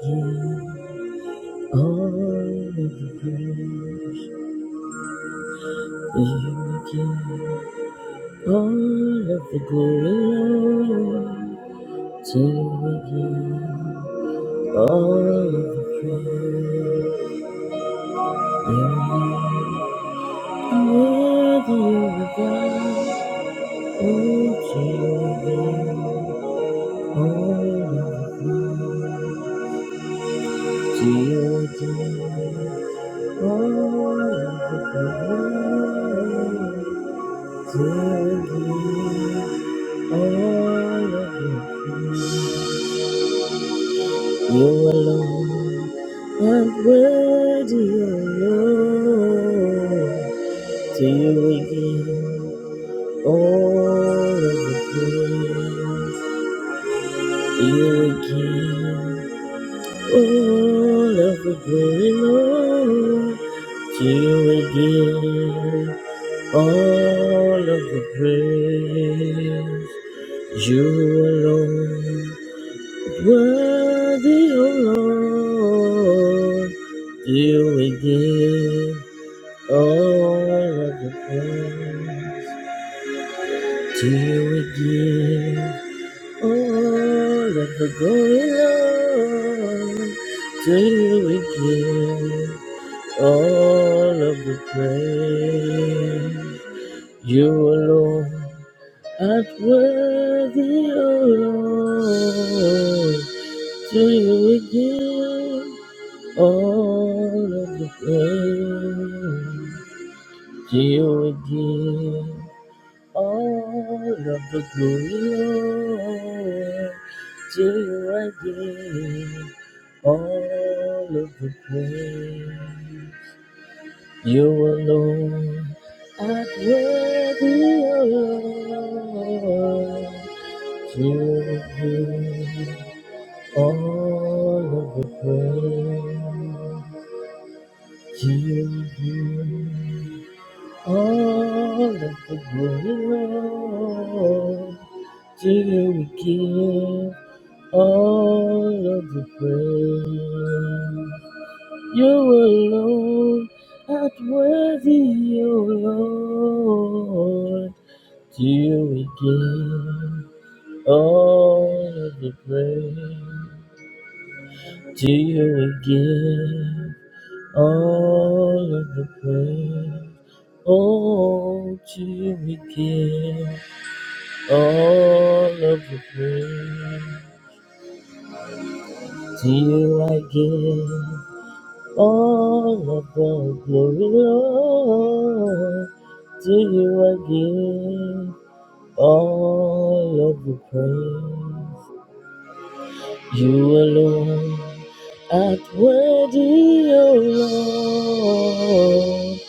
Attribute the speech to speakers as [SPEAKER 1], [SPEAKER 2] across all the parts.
[SPEAKER 1] give all of the praise. You give all of the glory. Lord. To you give all of the praise. You are worthy of God. Oh, to you give all of the praise. To you give all of the glory. Give all of You You alone are worthy, O Lord. To you we give all of the praise. To you we give all of the glory, Lord. To you we give All of the praise you alone, worthy, O Lord, do we give all of the praise, do we give all of the glory, Lord, do we give all of the praise you alone. Not worthy, O Lord, to you we give all of the praise. To you we give all of the glory, Lord. To you I give all of the praise. You alone art worthy, O Lord. Give you all of the praise. Give you all of the glory. To you we give all of the praise. You alone art worthy, O Lord. Till we give. All of the praise to you we give. All of the praise. Oh, to you we give. All of the praise. To you I give. All of the glory, Lord. To you I give. All of the praise. You alone art worthy, O Lord.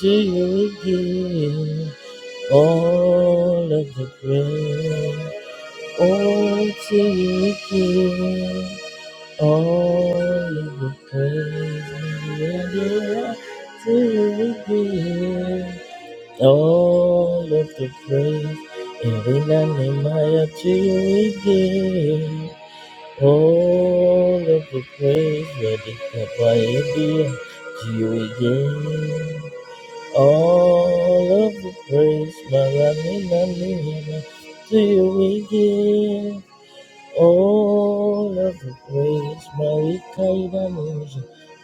[SPEAKER 1] To you we give all of the praise. Oh, to you we give all of the praise. Yeah, yeah. To you we give all of the praise. And in the name of to you we give. All of the praise that is provided to you again. All of the praise, Maramina Mina, to you again. All of the praise, Marikaida Musa,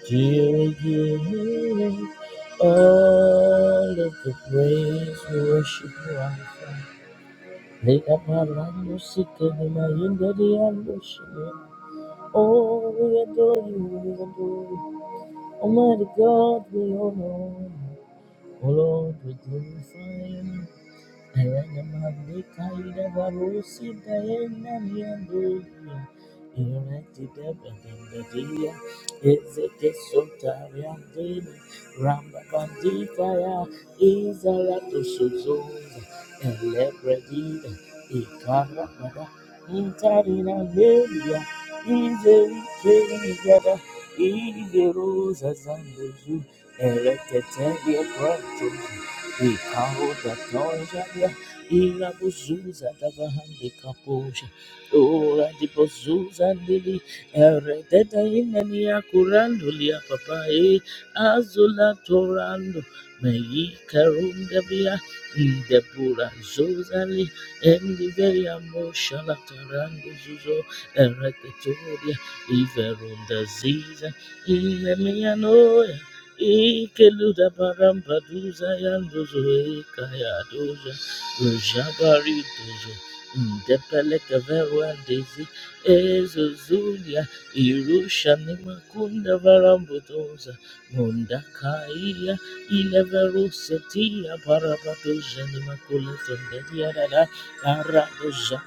[SPEAKER 1] to you again. All of the praise, we worship you, Alpha. Make up our land, you seek in the mind, the ambush. Oh, we adore you, we adore you. Almighty God, we honor. you. Oh Lord, we glorify you. Is the rose as and the zoo, erected your branches. Ikaota toja ya ira buzuza davahande kapoja ora di buzuza ndili eredeta inani akurando lia papae azula torando mei karunga via inde pura zuzali endi veya mosha la tarando zuzo eredetoria iverunda ziza ine mia noya Ikeluda baramba duza yanduzo eka ya doja rujabari dozo ndepeleke verwa ezo zulia irusha ni makunda varambu doza mundakaia ileveruse tia parabadoja ni makule tendelia dada aradoja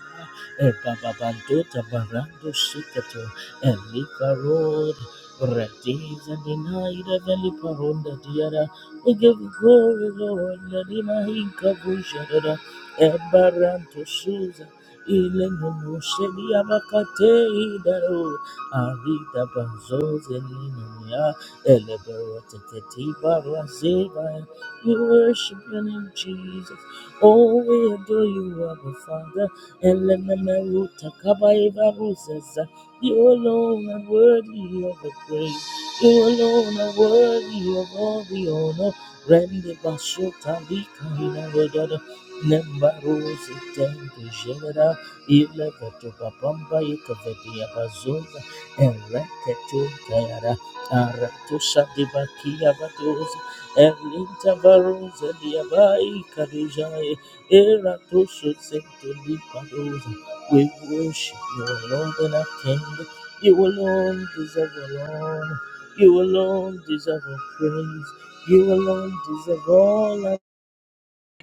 [SPEAKER 1] e bababandota barando sikato e likarod Days and the night of the Liparonda Diara, we give you glory, Lord, Ladima Hinka Bushadada, Ebaranto Susa, Ilenono Shelia Bakate Daro, Arida Banzo Zelina, Eleberata Ketiba Razeva, we worship your name, Jesus. Oh, we adore you, Abba Father, Elememeruta Kabaiva Roses. You alone are worthy of the praise. You alone are worthy of all the honor. Rende bashota lika inagodada. Nemba rose tende jegada. Ile koto papamba ikavedi abazonda. Ereke tukayara. Aratusha dibakia batoza. Erlinta baroza diabai kadijaya. Eratoshote Liparosa. We worship you alone and our King. You alone deserve our honor. You alone deserve our praise. You alone deserve all our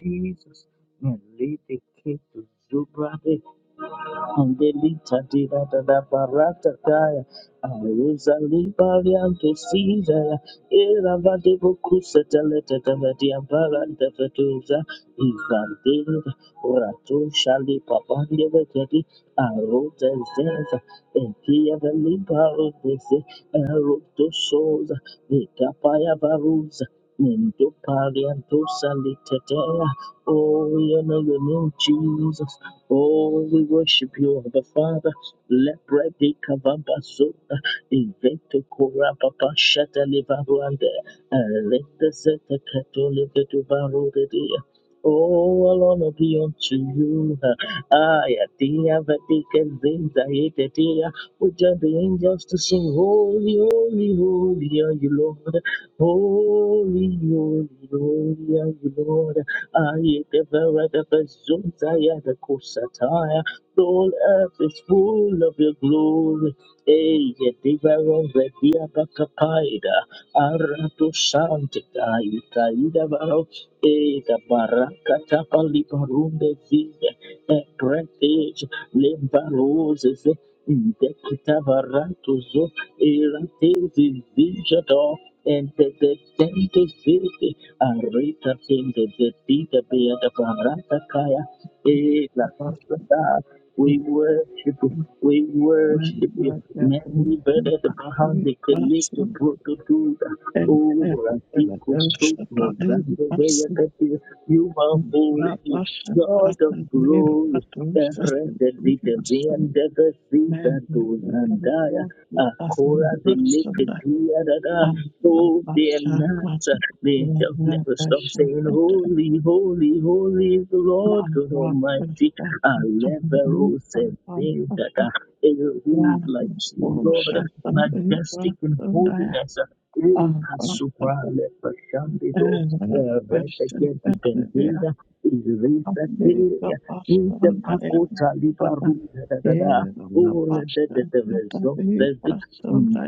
[SPEAKER 1] Jesus. Malete Keto Angelita dira da da barata kaya. Aruza liba lianto sida ya. Era vade bokusa taleta tavati ampara tafatuza. Ivandera rato shali papande vetati. Aruza zeza. Ekia veliba rotese. Eroto soza. Ekapaya varuza. Nendo parianto salitetea. Oh, we honor your name, Jesus. Oh, we worship you, the Father. Lepre de kavamba zota, invento kora papa shata levaruande, leta zeta kato levetu varode dia. Oh, all honor be unto you. Ay, adia vatika zinda yete dia. We join the angels to sing, Holy, holy, holy are you, Lord. Holy, holy, holy are you, Lord. I devoured the Bazunzaya The Kosataya. The whole earth is full of your glory. Eye diveron vedia bacapaida, aratu santica, icaida varo, ega baraka tapa libarunde zide, e cretes, lembaroses, indecita varatuzo, erates vigido, ente de tente zide, arita tende de tita beata barata kaya, Eh, la
[SPEAKER 2] Thank
[SPEAKER 1] We
[SPEAKER 2] you.
[SPEAKER 1] worship you. We worship you. Many better the behind the connect the brotherhood. Oh, I think we so and the way I You are holy, God of glory. Rededite viende vesiza dozandaya akora de da oh dear nights they don't never stop saying holy holy holy is the Lord God Almighty Alevero says that are who is like you Lord majestic in holiness Il
[SPEAKER 2] Pasha,
[SPEAKER 1] Pasupra Lepashandido Rededite Benzida is Risa the Pakota Liba Room, da da da da. Oh, the da the da. the da da.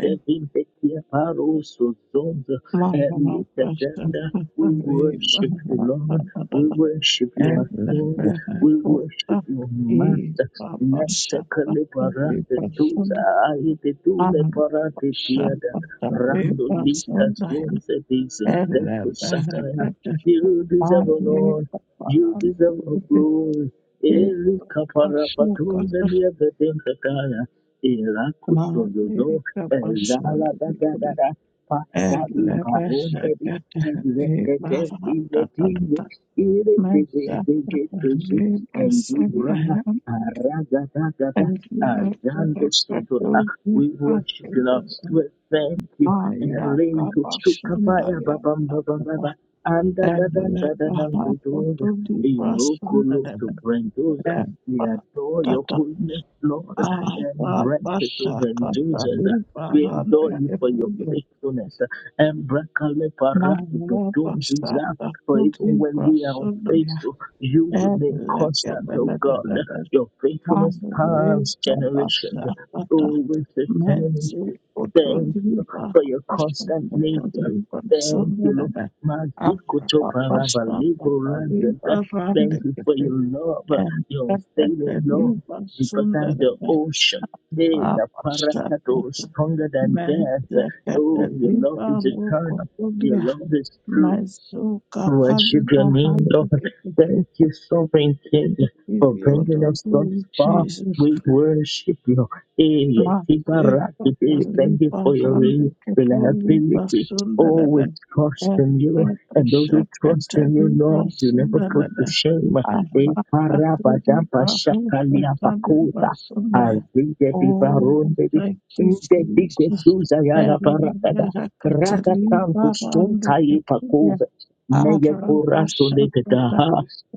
[SPEAKER 1] Devin Bekia Paro, so Zom, Elitanda. We worship you, Lord. We worship you, our King. We worship you, Master. Nante Kaliparante Tuza, Aite Tule Parate Tiada,
[SPEAKER 2] Pasha,
[SPEAKER 1] Rando Lika
[SPEAKER 2] Pasha,
[SPEAKER 1] Zonze, Jesus, Deku Sataya.
[SPEAKER 2] Pasha,
[SPEAKER 1] You deserve, O Lord.
[SPEAKER 2] Malega
[SPEAKER 1] You
[SPEAKER 2] barantu
[SPEAKER 1] deserve our
[SPEAKER 2] kutetele
[SPEAKER 1] glory. Eli kapara
[SPEAKER 2] basuka
[SPEAKER 1] patunze ndiye vetenka kaya. Ila kusodozo
[SPEAKER 2] malega
[SPEAKER 1] ezala
[SPEAKER 2] basanda bikule
[SPEAKER 1] dagadara. Pasha
[SPEAKER 2] ele
[SPEAKER 1] imbaronde bi
[SPEAKER 2] beshekete
[SPEAKER 1] ezekete
[SPEAKER 2] barata
[SPEAKER 1] izetinde.
[SPEAKER 2] tata
[SPEAKER 1] Ile
[SPEAKER 2] mesha
[SPEAKER 1] tezeze getusu
[SPEAKER 2] le basanda
[SPEAKER 1] endubra
[SPEAKER 2] hem
[SPEAKER 1] araga dagada.
[SPEAKER 2] elila
[SPEAKER 1] Azando
[SPEAKER 2] beraketu
[SPEAKER 1] sotola. We
[SPEAKER 2] zita
[SPEAKER 1] worship you, Lord. We thank you.
[SPEAKER 2] maya
[SPEAKER 1] Erinko
[SPEAKER 2] kabasanda
[SPEAKER 1] stukapaya
[SPEAKER 2] ya
[SPEAKER 1] babam babam
[SPEAKER 2] tata
[SPEAKER 1] babam. Anda da da
[SPEAKER 2] ele
[SPEAKER 1] da da da da
[SPEAKER 2] barata
[SPEAKER 1] da da.
[SPEAKER 2] tu di basanda
[SPEAKER 1] Irokolo to Brendoza. We adore your
[SPEAKER 2] le
[SPEAKER 1] holiness, Lord,
[SPEAKER 2] Thank
[SPEAKER 1] and Brento to Brendoza. We adore you for your faithfulness. And Brakale Paradu Bedunziza. For even when we are unfaithful, you remain constant, O God. Your faithfulness past generations, always the same. Thank you for your constant nature. Thank you, Lord. Mazikoto paraba libo Thank you for your love, your saving love, deeper than the
[SPEAKER 2] you.
[SPEAKER 1] ocean. Hey, the
[SPEAKER 2] Rabashakata
[SPEAKER 1] parakato, stronger than death.
[SPEAKER 2] Mezekete
[SPEAKER 1] Oh, your love
[SPEAKER 2] Liba
[SPEAKER 1] is eternal. Your
[SPEAKER 2] Rukotulia
[SPEAKER 1] love is true.
[SPEAKER 2] Mezuka
[SPEAKER 1] Worship
[SPEAKER 2] Paliba
[SPEAKER 1] your name, Lord.
[SPEAKER 2] Hambekete
[SPEAKER 1] Thank you, sovereign King, for bringing us
[SPEAKER 2] Ibiodoku
[SPEAKER 1] thus far.
[SPEAKER 2] Jesus
[SPEAKER 1] We worship you. Eh, Letiba
[SPEAKER 2] Mazekata
[SPEAKER 1] Rakete, Thank you
[SPEAKER 2] Liba
[SPEAKER 1] for your
[SPEAKER 2] Randekete Liba
[SPEAKER 1] reliability. Oh,
[SPEAKER 2] Sundelebe
[SPEAKER 1] we trust in you.
[SPEAKER 2] Ebete
[SPEAKER 1] And those who trust
[SPEAKER 2] Shekete
[SPEAKER 1] in you, Lord, you never put
[SPEAKER 2] Liba
[SPEAKER 1] to shame.
[SPEAKER 2] Oh,
[SPEAKER 1] Eh,
[SPEAKER 2] thank you, Jesus.
[SPEAKER 1] Karabadaba Shakalia Bakuta. Azide Diva Ronde. Inde Dige Suza Yala Barakada. Rada Tanto Sunta Meyekurato dekadaha.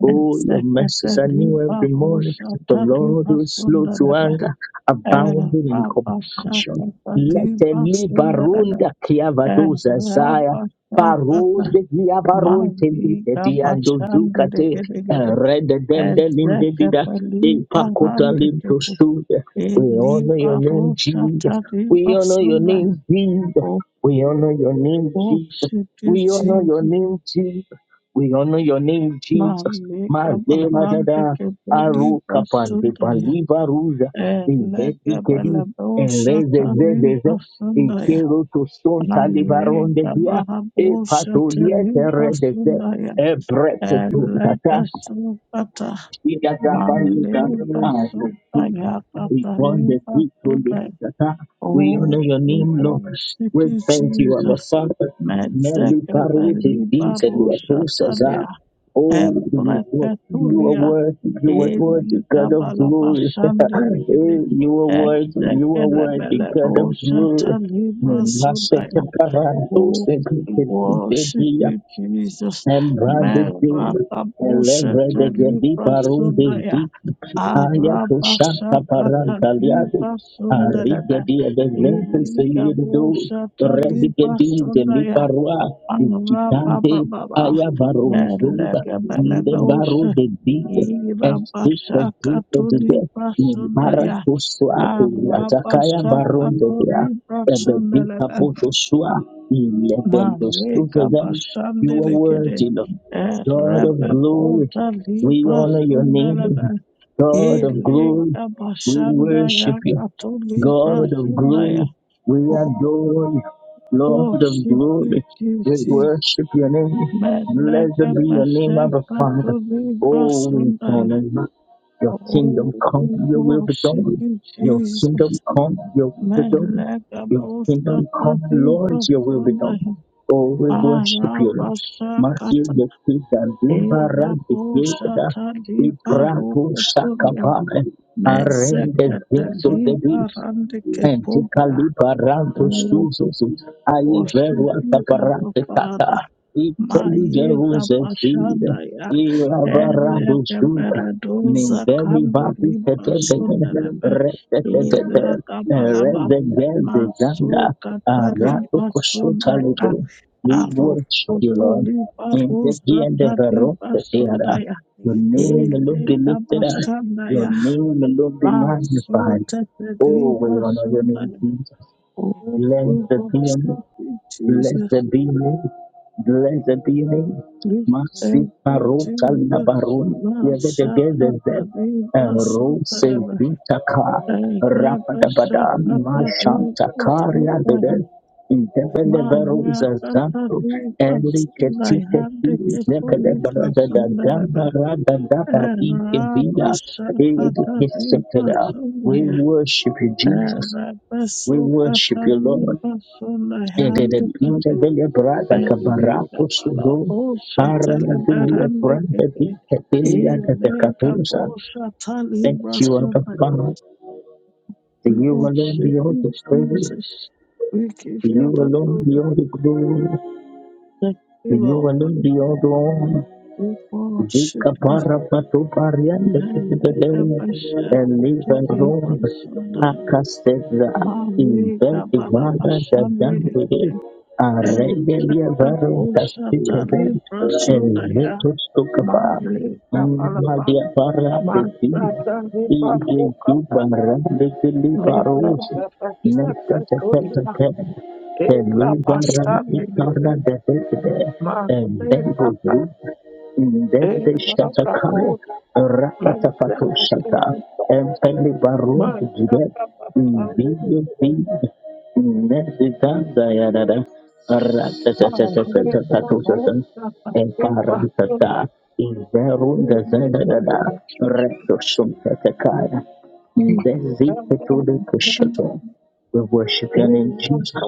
[SPEAKER 1] Oh, your mercies are new every morning. The Lord who is slow to anger, abounding in compassion. Let the libarunda kiavadoza zaya.
[SPEAKER 2] Rabba Shatata,
[SPEAKER 1] Parose dia baronte
[SPEAKER 2] Mali
[SPEAKER 1] lite
[SPEAKER 2] Rabba
[SPEAKER 1] diando zucate.
[SPEAKER 2] Shandere
[SPEAKER 1] Rede dende linde
[SPEAKER 2] ezeke
[SPEAKER 1] dida. De
[SPEAKER 2] beliba
[SPEAKER 1] pakota
[SPEAKER 2] hande
[SPEAKER 1] limto
[SPEAKER 2] kepo
[SPEAKER 1] suya. We honor
[SPEAKER 2] eliba
[SPEAKER 1] your name,
[SPEAKER 2] rosa
[SPEAKER 1] Jesus.
[SPEAKER 2] tariba
[SPEAKER 1] We honor your name,
[SPEAKER 2] sunaipo
[SPEAKER 1] Jesus. We honor your name, Jesus. We
[SPEAKER 2] oshititi
[SPEAKER 1] honor your name, Jesus. We honor your name, Jesus.
[SPEAKER 2] mamika
[SPEAKER 1] Mazela
[SPEAKER 2] bahande
[SPEAKER 1] dada
[SPEAKER 2] kepo liba
[SPEAKER 1] aruka pande
[SPEAKER 2] sunaya
[SPEAKER 1] paliva ruja
[SPEAKER 2] eleke
[SPEAKER 1] inveti kedi
[SPEAKER 2] belebe osha
[SPEAKER 1] enleze
[SPEAKER 2] tariba
[SPEAKER 1] zezeze
[SPEAKER 2] sunaya
[SPEAKER 1] ikero to son
[SPEAKER 2] aleka
[SPEAKER 1] talibaronde via
[SPEAKER 2] bahabo
[SPEAKER 1] e
[SPEAKER 2] osha
[SPEAKER 1] patolia
[SPEAKER 2] tariba
[SPEAKER 1] terre deze
[SPEAKER 2] sunaya
[SPEAKER 1] e breketu
[SPEAKER 2] elebe sukata
[SPEAKER 1] we
[SPEAKER 2] maleba
[SPEAKER 1] want
[SPEAKER 2] sunaya
[SPEAKER 1] the
[SPEAKER 2] kataliba
[SPEAKER 1] victory. We
[SPEAKER 2] Oh,
[SPEAKER 1] honor your
[SPEAKER 2] we
[SPEAKER 1] name, Lord.
[SPEAKER 2] worship
[SPEAKER 1] We
[SPEAKER 2] you,
[SPEAKER 1] thank you, Abba
[SPEAKER 2] Jesus.
[SPEAKER 1] Father. Nelly
[SPEAKER 2] Mezeke
[SPEAKER 1] Karuti,
[SPEAKER 2] beliba
[SPEAKER 1] Vincent, Saza.
[SPEAKER 2] roshatalia.
[SPEAKER 1] Oh, you are you are
[SPEAKER 2] Embreketulia.
[SPEAKER 1] worthy, you are worthy,
[SPEAKER 2] Eli
[SPEAKER 1] God of
[SPEAKER 2] gabala
[SPEAKER 1] glory. Eh,
[SPEAKER 2] bashande digiri.
[SPEAKER 1] you are worthy, you
[SPEAKER 2] Ezeke
[SPEAKER 1] are worthy,
[SPEAKER 2] lebele
[SPEAKER 1] God of glory.
[SPEAKER 2] boshatalibra
[SPEAKER 1] Mm, Maseke
[SPEAKER 2] sudaya.
[SPEAKER 1] Paranto,
[SPEAKER 2] Oh,
[SPEAKER 1] Seke,
[SPEAKER 2] we
[SPEAKER 1] Seke,
[SPEAKER 2] worship
[SPEAKER 1] Seke,
[SPEAKER 2] you, Jesus.
[SPEAKER 1] Embranded Gil,
[SPEAKER 2] Merata
[SPEAKER 1] Elevre Gedi
[SPEAKER 2] boshatalibra
[SPEAKER 1] Baron de
[SPEAKER 2] sudaya.
[SPEAKER 1] Zi, Ayakusha
[SPEAKER 2] Arabashakata
[SPEAKER 1] Parantaliadi,
[SPEAKER 2] liba sundelebe.
[SPEAKER 1] Arigedi Evento
[SPEAKER 2] Iliga
[SPEAKER 1] Selido,
[SPEAKER 2] bushata liba
[SPEAKER 1] Redigedi de
[SPEAKER 2] sundaya.
[SPEAKER 1] Liparua, Gitante,
[SPEAKER 2] Arabababa.
[SPEAKER 1] Aya Baron Zunda, Nile
[SPEAKER 2] Elegebelebe
[SPEAKER 1] Baro
[SPEAKER 2] ushe.
[SPEAKER 1] de Zi, Estica
[SPEAKER 2] Irabashakata
[SPEAKER 1] Zito de De,
[SPEAKER 2] liba sundaya.
[SPEAKER 1] Maracusuatu, Atakaya Baron de
[SPEAKER 2] Arabashakata
[SPEAKER 1] Dea,
[SPEAKER 2] liba
[SPEAKER 1] Ebedita
[SPEAKER 2] sundelebe.
[SPEAKER 1] Botoshua, Ilevendo
[SPEAKER 2] Malega
[SPEAKER 1] you are
[SPEAKER 2] bashandelekede.
[SPEAKER 1] worthy, Lord. God of glory,
[SPEAKER 2] Erebekota
[SPEAKER 1] we
[SPEAKER 2] liba
[SPEAKER 1] honor your
[SPEAKER 2] sundelebe.
[SPEAKER 1] name. God of
[SPEAKER 2] Ele
[SPEAKER 1] glory, we
[SPEAKER 2] abashanda ya
[SPEAKER 1] worship you.
[SPEAKER 2] katoli
[SPEAKER 1] God of
[SPEAKER 2] brashanda ya
[SPEAKER 1] glory, we adore you.
[SPEAKER 2] opo
[SPEAKER 1] Lord of
[SPEAKER 2] shipi
[SPEAKER 1] glory, we
[SPEAKER 2] chisi
[SPEAKER 1] worship your name. Blessed
[SPEAKER 2] melega
[SPEAKER 1] be your name,
[SPEAKER 2] bashe
[SPEAKER 1] our Father.
[SPEAKER 2] katoli
[SPEAKER 1] Oh, we
[SPEAKER 2] brashanda ya
[SPEAKER 1] honor you. Your kingdom come, your will
[SPEAKER 2] opo
[SPEAKER 1] be done.
[SPEAKER 2] shipi
[SPEAKER 1] Your kingdom
[SPEAKER 2] Jesus
[SPEAKER 1] come, your will be done.
[SPEAKER 2] melega
[SPEAKER 1] Your
[SPEAKER 2] bosha
[SPEAKER 1] kingdom come,
[SPEAKER 2] katoli
[SPEAKER 1] Lord, your will be
[SPEAKER 2] brashanda
[SPEAKER 1] done.
[SPEAKER 2] ya
[SPEAKER 1] Oh, we worship you, Lord.
[SPEAKER 2] arabasha
[SPEAKER 1] Matthew,
[SPEAKER 2] kata
[SPEAKER 1] the kid, and Dimba,
[SPEAKER 2] ela
[SPEAKER 1] Rabbi,
[SPEAKER 2] bosha
[SPEAKER 1] Gilda,
[SPEAKER 2] tali
[SPEAKER 1] Ibrahim,
[SPEAKER 2] baroko pole
[SPEAKER 1] Shakabane,
[SPEAKER 2] mezeka
[SPEAKER 1] Arende,
[SPEAKER 2] tali
[SPEAKER 1] Zinzo,
[SPEAKER 2] barande
[SPEAKER 1] Mente calibaranto
[SPEAKER 2] Oh,
[SPEAKER 1] susos, ai
[SPEAKER 2] worship
[SPEAKER 1] veruata
[SPEAKER 2] you, Abba
[SPEAKER 1] parante
[SPEAKER 2] Father.
[SPEAKER 1] tata,
[SPEAKER 2] Mayeta
[SPEAKER 1] intelligerus et vida,
[SPEAKER 2] Bashandaya.
[SPEAKER 1] i lavarando
[SPEAKER 2] Elete
[SPEAKER 1] suda,
[SPEAKER 2] Beredoza
[SPEAKER 1] nimbeli vati
[SPEAKER 2] Kambili
[SPEAKER 1] tetete,
[SPEAKER 2] Basundelebe.
[SPEAKER 1] retetete,
[SPEAKER 2] Ila Kabalaba.
[SPEAKER 1] redegeze zanga,
[SPEAKER 2] Maso Katali
[SPEAKER 1] arato
[SPEAKER 3] Thank
[SPEAKER 1] cosuta
[SPEAKER 2] Basundaya.
[SPEAKER 1] we
[SPEAKER 2] Aro.
[SPEAKER 1] worship you, Lord,
[SPEAKER 2] Otolipa
[SPEAKER 1] in the
[SPEAKER 2] Rosa
[SPEAKER 1] end of the road,
[SPEAKER 2] Talipa
[SPEAKER 1] the era.
[SPEAKER 2] Sundaya.
[SPEAKER 1] your name alone be
[SPEAKER 2] Eleka
[SPEAKER 1] lifted up, your
[SPEAKER 2] Bashandaya.
[SPEAKER 1] name alone be
[SPEAKER 2] Maso
[SPEAKER 1] magnified, Oh, we
[SPEAKER 2] Tetelipa
[SPEAKER 1] honor your name,
[SPEAKER 2] Sundaya.
[SPEAKER 1] Jesus.
[SPEAKER 2] Oh,
[SPEAKER 1] Bless
[SPEAKER 2] we
[SPEAKER 1] the PM.
[SPEAKER 2] worship you,
[SPEAKER 3] you.
[SPEAKER 2] Jesus.
[SPEAKER 1] Blessed be your name. Blessed be your name.
[SPEAKER 2] We
[SPEAKER 1] Merci
[SPEAKER 2] thank you,
[SPEAKER 1] paro kalina
[SPEAKER 2] Jesus.
[SPEAKER 1] baroni. Yevete gezeze. Ero se
[SPEAKER 2] Mashakatabibasutaraba.
[SPEAKER 1] vitaka. Rapadabada. Mashanta karia
[SPEAKER 2] Erebashakatabibasutaraba.
[SPEAKER 1] dede. Indebele vero zazanto. Eri
[SPEAKER 2] Mayakatabibasundai.
[SPEAKER 1] keti keti. Zebele barada da da
[SPEAKER 2] Handikepulibasundaraba.
[SPEAKER 1] barada da babi evida. Eri kesekera. We
[SPEAKER 2] Erabashakatabibasundai.
[SPEAKER 1] worship you, Jesus. We worship you, Lord.
[SPEAKER 2] Erabasukatabibasundai. Handikepulibasundaraba.
[SPEAKER 1] Dele brada
[SPEAKER 2] Barika
[SPEAKER 1] cabarato sudo
[SPEAKER 2] balabosa
[SPEAKER 1] para dele brada
[SPEAKER 2] teleberandekete.
[SPEAKER 1] vita delia da
[SPEAKER 2] Ele
[SPEAKER 1] decadusa.
[SPEAKER 2] kabosa
[SPEAKER 1] Thank you, Abba
[SPEAKER 2] talibrasadaya.
[SPEAKER 1] Father. To
[SPEAKER 2] We
[SPEAKER 1] you alone
[SPEAKER 2] worship
[SPEAKER 1] be all
[SPEAKER 2] you,
[SPEAKER 1] the praise.
[SPEAKER 2] Jesus. We give
[SPEAKER 1] To you
[SPEAKER 2] you the
[SPEAKER 1] alone be
[SPEAKER 2] glory.
[SPEAKER 1] all the glory.
[SPEAKER 2] Thank
[SPEAKER 1] To
[SPEAKER 2] you,
[SPEAKER 1] you
[SPEAKER 2] Lord.
[SPEAKER 1] alone be all the honor.
[SPEAKER 2] We worship
[SPEAKER 1] Zika
[SPEAKER 2] you.
[SPEAKER 1] para patu pariante
[SPEAKER 2] Mele
[SPEAKER 1] kibedele
[SPEAKER 2] kabasha
[SPEAKER 1] elive
[SPEAKER 2] kuto
[SPEAKER 1] rombe
[SPEAKER 2] librasadaya.
[SPEAKER 1] akasteza
[SPEAKER 2] Malika
[SPEAKER 1] inventi vara dadandere
[SPEAKER 2] balabashandelekete. Ele
[SPEAKER 1] aregelia varo
[SPEAKER 2] kabosa
[SPEAKER 1] kastikevent
[SPEAKER 2] talibrasodaya.
[SPEAKER 1] evetus tukapa
[SPEAKER 2] Malika balabashandelekete.
[SPEAKER 1] madia para de
[SPEAKER 2] Thank
[SPEAKER 1] ti
[SPEAKER 2] you. Thank
[SPEAKER 1] ige dubara de kili parus nesta tetetetet Eliva ram ikara de tekde, Ndende Shatakaya, Rapatapato Shata, Empele Baru Jibet, Video Feed, Nezita Dianada, Ratatatatatato Shatan, Emparantata, Inverun Dazadada, Recto Sumtatakaya, Ndezito de Kushato. We worship your name, Jesus.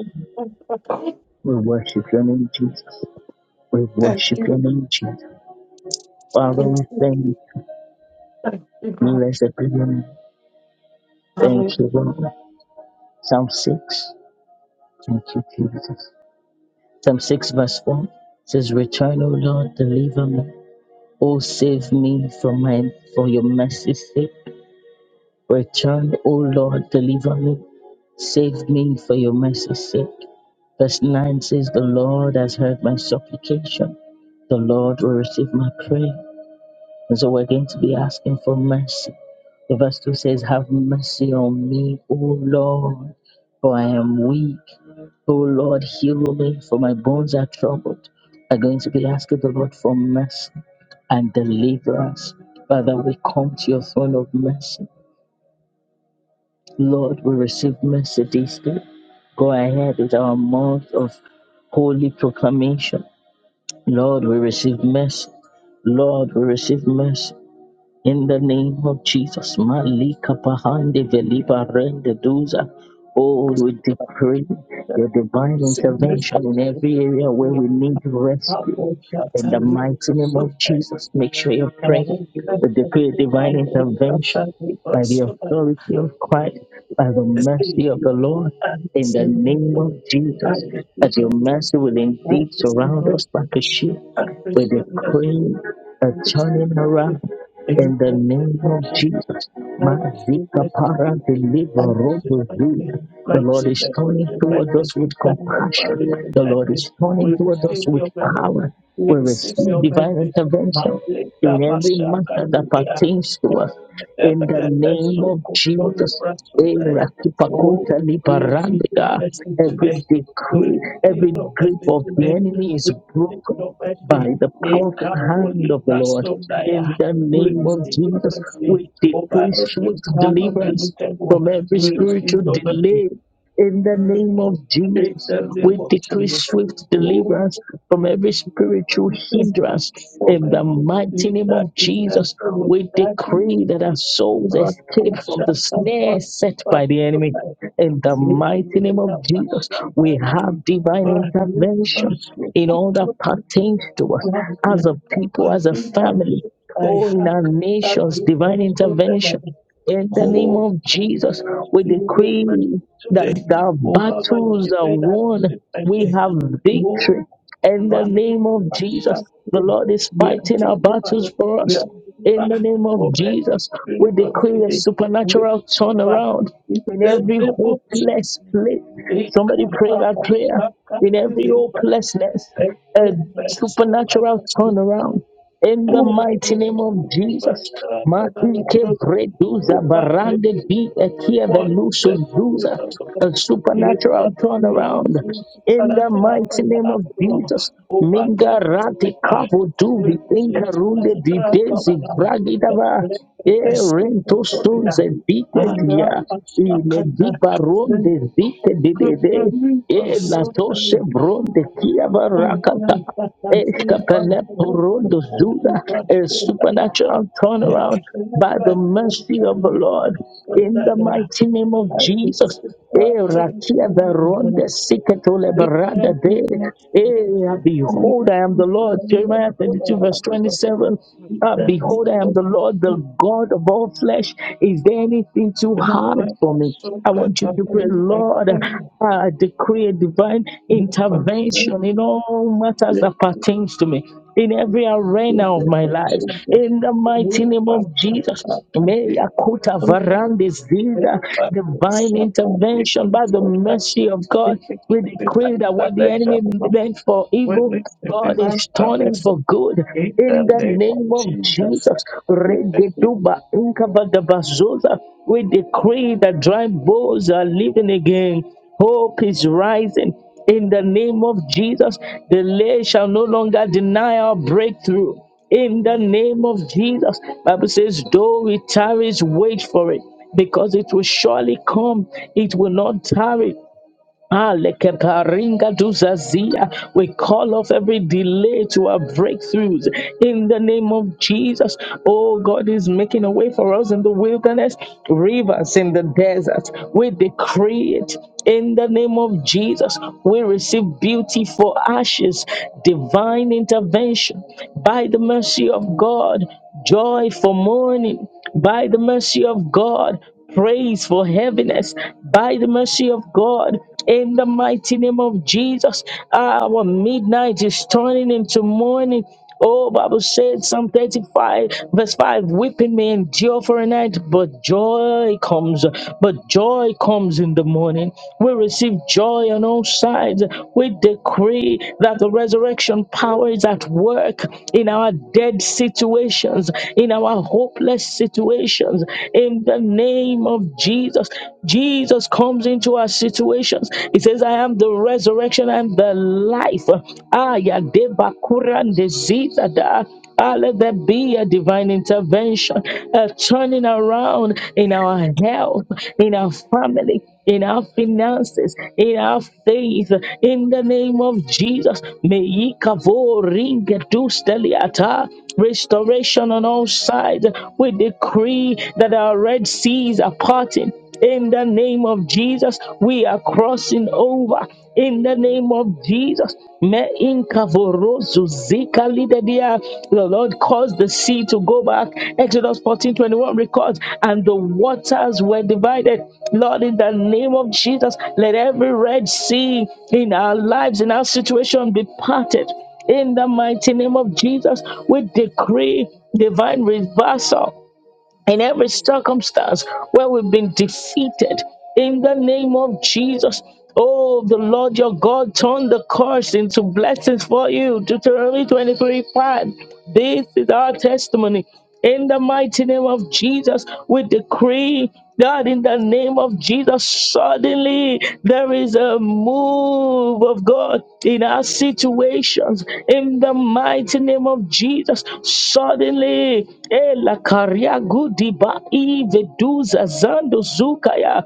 [SPEAKER 1] We worship your name, Jesus. We
[SPEAKER 2] you.
[SPEAKER 1] worship your name, Jesus. Father, we thank you.
[SPEAKER 2] Thank you, Lord.
[SPEAKER 1] Blessed be name. Thank you,
[SPEAKER 2] Hallelujah.
[SPEAKER 1] Lord. Psalm 6. Thank you, Jesus. Psalm 6, verse 4 says, Return, O Lord, deliver me. O save me from my for your mercy's sake. Return, O Lord, deliver me. Save me for your mercy's sake. Verse 9 says, The Lord has heard my supplication. The Lord will receive my prayer. And so we're going to be asking for mercy. The verse 2 says, Have mercy on me, O Lord, for I am weak. O Lord, heal me, for my bones are troubled. We're going to be asking the Lord for mercy and deliverance. Father, we come to your throne of mercy. Lord, we receive mercy this day. Go ahead with our month of holy proclamation. Lord, we receive mercy. Lord, we receive mercy. In the name of Jesus, Malika Pahande Veliba Rende Duza. Oh, we decree your divine intervention in
[SPEAKER 2] significantly
[SPEAKER 1] every area where we need rescue. In the
[SPEAKER 2] apple-sheltered
[SPEAKER 1] mighty name of
[SPEAKER 2] super
[SPEAKER 1] Jesus, make sure you're praying.
[SPEAKER 2] and
[SPEAKER 1] We decree divine
[SPEAKER 2] Powerful
[SPEAKER 1] intervention
[SPEAKER 2] Shatani
[SPEAKER 1] by the authority of
[SPEAKER 2] Super
[SPEAKER 1] Christ, by the
[SPEAKER 2] State
[SPEAKER 1] mercy of the Lord.
[SPEAKER 2] and
[SPEAKER 1] In the
[SPEAKER 2] similar
[SPEAKER 1] name of Jesus,
[SPEAKER 2] Irish
[SPEAKER 1] that your
[SPEAKER 2] University and
[SPEAKER 1] mercy will indeed
[SPEAKER 2] Irish
[SPEAKER 1] surround
[SPEAKER 2] English
[SPEAKER 1] us like a shield.
[SPEAKER 2] and
[SPEAKER 1] We
[SPEAKER 2] Christian lesson,
[SPEAKER 1] decree a turning around
[SPEAKER 2] English
[SPEAKER 1] in the name of
[SPEAKER 2] lesson,
[SPEAKER 1] Jesus,
[SPEAKER 2] Mercy,
[SPEAKER 1] Mazika
[SPEAKER 2] mercy, mercy,
[SPEAKER 1] para deliver
[SPEAKER 2] Thank you, sin,
[SPEAKER 1] Robozu.
[SPEAKER 2] mercy,
[SPEAKER 1] The Lord
[SPEAKER 2] mercy,
[SPEAKER 1] is
[SPEAKER 2] mercy,
[SPEAKER 1] turning
[SPEAKER 2] sin,
[SPEAKER 1] towards
[SPEAKER 2] mercy,
[SPEAKER 1] us with
[SPEAKER 2] Lamb of God,
[SPEAKER 1] compassion.
[SPEAKER 2] receive
[SPEAKER 1] The Lord
[SPEAKER 2] mercy.
[SPEAKER 1] is
[SPEAKER 2] We
[SPEAKER 1] turning towards us
[SPEAKER 2] receive
[SPEAKER 1] with
[SPEAKER 2] your mercy.
[SPEAKER 1] power.
[SPEAKER 2] We
[SPEAKER 1] We
[SPEAKER 2] receive
[SPEAKER 1] receive
[SPEAKER 2] your
[SPEAKER 1] divine
[SPEAKER 2] mercy.
[SPEAKER 1] intervention
[SPEAKER 2] Malika
[SPEAKER 1] in every
[SPEAKER 2] Mashaka
[SPEAKER 1] matter that
[SPEAKER 2] Tuya.
[SPEAKER 1] pertains to us. In the name of
[SPEAKER 2] Soko Holy
[SPEAKER 1] Jesus,
[SPEAKER 2] Brasodaya.
[SPEAKER 1] Erakipakonta
[SPEAKER 2] Oh, we receive
[SPEAKER 1] liparandika.
[SPEAKER 2] your mercy
[SPEAKER 1] Every
[SPEAKER 2] today.
[SPEAKER 1] decree,
[SPEAKER 2] We receive
[SPEAKER 1] every
[SPEAKER 2] your
[SPEAKER 1] grip
[SPEAKER 2] mercy
[SPEAKER 1] of the
[SPEAKER 2] today.
[SPEAKER 1] enemy is
[SPEAKER 2] We receive
[SPEAKER 1] broken
[SPEAKER 2] your mercy.
[SPEAKER 1] by the powerful hand
[SPEAKER 2] Ekapoli
[SPEAKER 1] of the Lord.
[SPEAKER 2] Brasodaya.
[SPEAKER 1] In the
[SPEAKER 2] We
[SPEAKER 1] name of
[SPEAKER 2] receive your
[SPEAKER 1] Jesus,
[SPEAKER 2] mercy
[SPEAKER 1] we
[SPEAKER 2] over
[SPEAKER 1] decree
[SPEAKER 2] every
[SPEAKER 1] swift
[SPEAKER 2] plan of the
[SPEAKER 1] deliverance
[SPEAKER 2] wicked one.
[SPEAKER 1] from every
[SPEAKER 2] We receive
[SPEAKER 1] spiritual
[SPEAKER 2] your mercy
[SPEAKER 1] delay in the name of
[SPEAKER 2] in
[SPEAKER 1] Jesus,
[SPEAKER 2] the name
[SPEAKER 1] we
[SPEAKER 2] of
[SPEAKER 1] decree
[SPEAKER 2] Jesus.
[SPEAKER 1] swift
[SPEAKER 2] Oh,
[SPEAKER 1] deliverance from every spiritual
[SPEAKER 2] we thank you
[SPEAKER 1] hindrance.
[SPEAKER 2] for
[SPEAKER 1] In the
[SPEAKER 2] every
[SPEAKER 1] mighty
[SPEAKER 2] spirit
[SPEAKER 1] name
[SPEAKER 2] that
[SPEAKER 1] of
[SPEAKER 2] is the
[SPEAKER 1] Jesus,
[SPEAKER 2] soul of
[SPEAKER 1] we
[SPEAKER 2] that
[SPEAKER 1] decree that our
[SPEAKER 2] unity.
[SPEAKER 1] souls
[SPEAKER 2] Our
[SPEAKER 1] escape from
[SPEAKER 2] Pasha,
[SPEAKER 1] the
[SPEAKER 2] our
[SPEAKER 1] snare
[SPEAKER 2] Pasha,
[SPEAKER 1] set
[SPEAKER 2] our
[SPEAKER 1] by the
[SPEAKER 2] Pasha,
[SPEAKER 1] enemy.
[SPEAKER 2] our
[SPEAKER 1] In the mighty name of Jesus,
[SPEAKER 2] Pasha,
[SPEAKER 1] we have divine
[SPEAKER 2] our
[SPEAKER 1] intervention in all that pertains to us as a
[SPEAKER 2] Pasha,
[SPEAKER 1] people,
[SPEAKER 2] our
[SPEAKER 1] as a
[SPEAKER 2] Pasha,
[SPEAKER 1] family,
[SPEAKER 2] I
[SPEAKER 1] or in
[SPEAKER 2] have
[SPEAKER 1] our
[SPEAKER 2] that
[SPEAKER 1] nations,
[SPEAKER 2] with us
[SPEAKER 1] divine
[SPEAKER 2] so
[SPEAKER 1] intervention. In the name of Jesus, we
[SPEAKER 2] You will be
[SPEAKER 1] decree
[SPEAKER 2] blessed
[SPEAKER 1] that
[SPEAKER 2] today.
[SPEAKER 1] the
[SPEAKER 2] Obama Baba,
[SPEAKER 1] battles are
[SPEAKER 2] today I
[SPEAKER 1] won.
[SPEAKER 2] sit by
[SPEAKER 1] We
[SPEAKER 2] faith.
[SPEAKER 1] have
[SPEAKER 2] Oh,
[SPEAKER 1] victory. In the
[SPEAKER 2] Baba,
[SPEAKER 1] name of Jesus, the
[SPEAKER 2] Asante,
[SPEAKER 1] Lord is
[SPEAKER 2] we are
[SPEAKER 1] fighting our
[SPEAKER 2] delivered.
[SPEAKER 1] battles for
[SPEAKER 2] We are
[SPEAKER 1] us. In
[SPEAKER 2] delivered
[SPEAKER 1] the name of
[SPEAKER 2] from every
[SPEAKER 1] Jesus, we
[SPEAKER 2] spirit of
[SPEAKER 1] decree a
[SPEAKER 2] delay. We are
[SPEAKER 1] supernatural
[SPEAKER 2] delivered.
[SPEAKER 1] turnaround
[SPEAKER 2] If
[SPEAKER 1] in
[SPEAKER 2] the
[SPEAKER 1] every
[SPEAKER 2] devil
[SPEAKER 1] hopeless place.
[SPEAKER 2] today
[SPEAKER 1] Somebody
[SPEAKER 2] comes
[SPEAKER 1] pray
[SPEAKER 2] up,
[SPEAKER 1] that prayer.
[SPEAKER 2] Asaka,
[SPEAKER 1] In every
[SPEAKER 2] deliver
[SPEAKER 1] hopelessness,
[SPEAKER 2] every
[SPEAKER 1] a
[SPEAKER 2] vessel that I
[SPEAKER 1] supernatural
[SPEAKER 2] need.
[SPEAKER 1] turnaround. In the
[SPEAKER 2] Oh, we
[SPEAKER 1] mighty name of
[SPEAKER 2] the
[SPEAKER 1] Jesus.
[SPEAKER 2] banner of the
[SPEAKER 1] Maike breduza
[SPEAKER 2] Over
[SPEAKER 1] barande
[SPEAKER 2] every
[SPEAKER 1] bi ekia
[SPEAKER 2] one
[SPEAKER 1] velusus
[SPEAKER 2] place to do it
[SPEAKER 1] duza.
[SPEAKER 2] out of
[SPEAKER 1] A
[SPEAKER 2] it
[SPEAKER 1] supernatural
[SPEAKER 2] must be
[SPEAKER 1] turnaround.
[SPEAKER 2] seems
[SPEAKER 1] In the
[SPEAKER 2] collateral
[SPEAKER 1] mighty
[SPEAKER 2] from the
[SPEAKER 1] name of
[SPEAKER 2] afterlaw
[SPEAKER 1] Jesus.
[SPEAKER 2] over
[SPEAKER 1] Minga
[SPEAKER 2] ten
[SPEAKER 1] rati
[SPEAKER 2] paper
[SPEAKER 1] kavu duvi
[SPEAKER 2] It
[SPEAKER 1] inkarunde
[SPEAKER 2] seems
[SPEAKER 1] runde di
[SPEAKER 2] collateral from
[SPEAKER 1] dezi
[SPEAKER 2] the
[SPEAKER 1] bragidava. E rentosunze sunze
[SPEAKER 2] Vestutoria
[SPEAKER 1] dike
[SPEAKER 2] Ara
[SPEAKER 1] dia. Ile di
[SPEAKER 2] Pasakata
[SPEAKER 1] baronde dike di dede.
[SPEAKER 2] Kupari
[SPEAKER 1] E la tose
[SPEAKER 2] Basundan
[SPEAKER 1] bronde kia barakata.
[SPEAKER 2] Anya Patati
[SPEAKER 1] Ekapeleporodozuda,
[SPEAKER 2] Antrepotohi
[SPEAKER 1] A
[SPEAKER 2] Basundaya
[SPEAKER 1] supernatural turnaround by the
[SPEAKER 2] Never
[SPEAKER 1] mercy of the Lord in the
[SPEAKER 2] Sundaya
[SPEAKER 1] mighty name of
[SPEAKER 2] Thank
[SPEAKER 1] Jesus. Eh, rakia veronde siketo leberada de. Eh, Behold, I am the Lord. Jeremiah 32, verse 27. Uh, behold, I am the Lord, the God of all flesh. Is there anything too hard for me? I want you to pray, Lord. I decree a divine intervention in all matters that pertains to me, in every arena of my life. In the mighty name of Jesus, may Akuta Varandis Zida, divine intervention by the mercy of God. We decree that what the enemy meant for evil, God is turning
[SPEAKER 2] you.
[SPEAKER 1] for good
[SPEAKER 2] In the
[SPEAKER 1] in the
[SPEAKER 2] name of
[SPEAKER 1] name of
[SPEAKER 2] Jesus.
[SPEAKER 1] Jesus.
[SPEAKER 2] Mercy
[SPEAKER 1] Rededuba inkabagabazoza. We decree that dry bones are living again. Hope is rising. In the name of Jesus, delay shall no longer deny our breakthrough. In the name of Jesus, Bible says, though it tarries, wait for it, because it will surely come. It will not tarry. Ah, lekeparinga duzazia. We call off every delay to our breakthroughs in the name of Jesus. Oh, God is making a way for us in the wilderness, rivers in the desert. We decree it in the name of Jesus. We receive beauty for ashes, divine intervention by the mercy of God, joy for mourning by the mercy of God, praise for heaviness by the mercy of God, in the mighty name of Jesus, our midnight is turning into morning. Oh, Bible said Psalm 35, verse 5, weeping may endure for a night, but joy comes, but joy comes in the morning. We receive joy on all sides. We decree that the resurrection power is at work in our dead situations, in our hopeless situations. In the name of Jesus, Jesus. Jesus comes into our situations. He says, I am the resurrection and the life. Ah, ya de bakura and disease, ah, da. Ah, let there be a divine intervention, a turning around in our health, in our family, in our finances, in our faith, in the name of Jesus. May ye kavo ringe dus deliata restoration on all sides. We decree that our Red Seas are parting. In the name of Jesus, we are crossing over. In the name of Jesus, Me inkavorozu zika lidedia. the Lord caused the sea to go back. Exodus 14 21 records, and the waters were divided. Lord, in the name of Jesus, let every Red Sea in our lives, in our situation, be parted in the mighty name of Jesus, we decree divine reversal in every circumstance where we've been defeated. In the name of Jesus, oh, the Lord your God turned the curse into blessings for you. Deuteronomy 23 5. This is our testimony. In the mighty name of Jesus, we decree God, in the name of Jesus, suddenly there is a move of God in our situations. In the mighty name of Jesus, suddenly, Ela Karia Gudiba Iveduza Zando Zukaya.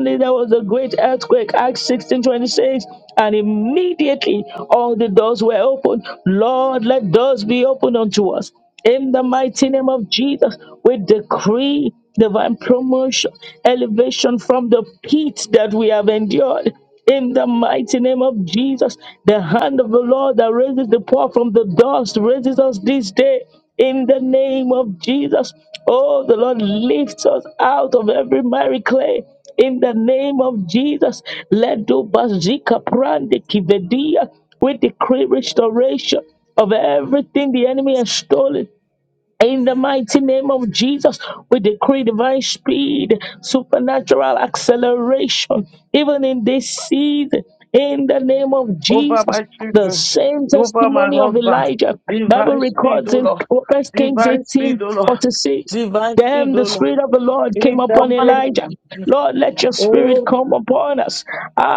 [SPEAKER 3] Good
[SPEAKER 1] there
[SPEAKER 3] morning,
[SPEAKER 1] was a great earthquake, Acts 16 26, and immediately all the doors were opened. Lord, let doors be opened unto us. In the mighty name of Jesus, we decree divine promotion, elevation from the pit that we have endured. In the mighty name of Jesus, the hand of the Lord that raises the poor from the dust raises us this day. In the name of Jesus, oh, the Lord lifts us out of every miry clay. In the name of Jesus, let do bazika prande
[SPEAKER 3] everyone.
[SPEAKER 1] kivedia. We decree restoration of everything the enemy has stolen. In the mighty name of Jesus, we decree divine speed, supernatural acceleration, even in
[SPEAKER 3] Opening
[SPEAKER 1] this season. In the name of
[SPEAKER 2] Over
[SPEAKER 1] Jesus,
[SPEAKER 2] my
[SPEAKER 1] the
[SPEAKER 2] children,
[SPEAKER 1] same
[SPEAKER 2] over my
[SPEAKER 1] testimony of
[SPEAKER 2] husband.
[SPEAKER 1] Elijah, Bible
[SPEAKER 2] Divine speed,
[SPEAKER 1] records
[SPEAKER 2] O
[SPEAKER 1] in
[SPEAKER 2] Lord.
[SPEAKER 1] First Kings
[SPEAKER 2] Divine speed,
[SPEAKER 1] eighteen
[SPEAKER 2] O Lord.
[SPEAKER 1] forty six.
[SPEAKER 2] Divine speed,
[SPEAKER 1] Then
[SPEAKER 2] O
[SPEAKER 1] the
[SPEAKER 2] Lord.
[SPEAKER 1] Spirit of the Lord came
[SPEAKER 2] In the
[SPEAKER 1] upon
[SPEAKER 2] name of
[SPEAKER 1] Elijah.
[SPEAKER 2] Jesus.
[SPEAKER 1] Lord, let your Spirit
[SPEAKER 2] Oh,
[SPEAKER 1] come upon us.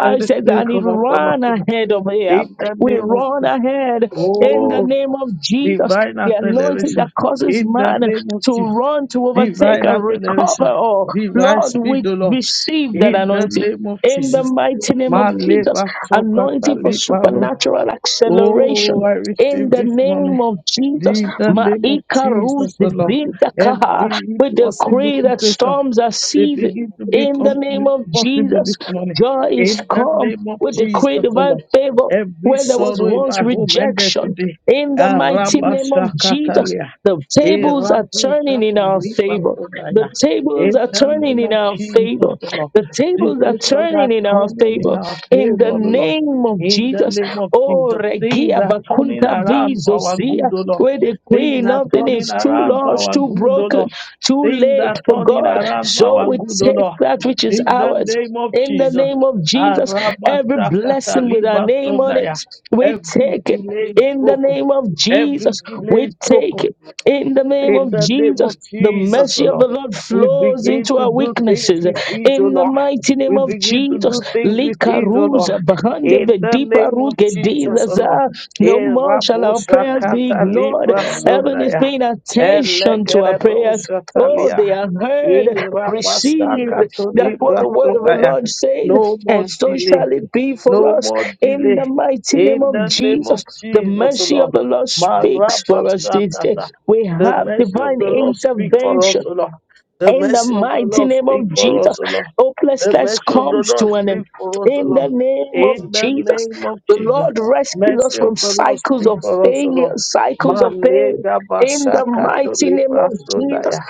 [SPEAKER 2] let the
[SPEAKER 1] said,
[SPEAKER 2] spirit
[SPEAKER 1] and it
[SPEAKER 2] come upon us.
[SPEAKER 1] ran
[SPEAKER 2] O Lord.
[SPEAKER 1] ahead of here.
[SPEAKER 2] In the
[SPEAKER 1] We
[SPEAKER 2] name of
[SPEAKER 1] run
[SPEAKER 2] Jesus.
[SPEAKER 1] ahead in the
[SPEAKER 2] Oh,
[SPEAKER 1] name of Jesus,
[SPEAKER 2] divine
[SPEAKER 1] the anointing
[SPEAKER 2] acceleration.
[SPEAKER 1] that causes
[SPEAKER 2] In the
[SPEAKER 1] man
[SPEAKER 2] name of
[SPEAKER 1] to
[SPEAKER 2] Jesus.
[SPEAKER 1] run, to overtake,
[SPEAKER 2] Divine
[SPEAKER 1] and recover
[SPEAKER 2] acceleration.
[SPEAKER 1] all.
[SPEAKER 2] Divine
[SPEAKER 1] Lord,
[SPEAKER 2] speed,
[SPEAKER 1] we
[SPEAKER 2] O Lord.
[SPEAKER 1] receive that
[SPEAKER 2] In the
[SPEAKER 1] anointing.
[SPEAKER 2] name of
[SPEAKER 1] In the
[SPEAKER 2] Jesus.
[SPEAKER 1] mighty name of Jesus,
[SPEAKER 2] Maleba sokata
[SPEAKER 1] anointing for
[SPEAKER 2] leba
[SPEAKER 1] supernatural
[SPEAKER 2] Oh,
[SPEAKER 1] acceleration
[SPEAKER 2] I
[SPEAKER 1] in
[SPEAKER 2] receive
[SPEAKER 1] the
[SPEAKER 2] this moment.
[SPEAKER 1] name of Jesus.
[SPEAKER 2] In the name of
[SPEAKER 1] Maika Ruz
[SPEAKER 2] Jesus, oh Lord,
[SPEAKER 1] Zinda Kaha.
[SPEAKER 2] every
[SPEAKER 1] We
[SPEAKER 2] impossible
[SPEAKER 1] decree that
[SPEAKER 2] situation,
[SPEAKER 1] storms are
[SPEAKER 2] they
[SPEAKER 1] ceasing.
[SPEAKER 2] begin to
[SPEAKER 1] In the
[SPEAKER 2] become
[SPEAKER 1] name of
[SPEAKER 2] possible this
[SPEAKER 1] Jesus,
[SPEAKER 2] morning.
[SPEAKER 1] joy is
[SPEAKER 2] In the
[SPEAKER 1] come.
[SPEAKER 2] name of
[SPEAKER 1] We decree
[SPEAKER 2] Jesus, O
[SPEAKER 1] divine
[SPEAKER 2] Lord,
[SPEAKER 1] favor
[SPEAKER 2] every
[SPEAKER 1] where there was
[SPEAKER 2] sorrow in
[SPEAKER 1] once
[SPEAKER 2] my home ended
[SPEAKER 1] rejection.
[SPEAKER 2] today.
[SPEAKER 1] In the mighty name of Jesus,
[SPEAKER 2] Arabashakatalia.
[SPEAKER 1] the tables are turning in our favor.
[SPEAKER 2] Erabushakalipasolaya.
[SPEAKER 1] The tables
[SPEAKER 2] In
[SPEAKER 1] are
[SPEAKER 2] the
[SPEAKER 1] turning
[SPEAKER 2] name
[SPEAKER 1] in
[SPEAKER 2] of
[SPEAKER 1] our
[SPEAKER 2] Jesus,
[SPEAKER 1] favor.
[SPEAKER 2] O Lord,
[SPEAKER 1] The tables are
[SPEAKER 2] situations are
[SPEAKER 1] turning in our
[SPEAKER 2] turning in
[SPEAKER 1] favor.
[SPEAKER 2] our
[SPEAKER 1] In
[SPEAKER 2] favor,
[SPEAKER 1] the
[SPEAKER 2] O Lord.
[SPEAKER 1] name of
[SPEAKER 2] In the
[SPEAKER 1] Jesus.
[SPEAKER 2] name of
[SPEAKER 1] Oh,
[SPEAKER 2] Jesus, things
[SPEAKER 1] Regia
[SPEAKER 2] are turning
[SPEAKER 1] Vacunta
[SPEAKER 2] around for our
[SPEAKER 1] Vizosia,
[SPEAKER 2] good, O Lord.
[SPEAKER 1] where they
[SPEAKER 2] Things
[SPEAKER 1] queen,
[SPEAKER 2] are
[SPEAKER 1] nothing
[SPEAKER 2] turning
[SPEAKER 1] is too
[SPEAKER 2] around for
[SPEAKER 1] large,
[SPEAKER 2] our
[SPEAKER 1] too
[SPEAKER 2] good, O
[SPEAKER 1] broken,
[SPEAKER 2] Lord.
[SPEAKER 1] too
[SPEAKER 2] Things are
[SPEAKER 1] late for
[SPEAKER 2] turning
[SPEAKER 1] God.
[SPEAKER 2] around for
[SPEAKER 1] So
[SPEAKER 2] our
[SPEAKER 1] we
[SPEAKER 2] good, O
[SPEAKER 1] take
[SPEAKER 2] Lord.
[SPEAKER 1] that which is
[SPEAKER 2] In the
[SPEAKER 1] ours.
[SPEAKER 2] name of
[SPEAKER 1] In the
[SPEAKER 2] Jesus.
[SPEAKER 1] name of Jesus, every
[SPEAKER 2] Arabasakata
[SPEAKER 1] blessing with our name on
[SPEAKER 2] libasodaya.
[SPEAKER 1] it, we
[SPEAKER 2] Every
[SPEAKER 1] take it.
[SPEAKER 2] delay is
[SPEAKER 1] In the
[SPEAKER 2] broken.
[SPEAKER 1] name of
[SPEAKER 2] Every
[SPEAKER 1] Jesus,
[SPEAKER 2] delay
[SPEAKER 1] we
[SPEAKER 2] is broken.
[SPEAKER 1] take it. In the name
[SPEAKER 2] In
[SPEAKER 1] of
[SPEAKER 2] the name of
[SPEAKER 1] Jesus, the
[SPEAKER 2] Jesus, O
[SPEAKER 1] mercy of
[SPEAKER 2] Lord,
[SPEAKER 1] the Lord
[SPEAKER 2] we
[SPEAKER 1] flows
[SPEAKER 2] begin
[SPEAKER 1] into
[SPEAKER 2] to
[SPEAKER 1] our
[SPEAKER 2] do things
[SPEAKER 1] weaknesses.
[SPEAKER 2] with ease, O
[SPEAKER 1] In the
[SPEAKER 2] Lord.
[SPEAKER 1] mighty
[SPEAKER 2] We
[SPEAKER 1] name of
[SPEAKER 2] begin to
[SPEAKER 1] Jesus,
[SPEAKER 2] do things with ease, O Lord.
[SPEAKER 1] Likaruza, Bahande
[SPEAKER 2] In the
[SPEAKER 1] Vediba
[SPEAKER 2] name of Jesus, O
[SPEAKER 1] Rugedizaza.
[SPEAKER 2] Lord.
[SPEAKER 1] no
[SPEAKER 2] Eh,
[SPEAKER 1] more shall
[SPEAKER 2] Rabo
[SPEAKER 1] our prayers be
[SPEAKER 2] Shakata
[SPEAKER 1] ignored.
[SPEAKER 2] Libra
[SPEAKER 1] Heaven is
[SPEAKER 2] Sondaya.
[SPEAKER 1] paying attention to our
[SPEAKER 2] Elegerebo
[SPEAKER 1] prayers. Oh,
[SPEAKER 2] Shatalia.
[SPEAKER 1] they are
[SPEAKER 2] Eh,
[SPEAKER 1] heard,
[SPEAKER 2] Rabba
[SPEAKER 1] received.
[SPEAKER 2] Shakato
[SPEAKER 1] That's what
[SPEAKER 2] Libra
[SPEAKER 1] the word of the
[SPEAKER 2] Sondaya.
[SPEAKER 1] Lord says.
[SPEAKER 2] No more
[SPEAKER 1] And so
[SPEAKER 2] delay.
[SPEAKER 1] shall it be for
[SPEAKER 2] No
[SPEAKER 1] us
[SPEAKER 2] more
[SPEAKER 1] in
[SPEAKER 2] delay.
[SPEAKER 1] the mighty name
[SPEAKER 2] In
[SPEAKER 1] of
[SPEAKER 2] the name of
[SPEAKER 1] Jesus. The
[SPEAKER 2] Jesus, O
[SPEAKER 1] mercy
[SPEAKER 2] Lord.
[SPEAKER 1] of the Lord speaks for us this day.
[SPEAKER 2] Marabashakata.
[SPEAKER 1] We
[SPEAKER 2] The
[SPEAKER 1] have
[SPEAKER 2] mercy of
[SPEAKER 1] divine
[SPEAKER 2] the Lord speak for us,
[SPEAKER 1] intervention.
[SPEAKER 2] O Lord. The
[SPEAKER 1] In the
[SPEAKER 2] mercy of the
[SPEAKER 1] mighty
[SPEAKER 2] Lord
[SPEAKER 1] name
[SPEAKER 2] speak
[SPEAKER 1] of
[SPEAKER 2] for us,
[SPEAKER 1] Jesus,
[SPEAKER 2] O Lord. The
[SPEAKER 1] hopelessness
[SPEAKER 2] mercy of the
[SPEAKER 1] comes
[SPEAKER 2] Lord
[SPEAKER 1] to an
[SPEAKER 2] speak
[SPEAKER 1] end.
[SPEAKER 2] for us, O
[SPEAKER 1] In the
[SPEAKER 2] Lord.
[SPEAKER 1] name
[SPEAKER 2] In
[SPEAKER 1] of
[SPEAKER 2] the
[SPEAKER 1] Jesus,
[SPEAKER 2] name of
[SPEAKER 1] the
[SPEAKER 2] Jesus.
[SPEAKER 1] Lord rescues us
[SPEAKER 2] Mercy of
[SPEAKER 1] from
[SPEAKER 2] the Lord
[SPEAKER 1] cycles
[SPEAKER 2] speak
[SPEAKER 1] of
[SPEAKER 2] for us, O
[SPEAKER 1] failure,
[SPEAKER 2] Lord.
[SPEAKER 1] cycles of pain.
[SPEAKER 2] Malega
[SPEAKER 1] In the
[SPEAKER 2] bashakato
[SPEAKER 1] mighty name
[SPEAKER 2] libra
[SPEAKER 1] of Jesus,
[SPEAKER 2] sodaya.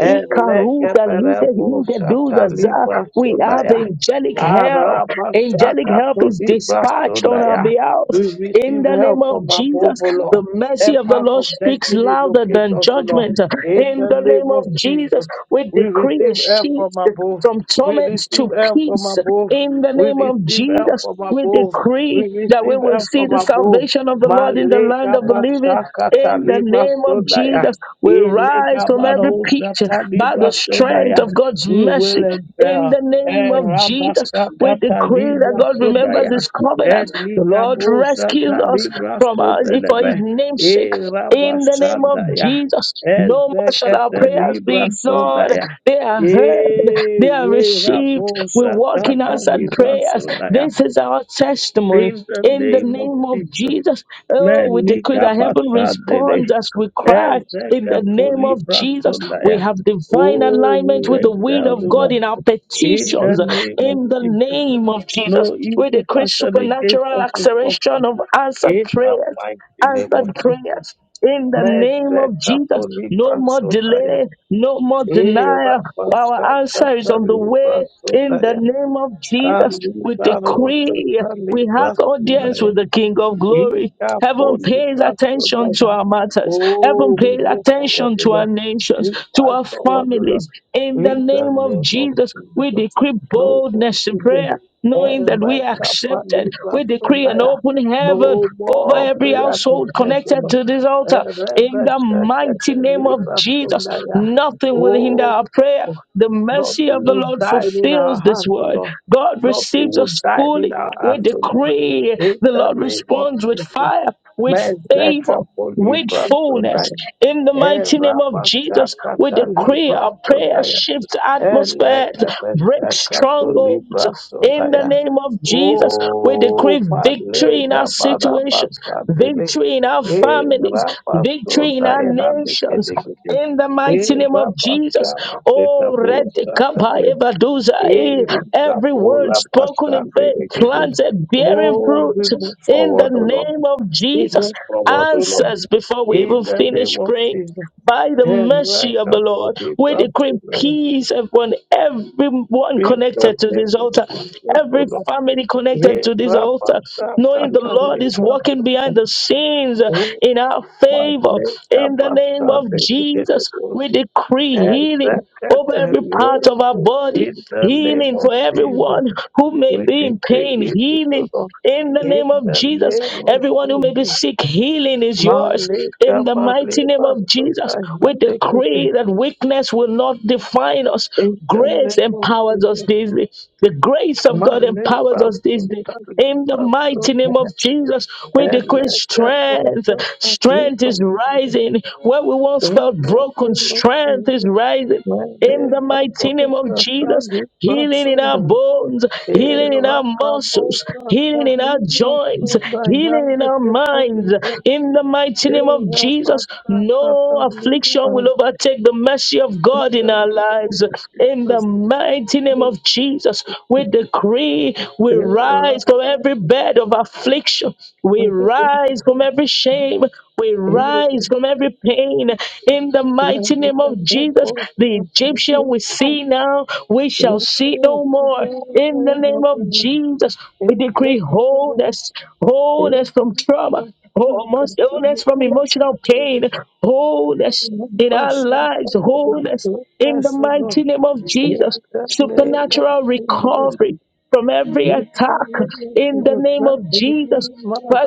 [SPEAKER 2] Eleke
[SPEAKER 1] Lide
[SPEAKER 2] perebo
[SPEAKER 1] Lide
[SPEAKER 2] shata
[SPEAKER 1] Duda
[SPEAKER 2] libra
[SPEAKER 1] we have angelic help. Angelic help is dispatched on our
[SPEAKER 2] Arabashakatolibrasondaya.
[SPEAKER 1] behalf.
[SPEAKER 2] We
[SPEAKER 1] In
[SPEAKER 2] receive
[SPEAKER 1] the
[SPEAKER 2] help
[SPEAKER 1] name
[SPEAKER 2] from
[SPEAKER 1] of
[SPEAKER 2] above,
[SPEAKER 1] Jesus,
[SPEAKER 2] O
[SPEAKER 1] the
[SPEAKER 2] Lord.
[SPEAKER 1] mercy
[SPEAKER 2] Help
[SPEAKER 1] of the
[SPEAKER 2] us
[SPEAKER 1] Lord
[SPEAKER 2] of
[SPEAKER 1] speaks
[SPEAKER 2] destiny
[SPEAKER 1] louder
[SPEAKER 2] locate
[SPEAKER 1] than
[SPEAKER 2] us, O Lord.
[SPEAKER 1] judgment.
[SPEAKER 2] In
[SPEAKER 1] In
[SPEAKER 2] the
[SPEAKER 1] the
[SPEAKER 2] name
[SPEAKER 1] name
[SPEAKER 2] of
[SPEAKER 1] of Jesus, Jesus,
[SPEAKER 2] Jesus,
[SPEAKER 1] we
[SPEAKER 2] we
[SPEAKER 1] decree a
[SPEAKER 2] receive help
[SPEAKER 1] shift
[SPEAKER 2] from above.
[SPEAKER 1] from
[SPEAKER 2] We
[SPEAKER 1] torment
[SPEAKER 2] receive
[SPEAKER 1] to
[SPEAKER 2] help from
[SPEAKER 1] peace
[SPEAKER 2] above.
[SPEAKER 1] in the
[SPEAKER 2] We
[SPEAKER 1] name of
[SPEAKER 2] receive help
[SPEAKER 1] Jesus.
[SPEAKER 2] from
[SPEAKER 1] We
[SPEAKER 2] above. We
[SPEAKER 1] decree that we
[SPEAKER 2] receive
[SPEAKER 1] will
[SPEAKER 2] help
[SPEAKER 1] see
[SPEAKER 2] from
[SPEAKER 1] the
[SPEAKER 2] above.
[SPEAKER 1] salvation of the Lord in the land
[SPEAKER 2] Maleka
[SPEAKER 1] of the living.
[SPEAKER 2] basaka
[SPEAKER 1] In the
[SPEAKER 2] taliba
[SPEAKER 1] name of
[SPEAKER 2] sodaya.
[SPEAKER 1] Jesus, we rise
[SPEAKER 2] Eleka
[SPEAKER 1] from every
[SPEAKER 2] barosha
[SPEAKER 1] pit by the
[SPEAKER 2] taliba
[SPEAKER 1] strength
[SPEAKER 2] sodaya.
[SPEAKER 1] of God's
[SPEAKER 2] We will
[SPEAKER 1] mercy. In
[SPEAKER 2] excel.
[SPEAKER 1] the name of Jesus, we
[SPEAKER 2] Rabasakata
[SPEAKER 1] decree that
[SPEAKER 2] Libra
[SPEAKER 1] God remembers
[SPEAKER 2] Sodaya,
[SPEAKER 1] His
[SPEAKER 2] Ed
[SPEAKER 1] covenant. The Lord rescues
[SPEAKER 2] Ligabosata
[SPEAKER 1] us
[SPEAKER 2] Libra
[SPEAKER 1] from our, for His
[SPEAKER 2] Sodelebe,
[SPEAKER 1] name's sake.
[SPEAKER 2] E
[SPEAKER 1] In the name of
[SPEAKER 2] Rabasandaya,
[SPEAKER 1] Jesus, no more shall our
[SPEAKER 2] Ezekete
[SPEAKER 1] prayers be
[SPEAKER 2] Libra
[SPEAKER 1] ignored.
[SPEAKER 2] Sodaya,
[SPEAKER 1] They are heard,
[SPEAKER 2] E
[SPEAKER 1] they are received. We walk
[SPEAKER 2] Rabosata
[SPEAKER 1] in answered
[SPEAKER 2] Libra
[SPEAKER 1] prayers.
[SPEAKER 2] Sodaya,
[SPEAKER 1] This is our testimony.
[SPEAKER 2] in the
[SPEAKER 1] In the
[SPEAKER 2] name of
[SPEAKER 1] name of
[SPEAKER 2] Jesus,
[SPEAKER 1] Jesus, oh, we decree
[SPEAKER 2] Melika
[SPEAKER 1] that heaven
[SPEAKER 2] Basadele,
[SPEAKER 1] responds as we cry. In the
[SPEAKER 2] Ezekato
[SPEAKER 1] name of
[SPEAKER 2] Libra
[SPEAKER 1] Jesus,
[SPEAKER 2] Sodaya.
[SPEAKER 1] we have divine
[SPEAKER 2] Oh,
[SPEAKER 1] alignment
[SPEAKER 2] we
[SPEAKER 1] with the will
[SPEAKER 2] exalt the
[SPEAKER 1] of God
[SPEAKER 2] Lord
[SPEAKER 1] in our
[SPEAKER 2] in the
[SPEAKER 1] petitions
[SPEAKER 2] name of
[SPEAKER 1] in the
[SPEAKER 2] Jesus.
[SPEAKER 1] name of Jesus.
[SPEAKER 2] No
[SPEAKER 1] We
[SPEAKER 2] evil
[SPEAKER 1] decree
[SPEAKER 2] fashion against
[SPEAKER 1] supernatural
[SPEAKER 2] us will prosper.
[SPEAKER 1] acceleration of answered
[SPEAKER 2] In the
[SPEAKER 1] prayers,
[SPEAKER 2] mighty name of
[SPEAKER 1] answered
[SPEAKER 2] Jesus.
[SPEAKER 1] prayers. In the name
[SPEAKER 2] Mese
[SPEAKER 1] of Jesus,
[SPEAKER 2] kapo
[SPEAKER 1] no
[SPEAKER 2] libra
[SPEAKER 1] more
[SPEAKER 2] sodaya.
[SPEAKER 1] delay, no more
[SPEAKER 2] E
[SPEAKER 1] denial. Our
[SPEAKER 2] rapasha
[SPEAKER 1] answer is
[SPEAKER 2] kata
[SPEAKER 1] on the
[SPEAKER 2] libra
[SPEAKER 1] way. In the
[SPEAKER 2] sodaya.
[SPEAKER 1] name of
[SPEAKER 2] A
[SPEAKER 1] Jesus, we
[SPEAKER 2] libra rocha
[SPEAKER 1] decree
[SPEAKER 2] ta
[SPEAKER 1] we have
[SPEAKER 2] libra
[SPEAKER 1] audience with the King of Glory.
[SPEAKER 2] Ika
[SPEAKER 1] Heaven pays
[SPEAKER 2] Polipa
[SPEAKER 1] attention to
[SPEAKER 2] Sodaya.
[SPEAKER 1] our matters.
[SPEAKER 2] Oh,
[SPEAKER 1] Heaven
[SPEAKER 2] we
[SPEAKER 1] pays
[SPEAKER 2] move forward,
[SPEAKER 1] attention
[SPEAKER 2] O
[SPEAKER 1] to our
[SPEAKER 2] Lord.
[SPEAKER 1] nations,
[SPEAKER 2] We
[SPEAKER 1] to
[SPEAKER 2] fight
[SPEAKER 1] our
[SPEAKER 2] forward, O Lord.
[SPEAKER 1] families. In the
[SPEAKER 2] In the
[SPEAKER 1] name of
[SPEAKER 2] name of
[SPEAKER 1] Jesus, we
[SPEAKER 2] Jesus.
[SPEAKER 1] decree
[SPEAKER 2] No more
[SPEAKER 1] boldness in
[SPEAKER 2] delay.
[SPEAKER 1] prayer, knowing that we are
[SPEAKER 2] Ereka
[SPEAKER 1] accepted.
[SPEAKER 2] Polipa
[SPEAKER 1] We decree an
[SPEAKER 2] Sodaya.
[SPEAKER 1] open heaven
[SPEAKER 2] No
[SPEAKER 1] over
[SPEAKER 2] more
[SPEAKER 1] every household
[SPEAKER 2] prayerlessness, O
[SPEAKER 1] connected
[SPEAKER 2] Lord.
[SPEAKER 1] to this altar. In
[SPEAKER 2] Erebe
[SPEAKER 1] the mighty
[SPEAKER 2] Shekete
[SPEAKER 1] name of
[SPEAKER 2] Lipa
[SPEAKER 1] Jesus,
[SPEAKER 2] Sodaya.
[SPEAKER 1] nothing will hinder
[SPEAKER 2] Oh,
[SPEAKER 1] our prayer. The mercy
[SPEAKER 2] nothing
[SPEAKER 1] of the
[SPEAKER 2] will
[SPEAKER 1] Lord
[SPEAKER 2] die in our
[SPEAKER 1] fulfills this
[SPEAKER 2] hands, O
[SPEAKER 1] word.
[SPEAKER 2] Lord.
[SPEAKER 1] God
[SPEAKER 2] Nothing
[SPEAKER 1] receives
[SPEAKER 2] will
[SPEAKER 1] us
[SPEAKER 2] die in
[SPEAKER 1] fully.
[SPEAKER 2] our
[SPEAKER 1] We
[SPEAKER 2] hands, O
[SPEAKER 1] decree
[SPEAKER 2] Lord.
[SPEAKER 1] pray,
[SPEAKER 2] In
[SPEAKER 1] the
[SPEAKER 2] the
[SPEAKER 1] Lord
[SPEAKER 2] name of
[SPEAKER 1] responds with
[SPEAKER 2] Jesus.
[SPEAKER 1] fire, with favor,
[SPEAKER 2] Mezeka
[SPEAKER 1] with
[SPEAKER 2] polibra
[SPEAKER 1] fullness.
[SPEAKER 2] sodaya.
[SPEAKER 1] In the mighty name
[SPEAKER 2] Era
[SPEAKER 1] of Jesus,
[SPEAKER 2] mashaka
[SPEAKER 1] we decree
[SPEAKER 2] kalibra
[SPEAKER 1] our prayer
[SPEAKER 2] sodaya.
[SPEAKER 1] shifts atmospheres,
[SPEAKER 2] Elege
[SPEAKER 1] breaks
[SPEAKER 2] meshaka
[SPEAKER 1] strongholds.
[SPEAKER 2] polibra
[SPEAKER 1] In the
[SPEAKER 2] sodaya.
[SPEAKER 1] name of Jesus, we
[SPEAKER 2] O
[SPEAKER 1] decree victory in our
[SPEAKER 2] malega
[SPEAKER 1] situations,
[SPEAKER 2] barabasandele.
[SPEAKER 1] victory in our families,
[SPEAKER 2] Era
[SPEAKER 1] victory in our
[SPEAKER 2] basodaya
[SPEAKER 1] nations.
[SPEAKER 2] handekedegede.
[SPEAKER 1] In the mighty name
[SPEAKER 2] Era
[SPEAKER 1] of Jesus,
[SPEAKER 2] bashaka
[SPEAKER 1] oh, red
[SPEAKER 2] kedabosa
[SPEAKER 1] Kappa,
[SPEAKER 2] tale.
[SPEAKER 1] Evaduza, eh,
[SPEAKER 2] Erika
[SPEAKER 1] every word
[SPEAKER 2] pola
[SPEAKER 1] spoken in faith,
[SPEAKER 2] basandele.
[SPEAKER 1] planted, bearing
[SPEAKER 2] Oh,
[SPEAKER 1] fruit
[SPEAKER 2] we move
[SPEAKER 1] in the
[SPEAKER 2] forward, O Lord.
[SPEAKER 1] name of
[SPEAKER 2] We
[SPEAKER 1] Jesus.
[SPEAKER 2] move forward, O Lord.
[SPEAKER 1] Answers before we
[SPEAKER 2] In
[SPEAKER 1] even
[SPEAKER 2] the name
[SPEAKER 1] finish
[SPEAKER 2] of
[SPEAKER 1] praying.
[SPEAKER 2] Jesus,
[SPEAKER 1] By the
[SPEAKER 2] and right
[SPEAKER 1] mercy of the
[SPEAKER 2] now for
[SPEAKER 1] Lord,
[SPEAKER 2] the
[SPEAKER 1] we decree
[SPEAKER 2] gospel life.
[SPEAKER 1] peace upon everyone
[SPEAKER 2] In the
[SPEAKER 1] connected to
[SPEAKER 2] name
[SPEAKER 1] this
[SPEAKER 2] of
[SPEAKER 1] altar,
[SPEAKER 2] Jesus, O
[SPEAKER 1] every
[SPEAKER 2] Lord.
[SPEAKER 1] family
[SPEAKER 2] He
[SPEAKER 1] connected to this altar,
[SPEAKER 2] rabasha
[SPEAKER 1] knowing the
[SPEAKER 2] katani
[SPEAKER 1] Lord is working
[SPEAKER 2] basa.
[SPEAKER 1] behind the scenes uh,
[SPEAKER 2] O
[SPEAKER 1] in our favor.
[SPEAKER 2] masle
[SPEAKER 1] In the name
[SPEAKER 2] rabasha
[SPEAKER 1] of Jesus,
[SPEAKER 2] bekedebo.
[SPEAKER 1] we decree
[SPEAKER 2] And
[SPEAKER 1] healing over
[SPEAKER 2] that
[SPEAKER 1] every part
[SPEAKER 2] you
[SPEAKER 1] of our body,
[SPEAKER 2] in the name
[SPEAKER 1] healing
[SPEAKER 2] of
[SPEAKER 1] for
[SPEAKER 2] Jesus,
[SPEAKER 1] everyone who may
[SPEAKER 2] we
[SPEAKER 1] be
[SPEAKER 2] take
[SPEAKER 1] in
[SPEAKER 2] the
[SPEAKER 1] pain,
[SPEAKER 2] easy O
[SPEAKER 1] healing.
[SPEAKER 2] Lord.
[SPEAKER 1] In the
[SPEAKER 2] In
[SPEAKER 1] name of
[SPEAKER 2] the
[SPEAKER 1] Jesus,
[SPEAKER 2] name of
[SPEAKER 1] everyone who may be
[SPEAKER 2] Jesus,
[SPEAKER 1] sick, healing is yours.
[SPEAKER 2] Malika
[SPEAKER 1] In the mighty name
[SPEAKER 2] Baleba
[SPEAKER 1] of Jesus,
[SPEAKER 2] Sunday,
[SPEAKER 1] we
[SPEAKER 2] Mandekete.
[SPEAKER 1] decree that weakness will not define us.
[SPEAKER 2] In the
[SPEAKER 1] Grace
[SPEAKER 2] name of
[SPEAKER 1] empowers
[SPEAKER 2] Jesus.
[SPEAKER 1] us this day. The grace of God
[SPEAKER 2] Male
[SPEAKER 1] empowers us this day.
[SPEAKER 2] basotari
[SPEAKER 1] In the mighty
[SPEAKER 2] basota
[SPEAKER 1] name of Jesus, we decree
[SPEAKER 2] eleka
[SPEAKER 1] strength.
[SPEAKER 2] basota
[SPEAKER 1] Strength
[SPEAKER 2] riba.
[SPEAKER 1] is rising. Where we once felt
[SPEAKER 2] Ike
[SPEAKER 1] broken,
[SPEAKER 2] dilo
[SPEAKER 1] strength is
[SPEAKER 2] chizi.
[SPEAKER 1] rising. In
[SPEAKER 2] Male
[SPEAKER 1] the mighty
[SPEAKER 2] basota
[SPEAKER 1] name of Jesus,
[SPEAKER 2] riba
[SPEAKER 1] healing in our
[SPEAKER 2] sunda.
[SPEAKER 1] bones, healing in
[SPEAKER 2] Ela
[SPEAKER 1] our muscles,
[SPEAKER 2] kabosha
[SPEAKER 1] healing in
[SPEAKER 2] kari
[SPEAKER 1] our joints,
[SPEAKER 2] basunda
[SPEAKER 1] healing in
[SPEAKER 2] yambe
[SPEAKER 1] our minds.
[SPEAKER 2] kepuri.
[SPEAKER 1] In the mighty name of
[SPEAKER 2] Ela
[SPEAKER 1] Jesus,
[SPEAKER 2] basaka
[SPEAKER 1] no
[SPEAKER 2] kari
[SPEAKER 1] affliction will
[SPEAKER 2] basunda.
[SPEAKER 1] overtake the mercy of God in our
[SPEAKER 2] Ela
[SPEAKER 1] lives. In
[SPEAKER 2] basaka
[SPEAKER 1] the mighty name
[SPEAKER 2] kari
[SPEAKER 1] of Jesus, we decree we rise from every bed of affliction, we rise from every
[SPEAKER 2] basunda.
[SPEAKER 1] shame, we
[SPEAKER 2] In
[SPEAKER 1] rise from
[SPEAKER 2] the
[SPEAKER 1] every pain in the mighty name of Jesus. The
[SPEAKER 2] name
[SPEAKER 1] Egyptian we see now, we shall see no more in the name of Jesus. We decree wholeness, wholeness from trauma, wholeness wholeness from emotional pain, wholeness in our lives, wholeness in the mighty name of Jesus. Supernatural recovery from every attack in the name of Jesus.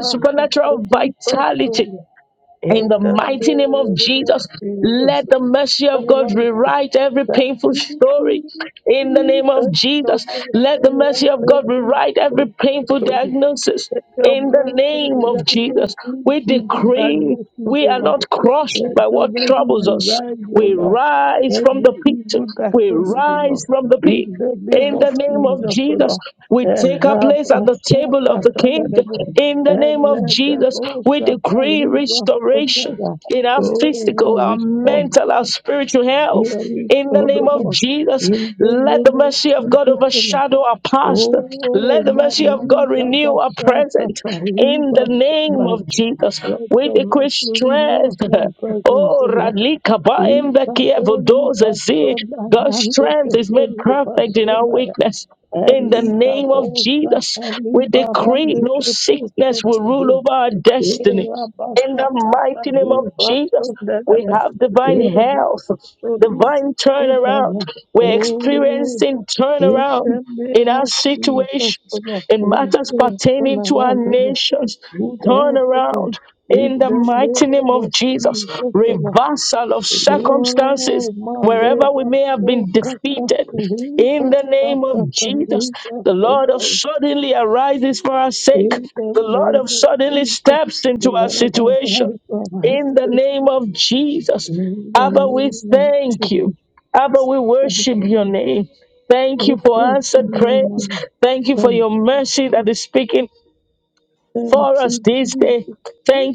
[SPEAKER 1] Supernatural vitality in the mighty name of Jesus,
[SPEAKER 2] of
[SPEAKER 1] let
[SPEAKER 2] Jesus,
[SPEAKER 1] the mercy of God rewrite every
[SPEAKER 2] Let
[SPEAKER 1] painful
[SPEAKER 2] your
[SPEAKER 1] story. In the name of Jesus, let the mercy of God rewrite every painful diagnosis. In the
[SPEAKER 2] mercy
[SPEAKER 1] name of
[SPEAKER 2] rise and
[SPEAKER 1] Jesus, we
[SPEAKER 2] give you
[SPEAKER 1] decree
[SPEAKER 2] magnificence, O
[SPEAKER 1] we are
[SPEAKER 2] Lord.
[SPEAKER 1] not crushed
[SPEAKER 2] Let
[SPEAKER 1] by
[SPEAKER 2] your
[SPEAKER 1] what troubles
[SPEAKER 2] mercy
[SPEAKER 1] us.
[SPEAKER 2] rise, O
[SPEAKER 1] We
[SPEAKER 2] Lord.
[SPEAKER 1] rise from
[SPEAKER 2] Every
[SPEAKER 1] the pit.
[SPEAKER 2] evil that
[SPEAKER 1] We
[SPEAKER 2] comes in, O Lord.
[SPEAKER 1] rise from the
[SPEAKER 2] In
[SPEAKER 1] pit.
[SPEAKER 2] the name
[SPEAKER 1] In the
[SPEAKER 2] of
[SPEAKER 1] name of
[SPEAKER 2] Jesus, O
[SPEAKER 1] Jesus,
[SPEAKER 2] Lord.
[SPEAKER 1] we take our place at the table of the King.
[SPEAKER 2] Erabasakatalebo,
[SPEAKER 1] In the name of Jesus,
[SPEAKER 2] elebebo
[SPEAKER 1] we decree
[SPEAKER 2] satalebo, O
[SPEAKER 1] restoration
[SPEAKER 2] Lord.
[SPEAKER 1] in our
[SPEAKER 2] Oh,
[SPEAKER 1] physical, our
[SPEAKER 2] we are
[SPEAKER 1] mental, our spiritual
[SPEAKER 2] here
[SPEAKER 1] health.
[SPEAKER 2] is
[SPEAKER 1] In the
[SPEAKER 2] God, O
[SPEAKER 1] name of
[SPEAKER 2] Lord,
[SPEAKER 1] Jesus,
[SPEAKER 2] in the
[SPEAKER 1] let the
[SPEAKER 2] name of
[SPEAKER 1] mercy of God
[SPEAKER 2] Jesus, O Lord.
[SPEAKER 1] overshadow our past.
[SPEAKER 2] Oh,
[SPEAKER 1] Let the mercy of God
[SPEAKER 2] Malika
[SPEAKER 1] renew our
[SPEAKER 2] Bashata
[SPEAKER 1] present. In the
[SPEAKER 2] Kariba
[SPEAKER 1] name of
[SPEAKER 2] Sunan.
[SPEAKER 1] Jesus,
[SPEAKER 2] Let
[SPEAKER 1] we
[SPEAKER 2] your
[SPEAKER 1] decree
[SPEAKER 2] mercy renew
[SPEAKER 1] strength.
[SPEAKER 2] our presence, O
[SPEAKER 1] Oh,
[SPEAKER 2] Lord.
[SPEAKER 1] Radlika Baem Vekia
[SPEAKER 2] Ikapoli
[SPEAKER 1] Vodoze Zi.
[SPEAKER 2] Basona,
[SPEAKER 1] God's
[SPEAKER 2] Hande
[SPEAKER 1] strength is made
[SPEAKER 2] Kepoli
[SPEAKER 1] perfect in our
[SPEAKER 2] Basona,
[SPEAKER 1] weakness. In the
[SPEAKER 2] Elika
[SPEAKER 1] name of
[SPEAKER 2] Bosha
[SPEAKER 1] Jesus, we
[SPEAKER 2] Kariba,
[SPEAKER 1] decree
[SPEAKER 2] Hande
[SPEAKER 1] no sickness will rule
[SPEAKER 2] Keposotobi,
[SPEAKER 1] over our destiny.
[SPEAKER 2] Era
[SPEAKER 1] In the
[SPEAKER 2] Bashakata,
[SPEAKER 1] mighty name of Jesus, we have divine
[SPEAKER 2] Hibasona,
[SPEAKER 1] health,
[SPEAKER 2] Release
[SPEAKER 1] divine
[SPEAKER 2] us, O Lord.
[SPEAKER 1] turnaround. We're
[SPEAKER 2] Oh,
[SPEAKER 1] experiencing
[SPEAKER 2] in
[SPEAKER 1] turnaround
[SPEAKER 2] the
[SPEAKER 1] in
[SPEAKER 2] name
[SPEAKER 1] our
[SPEAKER 2] of Jesus, O
[SPEAKER 1] situations,
[SPEAKER 2] Lord,
[SPEAKER 1] in
[SPEAKER 2] we
[SPEAKER 1] matters
[SPEAKER 2] pray for
[SPEAKER 1] pertaining to our
[SPEAKER 2] around the
[SPEAKER 1] nations.
[SPEAKER 2] good
[SPEAKER 1] Turn
[SPEAKER 2] help O Lord.
[SPEAKER 1] around
[SPEAKER 2] In
[SPEAKER 1] in the
[SPEAKER 2] the name
[SPEAKER 1] mighty name
[SPEAKER 2] of
[SPEAKER 1] of Jesus.
[SPEAKER 2] Jesus, O Lord.
[SPEAKER 1] Reversal of circumstances
[SPEAKER 2] Oh, my
[SPEAKER 1] wherever we
[SPEAKER 2] labor,
[SPEAKER 1] may have
[SPEAKER 2] so
[SPEAKER 1] been
[SPEAKER 2] kata,
[SPEAKER 1] defeated. In
[SPEAKER 2] labor,
[SPEAKER 1] the name of
[SPEAKER 2] sakata,
[SPEAKER 1] Jesus,
[SPEAKER 2] labor,
[SPEAKER 1] the
[SPEAKER 2] so
[SPEAKER 1] Lord of
[SPEAKER 2] tight.
[SPEAKER 1] suddenly arises for our sake.
[SPEAKER 2] In the
[SPEAKER 1] The Lord
[SPEAKER 2] name
[SPEAKER 1] of
[SPEAKER 2] of
[SPEAKER 1] suddenly
[SPEAKER 2] Jesus,
[SPEAKER 1] steps
[SPEAKER 2] the
[SPEAKER 1] into our
[SPEAKER 2] Lord,
[SPEAKER 1] situation.
[SPEAKER 2] I for
[SPEAKER 1] In the
[SPEAKER 2] myself.
[SPEAKER 1] name of Jesus,
[SPEAKER 2] In the
[SPEAKER 1] Abba, we
[SPEAKER 2] name of
[SPEAKER 1] thank you.
[SPEAKER 2] Jesus,
[SPEAKER 1] Abba, we
[SPEAKER 2] I
[SPEAKER 1] worship
[SPEAKER 2] have
[SPEAKER 1] your name. Thank
[SPEAKER 2] to
[SPEAKER 1] you for
[SPEAKER 2] praise
[SPEAKER 1] answered prayers.
[SPEAKER 2] you,
[SPEAKER 1] Thank you for
[SPEAKER 2] Thank
[SPEAKER 1] your mercy that
[SPEAKER 2] you,
[SPEAKER 1] is speaking
[SPEAKER 2] thank
[SPEAKER 1] for us
[SPEAKER 2] you,
[SPEAKER 1] this day.
[SPEAKER 2] Jesus.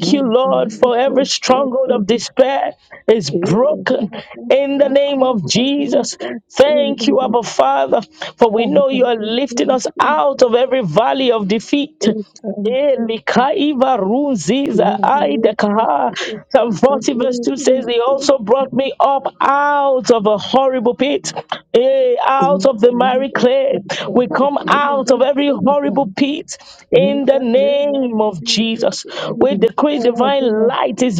[SPEAKER 2] My
[SPEAKER 1] you, Lord,
[SPEAKER 2] God,
[SPEAKER 1] for
[SPEAKER 2] for
[SPEAKER 1] every
[SPEAKER 2] sure,
[SPEAKER 1] stronghold
[SPEAKER 2] thank
[SPEAKER 1] of
[SPEAKER 2] you.
[SPEAKER 1] despair is
[SPEAKER 2] Eh,
[SPEAKER 1] broken
[SPEAKER 2] Lord, I
[SPEAKER 1] in the
[SPEAKER 2] shall
[SPEAKER 1] name
[SPEAKER 2] call
[SPEAKER 1] of
[SPEAKER 2] for you,
[SPEAKER 1] Jesus.
[SPEAKER 2] for
[SPEAKER 1] Thank you,
[SPEAKER 2] family.
[SPEAKER 1] Abba Father, for we
[SPEAKER 2] Father,
[SPEAKER 1] know you
[SPEAKER 2] we
[SPEAKER 1] are
[SPEAKER 2] thank
[SPEAKER 1] lifting
[SPEAKER 2] you.
[SPEAKER 1] us
[SPEAKER 2] We
[SPEAKER 1] out of every valley of
[SPEAKER 2] thank you.
[SPEAKER 1] defeat.
[SPEAKER 2] Lord, we thank
[SPEAKER 1] Eh,
[SPEAKER 2] you.
[SPEAKER 1] Mikaiva Runziza,
[SPEAKER 2] Thank you,
[SPEAKER 1] I
[SPEAKER 2] Lord. Thank you. Lord,
[SPEAKER 1] Psalm
[SPEAKER 2] I shall call
[SPEAKER 1] 40
[SPEAKER 2] for
[SPEAKER 1] verse
[SPEAKER 2] you,
[SPEAKER 1] 2
[SPEAKER 2] my
[SPEAKER 1] says, He
[SPEAKER 2] family.
[SPEAKER 1] also brought me up out of a horrible pit, eh, out
[SPEAKER 2] In
[SPEAKER 1] of the
[SPEAKER 2] the name
[SPEAKER 1] miry
[SPEAKER 2] of
[SPEAKER 1] clay. We come out of every horrible pit in the name of
[SPEAKER 2] Jesus,
[SPEAKER 1] Jesus.
[SPEAKER 2] we
[SPEAKER 1] We decree
[SPEAKER 2] empower
[SPEAKER 1] divine
[SPEAKER 2] them.
[SPEAKER 1] light is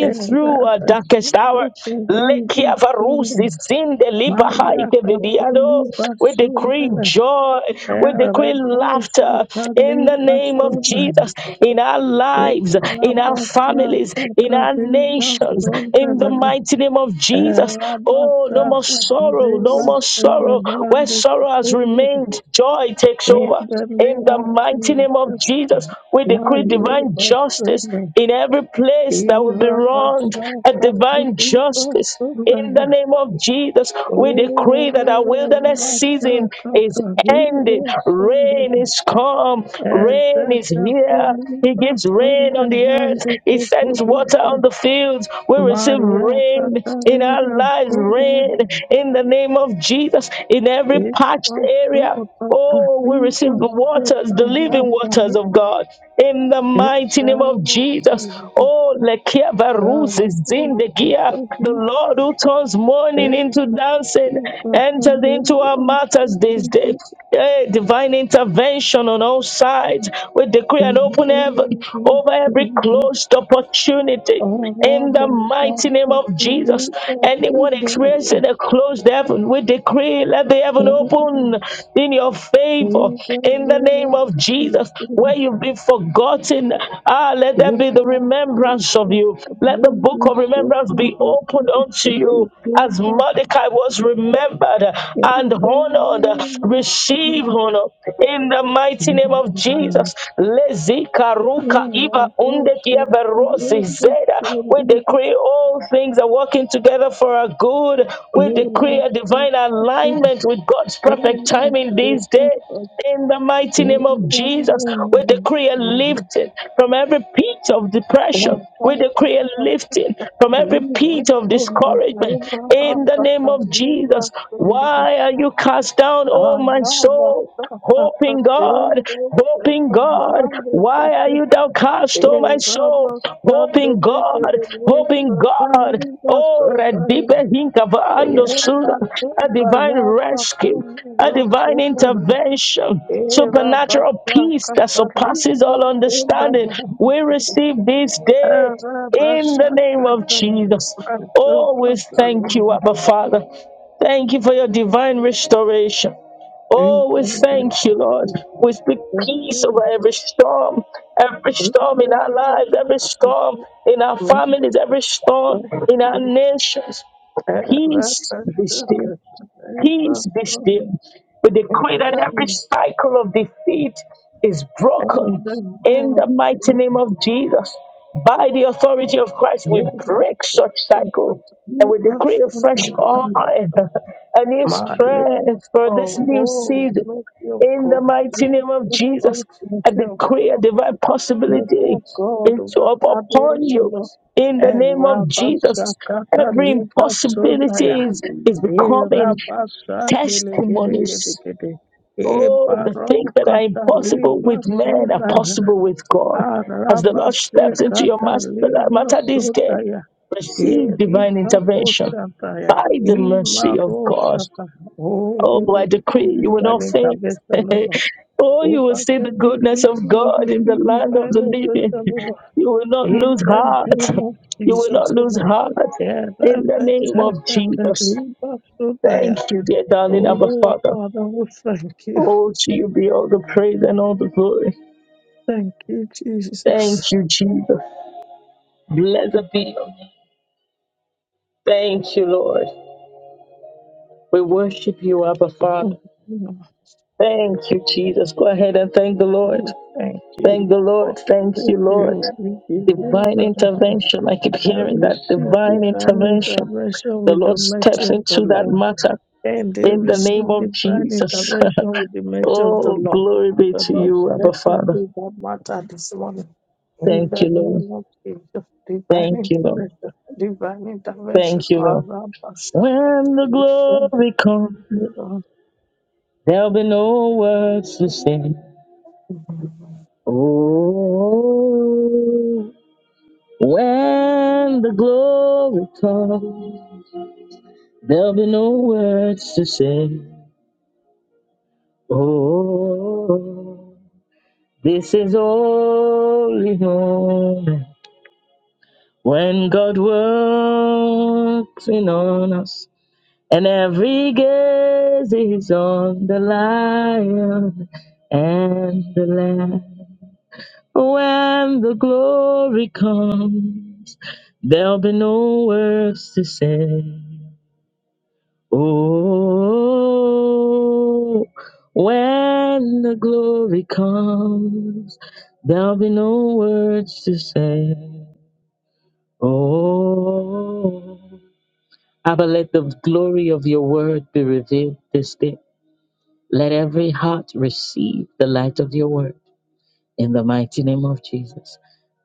[SPEAKER 2] Eh,
[SPEAKER 1] through
[SPEAKER 2] Lord,
[SPEAKER 1] our
[SPEAKER 2] I shall
[SPEAKER 1] darkest hour.
[SPEAKER 2] call for you, for
[SPEAKER 1] Lekia
[SPEAKER 2] family.
[SPEAKER 1] varusi sinde liba
[SPEAKER 2] Maya
[SPEAKER 1] haike vidiado.
[SPEAKER 2] Kapoli
[SPEAKER 1] We decree
[SPEAKER 2] Basundana
[SPEAKER 1] joy. We
[SPEAKER 2] Era
[SPEAKER 1] decree
[SPEAKER 2] Bosa
[SPEAKER 1] laughter in
[SPEAKER 2] Kali
[SPEAKER 1] the name of
[SPEAKER 2] Basundana
[SPEAKER 1] Jesus in our lives,
[SPEAKER 2] Era
[SPEAKER 1] in our
[SPEAKER 2] Bosa
[SPEAKER 1] families, in our
[SPEAKER 2] Kali
[SPEAKER 1] nations, in the
[SPEAKER 2] Basundana
[SPEAKER 1] mighty name of Jesus.
[SPEAKER 2] Era
[SPEAKER 1] Oh, no
[SPEAKER 2] Bosa
[SPEAKER 1] more sorrow,
[SPEAKER 2] Kali
[SPEAKER 1] no more sorrow sorrow.
[SPEAKER 2] Basundana
[SPEAKER 1] Where
[SPEAKER 2] De
[SPEAKER 1] sorrow has
[SPEAKER 2] Kipoli
[SPEAKER 1] remained, joy takes
[SPEAKER 2] In
[SPEAKER 1] over.
[SPEAKER 2] the
[SPEAKER 1] In
[SPEAKER 2] name
[SPEAKER 1] the
[SPEAKER 2] of
[SPEAKER 1] mighty name of
[SPEAKER 2] Jesus
[SPEAKER 1] Jesus, we decree
[SPEAKER 2] Maya
[SPEAKER 1] divine justice
[SPEAKER 2] Basundana
[SPEAKER 1] in every place that will be
[SPEAKER 2] Era
[SPEAKER 1] wronged,
[SPEAKER 2] Bosa
[SPEAKER 1] a divine
[SPEAKER 2] Kali
[SPEAKER 1] justice. In
[SPEAKER 2] Basundana
[SPEAKER 1] the name of Jesus, we decree that our
[SPEAKER 2] Oh,
[SPEAKER 1] wilderness season
[SPEAKER 2] Maria
[SPEAKER 1] is ended.
[SPEAKER 2] Tatariva
[SPEAKER 1] Rain
[SPEAKER 2] Sundara,
[SPEAKER 1] is come. Rain is here. He gives rain on the earth. He sends water on the fields. We receive rain in our lives eyes red in the name of Jesus in every parched
[SPEAKER 2] Ipaso
[SPEAKER 1] area. Oh, we
[SPEAKER 2] Patariva
[SPEAKER 1] receive the waters, the living waters
[SPEAKER 2] Sotarana,
[SPEAKER 1] of God in the mighty name of
[SPEAKER 2] Itamo
[SPEAKER 1] Jesus.
[SPEAKER 2] Sundara,
[SPEAKER 1] Oh, Lekia Baruz is Zindegia,
[SPEAKER 2] Patariva,
[SPEAKER 1] the Lord who turns mourning
[SPEAKER 2] Eto
[SPEAKER 1] into dancing enters into our
[SPEAKER 2] Katariva
[SPEAKER 1] matters this day. Hey, divine intervention on all sides. We decree and open heaven over every
[SPEAKER 2] Sotarana,
[SPEAKER 1] closed opportunity.
[SPEAKER 2] the
[SPEAKER 1] In
[SPEAKER 2] the
[SPEAKER 1] the
[SPEAKER 2] name
[SPEAKER 1] mighty name of Jesus,
[SPEAKER 2] of
[SPEAKER 1] anyone experiencing a closed heaven, we decree let the heaven open in your favor. In the name of
[SPEAKER 2] Jesus,
[SPEAKER 1] Jesus, where you've been forgotten, ah, let there
[SPEAKER 2] we
[SPEAKER 1] be the
[SPEAKER 2] must look
[SPEAKER 1] remembrance of
[SPEAKER 2] at
[SPEAKER 1] you.
[SPEAKER 2] the
[SPEAKER 1] Let the
[SPEAKER 2] name
[SPEAKER 1] book
[SPEAKER 2] of
[SPEAKER 1] of
[SPEAKER 2] Jesus.
[SPEAKER 1] remembrance be opened unto you as Mordecai was remembered and
[SPEAKER 2] In the
[SPEAKER 1] honored.
[SPEAKER 2] name
[SPEAKER 1] Receive
[SPEAKER 2] of
[SPEAKER 1] honor in the mighty name
[SPEAKER 2] Jesus,
[SPEAKER 1] of Jesus. Lezika
[SPEAKER 2] no
[SPEAKER 1] Kaiba
[SPEAKER 2] one
[SPEAKER 1] unde kia
[SPEAKER 2] worship the
[SPEAKER 1] berosi
[SPEAKER 2] name of
[SPEAKER 1] zeda. We
[SPEAKER 2] Jesus.
[SPEAKER 1] decree all things are working together for our good.
[SPEAKER 2] In
[SPEAKER 1] We decree a divine alignment with God's perfect timing these days. In the mighty
[SPEAKER 2] the
[SPEAKER 1] name of Jesus,
[SPEAKER 2] name
[SPEAKER 1] we decree a
[SPEAKER 2] of
[SPEAKER 1] lifting from every pit of
[SPEAKER 2] Thank
[SPEAKER 1] depression. We decree a
[SPEAKER 2] you.
[SPEAKER 1] lifting
[SPEAKER 2] Era
[SPEAKER 1] from every pit of discouragement. In the name of Jesus, why are you cast down, O my soul? Hope in God, hope in God. Why are you downcast, O my soul? Hope in God, hope in God. Oh, Radipe Hinkava Andosura, a divine rescue, a divine intervention, supernatural peace that surpasses all understanding. We receive this day in the name
[SPEAKER 2] bashaka
[SPEAKER 1] of Jesus.
[SPEAKER 2] Mazuka
[SPEAKER 1] Always thank you, Abba Father. Thank you for your divine restoration.
[SPEAKER 2] Oh,
[SPEAKER 1] Oh, we
[SPEAKER 2] oh, make your
[SPEAKER 1] thank
[SPEAKER 2] God,
[SPEAKER 1] you, Lord. We speak
[SPEAKER 2] make
[SPEAKER 1] peace over every storm, every storm in our lives, every storm in our families, every storm in our nations. Peace be still. Peace be still. We decree that every cycle of defeat is broken in the mighty name of Jesus. By the authority of Christ, we break such cycle and we decree a fresh oil, a new strength for this new season. In the mighty name of
[SPEAKER 2] your
[SPEAKER 1] Jesus,
[SPEAKER 2] God,
[SPEAKER 1] I
[SPEAKER 2] mercy of
[SPEAKER 1] decree
[SPEAKER 2] God.
[SPEAKER 1] a divine
[SPEAKER 2] Let
[SPEAKER 1] possibility
[SPEAKER 2] your God
[SPEAKER 1] into up upon
[SPEAKER 2] establish
[SPEAKER 1] you.
[SPEAKER 2] us.
[SPEAKER 1] In the name of Jesus,
[SPEAKER 2] Erabashakata
[SPEAKER 1] every
[SPEAKER 2] libasundaya.
[SPEAKER 1] impossibility is, is becoming
[SPEAKER 2] Erabashandele gede gede
[SPEAKER 1] testimonies.
[SPEAKER 2] gede.
[SPEAKER 1] Oh, the things that are
[SPEAKER 2] Ebarokata
[SPEAKER 1] impossible with men are
[SPEAKER 2] libasundaya.
[SPEAKER 1] possible with God. As the Lord steps into your
[SPEAKER 2] Arabashekata
[SPEAKER 1] master, matter this day,
[SPEAKER 2] libasundaya.
[SPEAKER 1] receive divine
[SPEAKER 2] Erika
[SPEAKER 1] intervention
[SPEAKER 2] poshantaya.
[SPEAKER 1] by the mercy of God.
[SPEAKER 2] Imaroshata. Oh,
[SPEAKER 1] Oh,
[SPEAKER 2] we
[SPEAKER 1] I
[SPEAKER 2] receive
[SPEAKER 1] decree you will
[SPEAKER 2] divine
[SPEAKER 1] not faint.
[SPEAKER 2] intervention, O Lord.
[SPEAKER 1] oh, you will
[SPEAKER 2] Over
[SPEAKER 1] see the
[SPEAKER 2] every
[SPEAKER 1] goodness
[SPEAKER 2] issue,
[SPEAKER 1] of
[SPEAKER 2] we
[SPEAKER 1] God in the
[SPEAKER 2] receive
[SPEAKER 1] land of
[SPEAKER 2] divine
[SPEAKER 1] the
[SPEAKER 2] intervention,
[SPEAKER 1] living.
[SPEAKER 2] O Lord.
[SPEAKER 1] You will not
[SPEAKER 2] In
[SPEAKER 1] lose
[SPEAKER 2] the
[SPEAKER 1] heart.
[SPEAKER 2] name of
[SPEAKER 1] You will not
[SPEAKER 2] Jesus, O
[SPEAKER 1] lose
[SPEAKER 2] Lord.
[SPEAKER 1] heart in the name of Jesus. Thank
[SPEAKER 2] Yerabatakatarubasunaya.
[SPEAKER 1] you, dear darling, our
[SPEAKER 2] Oh,
[SPEAKER 1] Father.
[SPEAKER 2] Father, we thank you.
[SPEAKER 1] Oh, to you be all the praise and all the glory.
[SPEAKER 2] Thank you, Jesus.
[SPEAKER 1] Thank you, Jesus. Blessed be your name. Thank you, Lord. We worship you, Abba Father.
[SPEAKER 2] Oh,
[SPEAKER 1] Thank you, Jesus. Go ahead and thank the Lord.
[SPEAKER 2] We thank
[SPEAKER 1] Thank
[SPEAKER 2] you.
[SPEAKER 1] the
[SPEAKER 2] Lord.
[SPEAKER 1] Lord. Thank
[SPEAKER 2] Thank
[SPEAKER 1] you, Lord.
[SPEAKER 2] you. We give you
[SPEAKER 1] Divine
[SPEAKER 2] the rest.
[SPEAKER 1] intervention. I keep
[SPEAKER 2] I
[SPEAKER 1] hearing that.
[SPEAKER 2] receive
[SPEAKER 1] Divine
[SPEAKER 2] divine
[SPEAKER 1] intervention.
[SPEAKER 2] intervention
[SPEAKER 1] The
[SPEAKER 2] with the
[SPEAKER 1] Lord
[SPEAKER 2] mercy
[SPEAKER 1] steps
[SPEAKER 2] of the
[SPEAKER 1] into that
[SPEAKER 2] Lord.
[SPEAKER 1] matter
[SPEAKER 2] and they
[SPEAKER 1] in the name
[SPEAKER 2] receive
[SPEAKER 1] of
[SPEAKER 2] divine
[SPEAKER 1] Jesus.
[SPEAKER 2] intervention with the mercy of the
[SPEAKER 1] oh,
[SPEAKER 2] Lord.
[SPEAKER 1] glory be
[SPEAKER 2] The
[SPEAKER 1] to
[SPEAKER 2] Lord
[SPEAKER 1] you, Abba
[SPEAKER 2] step
[SPEAKER 1] Father.
[SPEAKER 2] into that matter this morning. In
[SPEAKER 1] Thank
[SPEAKER 2] the
[SPEAKER 1] you, Lord.
[SPEAKER 2] name of Jesus, divine
[SPEAKER 1] Thank you, Lord.
[SPEAKER 2] intervention, divine intervention.
[SPEAKER 1] Thank you, Lord. When the glory comes,
[SPEAKER 2] Arabashaka.
[SPEAKER 1] there'll be no words to say. Oh, when the glory comes, there'll be no words to say. Oh, this is holy moment when God works in on us, and every gaze is on the Lion and the Lamb. When the glory comes, there'll be no words to say. Oh, when the glory comes, there'll be no words to say. Oh, Abba, let the glory of your word be revealed this day. Let every heart receive the light of your word in the mighty name of Jesus.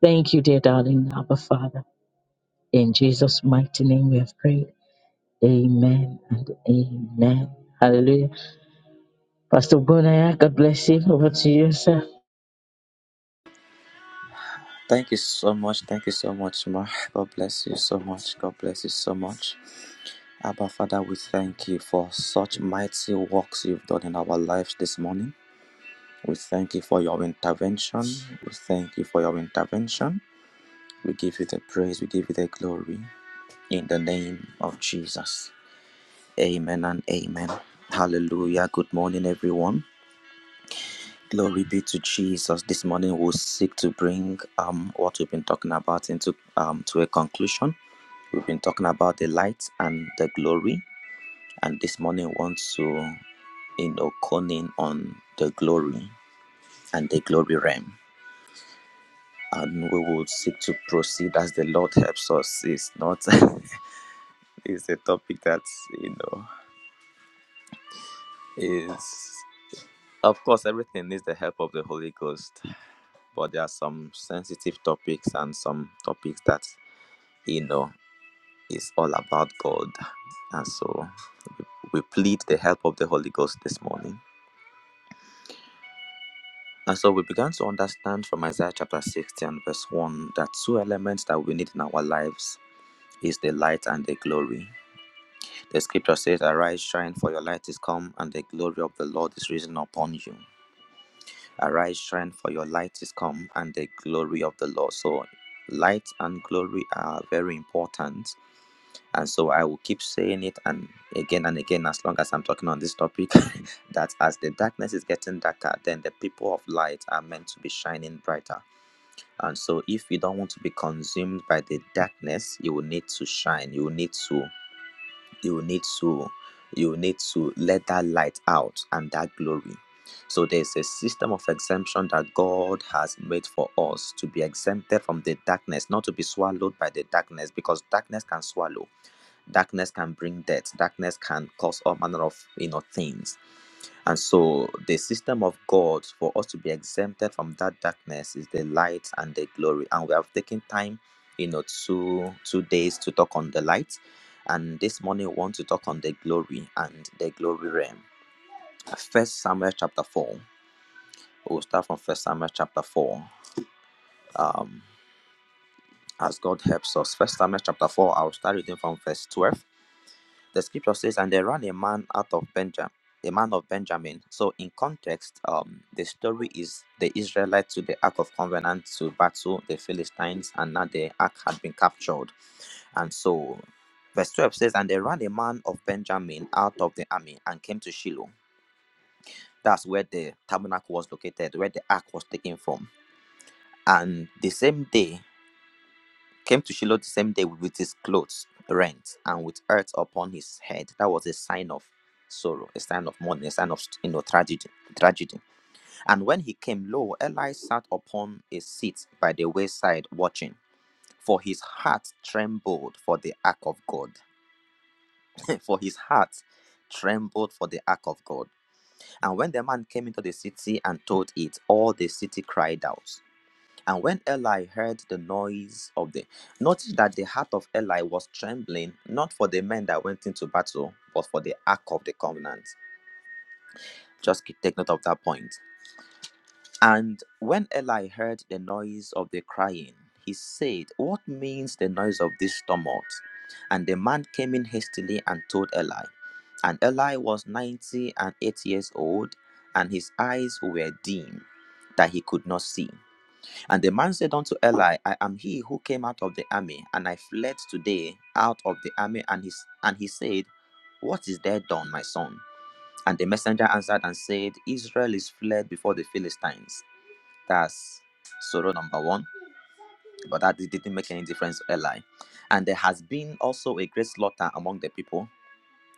[SPEAKER 1] Thank you, dear darling Abba Father. In Jesus' mighty name we have prayed. Amen and amen. Hallelujah. Pastor Bonaya, God bless you. Over to you, sir.
[SPEAKER 4] Thank you so much. Thank you so much, Ma. God bless you so much. God bless you so much. Abba, Father, we thank you for such mighty works you've done in our lives this morning. We thank you for your intervention. We thank you for your intervention. We give you the praise. We give you the glory. In the name of Jesus. Amen and amen. Hallelujah. Good morning, everyone. Glory be to Jesus. This morning we'll seek to bring um, what we've been talking about into um, to a conclusion We've been talking about the light and the glory, and this morning we want to, you know, cone in on the glory and the glory realm. And we will seek to proceed as the Lord helps us. It's not, it's a topic that, you know, is, of course, everything needs the help of the Holy Ghost, but there are some sensitive topics and some topics that, you know, is all about God. And so we plead the help of the Holy Ghost this morning And so we began to understand from Isaiah chapter 60 and verse 1 that two elements that we need in our lives is the light and the glory. The scripture says, Arise, shine, for your light is come, and the glory of the Lord is risen upon you. Arise, shine, for your light is come, and the glory of the Lord. So, light and glory are very important. And so, I will keep saying it and again and again as long as I'm talking on this topic that as the darkness is getting darker, then the people of light are meant to be shining brighter And so, if you don't want to be consumed by the darkness, you will need to shine. You will need to, you will need to, you will need to let that light out and that glory. So, there's a system of exemption that God has made for us to be exempted from the darkness, not to be swallowed by the darkness, because darkness can swallow, darkness can bring death, darkness can cause all manner of you know things and so, the system of God for us to be exempted from that darkness is the light and the glory. And we have taken time, you know, two two days to talk on the light, and this morning we want to talk on the glory and the glory realm. First Samuel chapter four. We'll start from First Samuel chapter four. Um, as God helps us. First Samuel chapter four. I'll start reading from verse twelve The scripture says, "And there ran a man out of Benjamin, a man of Benjamin." So, in context, um, the story is the Israelites to the Ark of Covenant to battle the Philistines, and now the Ark had been captured, and so. Verse 12 says, And there ran a man of Benjamin out of the army and came to Shiloh. That's where the tabernacle was located, where the ark was taken from. And the same day, came to Shiloh the same day with his clothes rent and with earth upon his head. That was a sign of sorrow, a sign of mourning, a sign of you know tragedy, tragedy. And when he came, lo, Eli sat upon a seat by the wayside watching, for his heart trembled for the ark of God. for his heart trembled for the ark of God. And when the man came into the city and told it, all the city cried out. And when Eli heard the noise of the, notice that the heart of Eli was trembling, not for the men that went into battle, but for the ark of the covenant. Just ke- take note of that point. And when Eli heard the noise of the crying, he said, What means the noise of this tumult? And the man came in hastily and told Eli. And Eli was ninety and eight years old, and his eyes were dim, that he could not see. And the man said unto Eli, I am he who came out of the army, and I fled today out of the army. And he, and he said, What is there done, my son? And the messenger answered and said, Israel is fled before the Philistines. That's sorrow number one. But that it didn't make any difference to Eli. And there has been also a great slaughter among the people.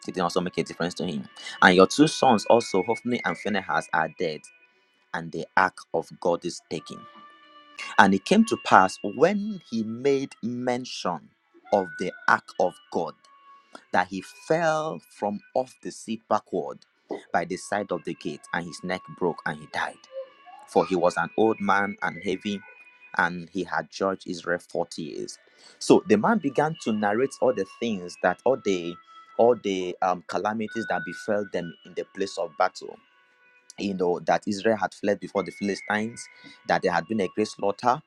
[SPEAKER 4] It didn't also make a difference to him. And your two sons also, Hophni and Phinehas, are dead, and the ark of God is taken. And it came to pass when he made mention of the ark of God that he fell from off the seat backward by the side of the gate, and his neck broke and he died. For he was an old man and heavy, and he had judged Israel 40 years. So the man began to narrate all the things that all the all the um, calamities that befell them in the place of battle. You know, that Israel had fled before the Philistines, that there had been a great slaughter,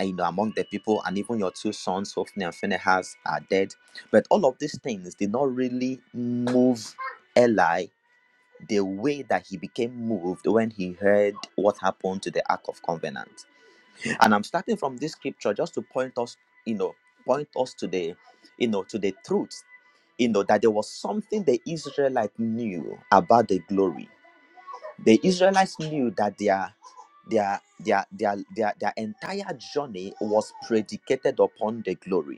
[SPEAKER 4] uh, you know, among the people, and even your two sons, Hophni and Phinehas, are dead. But all of these things did not really move Eli the way that he became moved when he heard what happened to the Ark of Covenant. And I'm starting from this scripture just to point us, you know, point us to the, you know, to the truth, you know, that there was something the Israelite knew about the glory the Israelites knew that their their their their their, their entire journey was predicated upon the glory.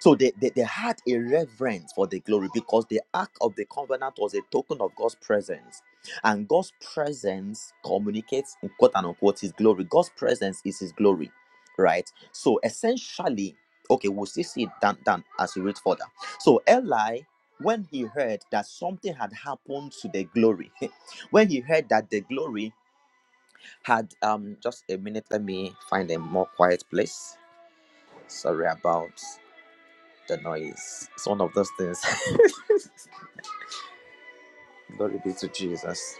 [SPEAKER 4] So they, they, they had a reverence for the glory because the Ark of the Covenant was a token of God's presence. And God's presence communicates, in quote and unquote, his glory. God's presence is his glory, right? So essentially, okay, we'll still see it down, down as we read further. So Eli, when he heard that something had happened to the glory, when he heard that the glory had, um, just a minute, let me find a more quiet place. Sorry about the noise. It's one of those things. Glory be to Jesus.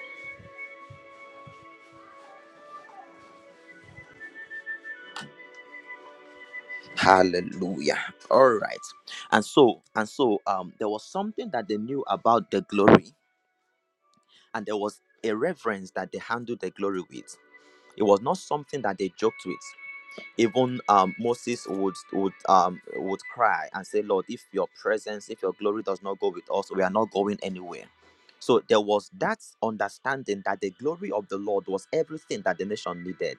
[SPEAKER 4] Hallelujah. All right. And so and so um there was something that they knew about the glory and there was a reverence that they handled the glory with. It was not something that they joked with. Even um, Moses would would um, would cry and say, "Lord, if your presence, if your glory does not go with us, we are not going anywhere." So there was that understanding that the glory of the Lord was everything that the nation needed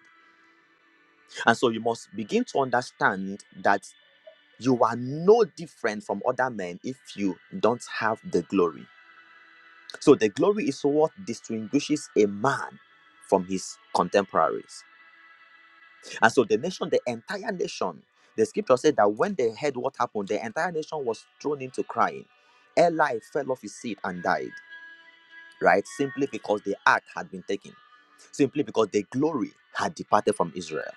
[SPEAKER 4] And so you must begin to understand that you are no different from other men if you don't have the glory. So the glory is what distinguishes a man from his contemporaries. And so the nation, the entire nation, the scripture said that when they heard what happened, the entire nation was thrown into crying. Eli fell off his seat and died, right? Simply because the ark had been taken, simply because the glory had departed from Israel.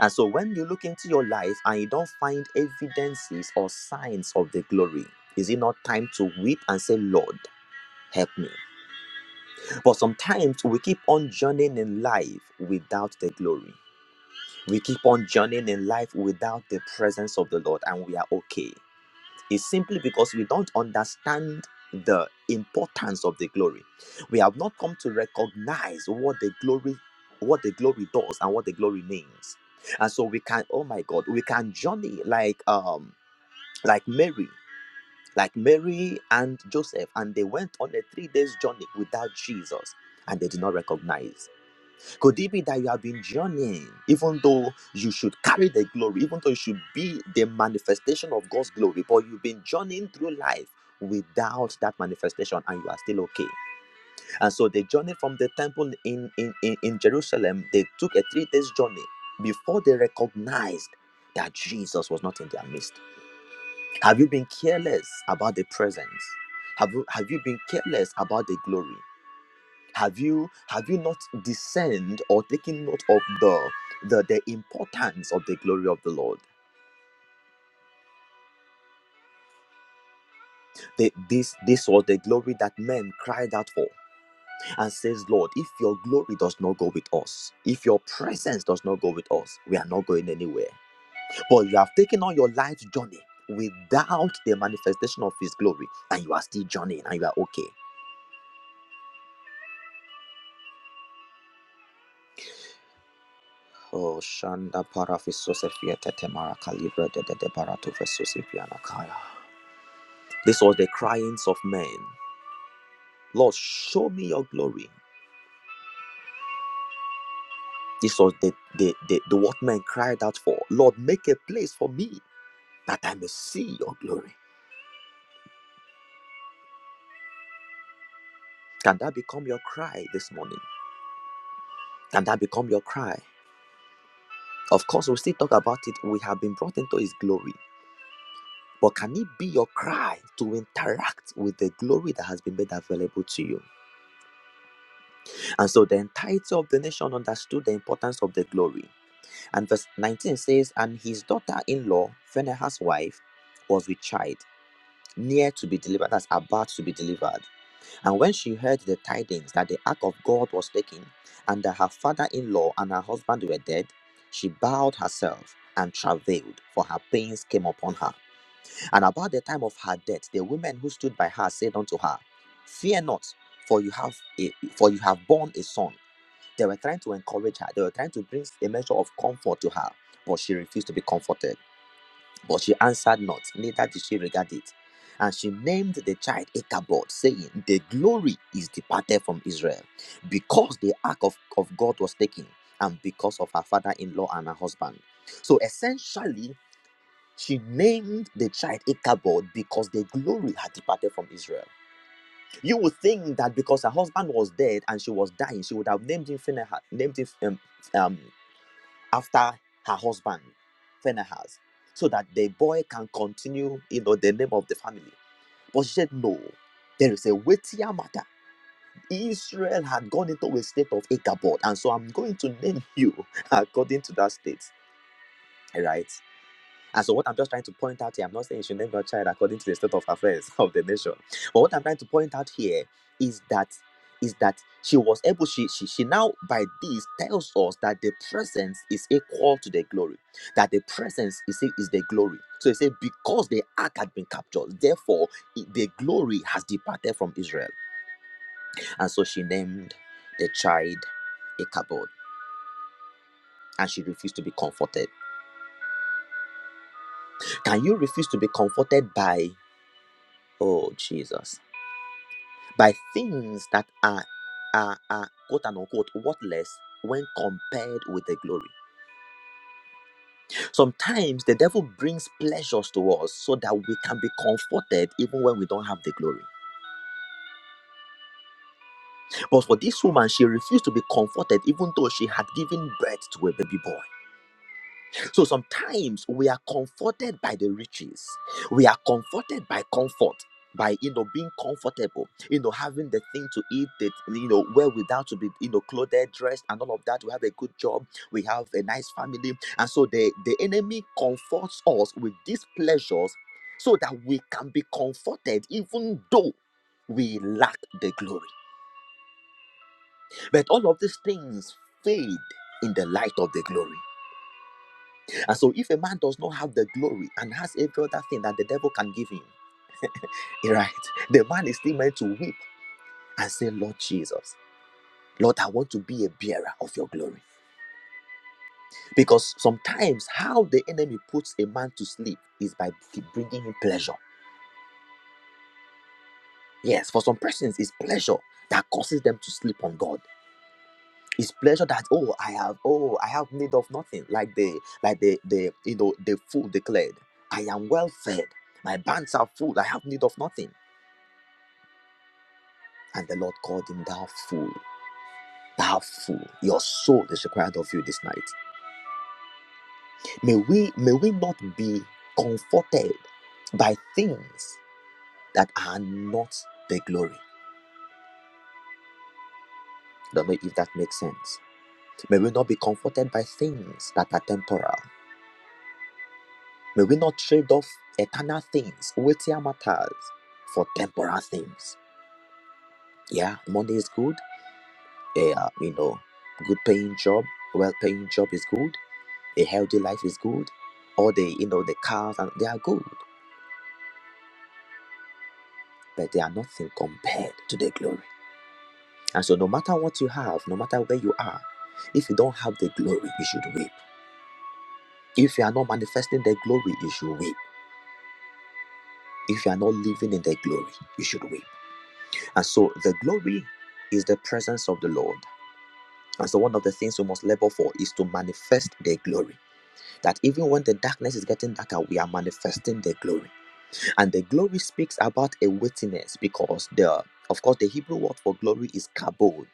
[SPEAKER 4] And so when you look into your life and you don't find evidences or signs of the glory, is it not time to weep and say, Lord, help me? But sometimes we keep on journeying in life without the glory. We keep on journeying in life without the presence of the Lord, and we are okay is simply because we don't understand the importance of the glory. We have not come to recognize what the glory what the glory does and what the glory means. And so we can oh my god, we can journey like um like Mary like Mary and Joseph and they went on a 3 days journey without Jesus and they did not recognize. Could it be that you have been journeying, even though you should carry the glory, even though you should be the manifestation of God's glory, but you've been journeying through life without that manifestation and you are still okay? And so they journeyed from the temple in, in, in, in Jerusalem. They took a three days journey before they recognized that Jesus was not in their midst. Have you been careless about the presence? Have you, have you been careless about the glory? have you have you not discerned or taken note of the the, the importance of the glory of the lord The- this this was the glory that men cried out for and says lord if your glory does not go with us if your presence does not go with us we are not going anywhere but you have taken on your life journey without the manifestation of his glory and you are still journeying and you are okay oh shanda para fisosefiete temara de de barato fisosefiana kaya This was the cryings of men. Lord, show me your glory. This was the, the, the, the what men cried out for. Lord, make a place for me that I may see your glory. Can that become your cry this morning? Can that become your cry? Of course, we'll still talk about it. We have been brought into his glory. But can it be your cry to interact with the glory that has been made available to you? And so the entirety of the nation understood the importance of the glory. And verse 19 says, And his daughter in law, Phinehas' wife, was with child, near to be delivered, that's about to be delivered. And when she heard the tidings that the ark of God was taken, and that her father in law and her husband were dead, she bowed herself and travailed, for her pains came upon her. And about the time of her death, the women who stood by her said unto her, Fear not, for you have a, for you have borne a son. They were trying to encourage her. They were trying to bring a measure of comfort to her, but she refused to be comforted. But she answered not, neither did she regard it. And she named the child Ichabod, saying, The glory is departed from Israel, because the ark of, of God was taken, and because of her father in law and her husband. So essentially, she named the child Ichabod because the glory had departed from Israel. You would think that because her husband was dead and she was dying, she would have named him Phinehas, named him um, um, after her husband, Phinehas, so that the boy can continue, you know, the name of the family. But she said, no, there is a weightier matter. Israel had gone into a state of Ichabod, and so I'm going to name you according to that state, right? And so, what I'm just trying to point out here, I'm not saying you should name your child according to the state of affairs of the nation. But what I'm trying to point out here is that is that she was able, she, she she now by this tells us that the presence is equal to the glory, that the presence is is the glory. So he said, because the ark had been captured, therefore i- the glory has departed from Israel. And so she named the child Ichabod, and she refused to be comforted. Can you refuse to be comforted by oh Jesus? by things that are are, are quote and unquote worthless when compared with the glory. Sometimes the devil brings pleasures to us so that we can be comforted even when we don't have the glory. But for this woman, she refused to be comforted even though she had given birth to a baby boy. So sometimes we are comforted by the riches, we are comforted by comfort. By you know being comfortable, you know having the thing to eat, that you know well without to be, you know clothed, dressed, and all of that. We have a good job, we have a nice family, and so the the enemy comforts us with these pleasures, so that we can be comforted, even though we lack the glory. But all of these things fade in the light of the glory. And so, if a man does not have the glory and has every other thing that the devil can give him, right, the man is still meant to weep and say, Lord Jesus, Lord, I want to be a bearer of your glory. Because sometimes how the enemy puts a man to sleep is by bringing him pleasure. Yes, for some persons, it's pleasure that causes them to sleep on God. It's pleasure that oh I have oh I have need of nothing like the like the the you know the fool declared I am well fed my bands are full I have need of nothing And the Lord called him, Thou fool, thou fool, your soul is required of you this night. May we may we not be comforted by things that are not the glory. Don't know if that makes sense. May we not be comforted by things that are temporal. May we not trade off eternal things, weightier matters, for temporal things. Yeah, money is good. Yeah, you know, good paying job, well paying job is good. A healthy life is good. All the you know the cars and they are good, but they are nothing compared to the glory. And so no matter what you have, no matter where you are, if you don't have the glory, you should weep. If you are not manifesting the glory, you should weep. If you are not living in the glory, you should weep. And so the glory is the presence of the Lord. And so one of the things we must labor for is to manifest the glory. That even when the darkness is getting darker, we are manifesting the glory. and the glory speaks about a witness because the of course the hebrew word for glory is kabod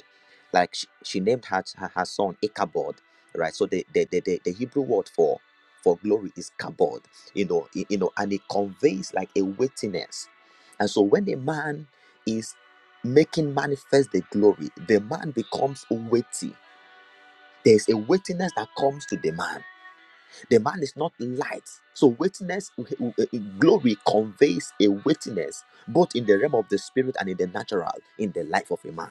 [SPEAKER 4] like she, she named her, her her son ichabod right so the the, the the the hebrew word for for glory is kabod you know y- you know and it conveys like a witness and so when a man is making manifest the glory the man becomes weighty there's a weightiness that comes to the man the man is not light. So, witness, glory conveys a witness both in the realm of the spirit and in the natural, in the life of a man.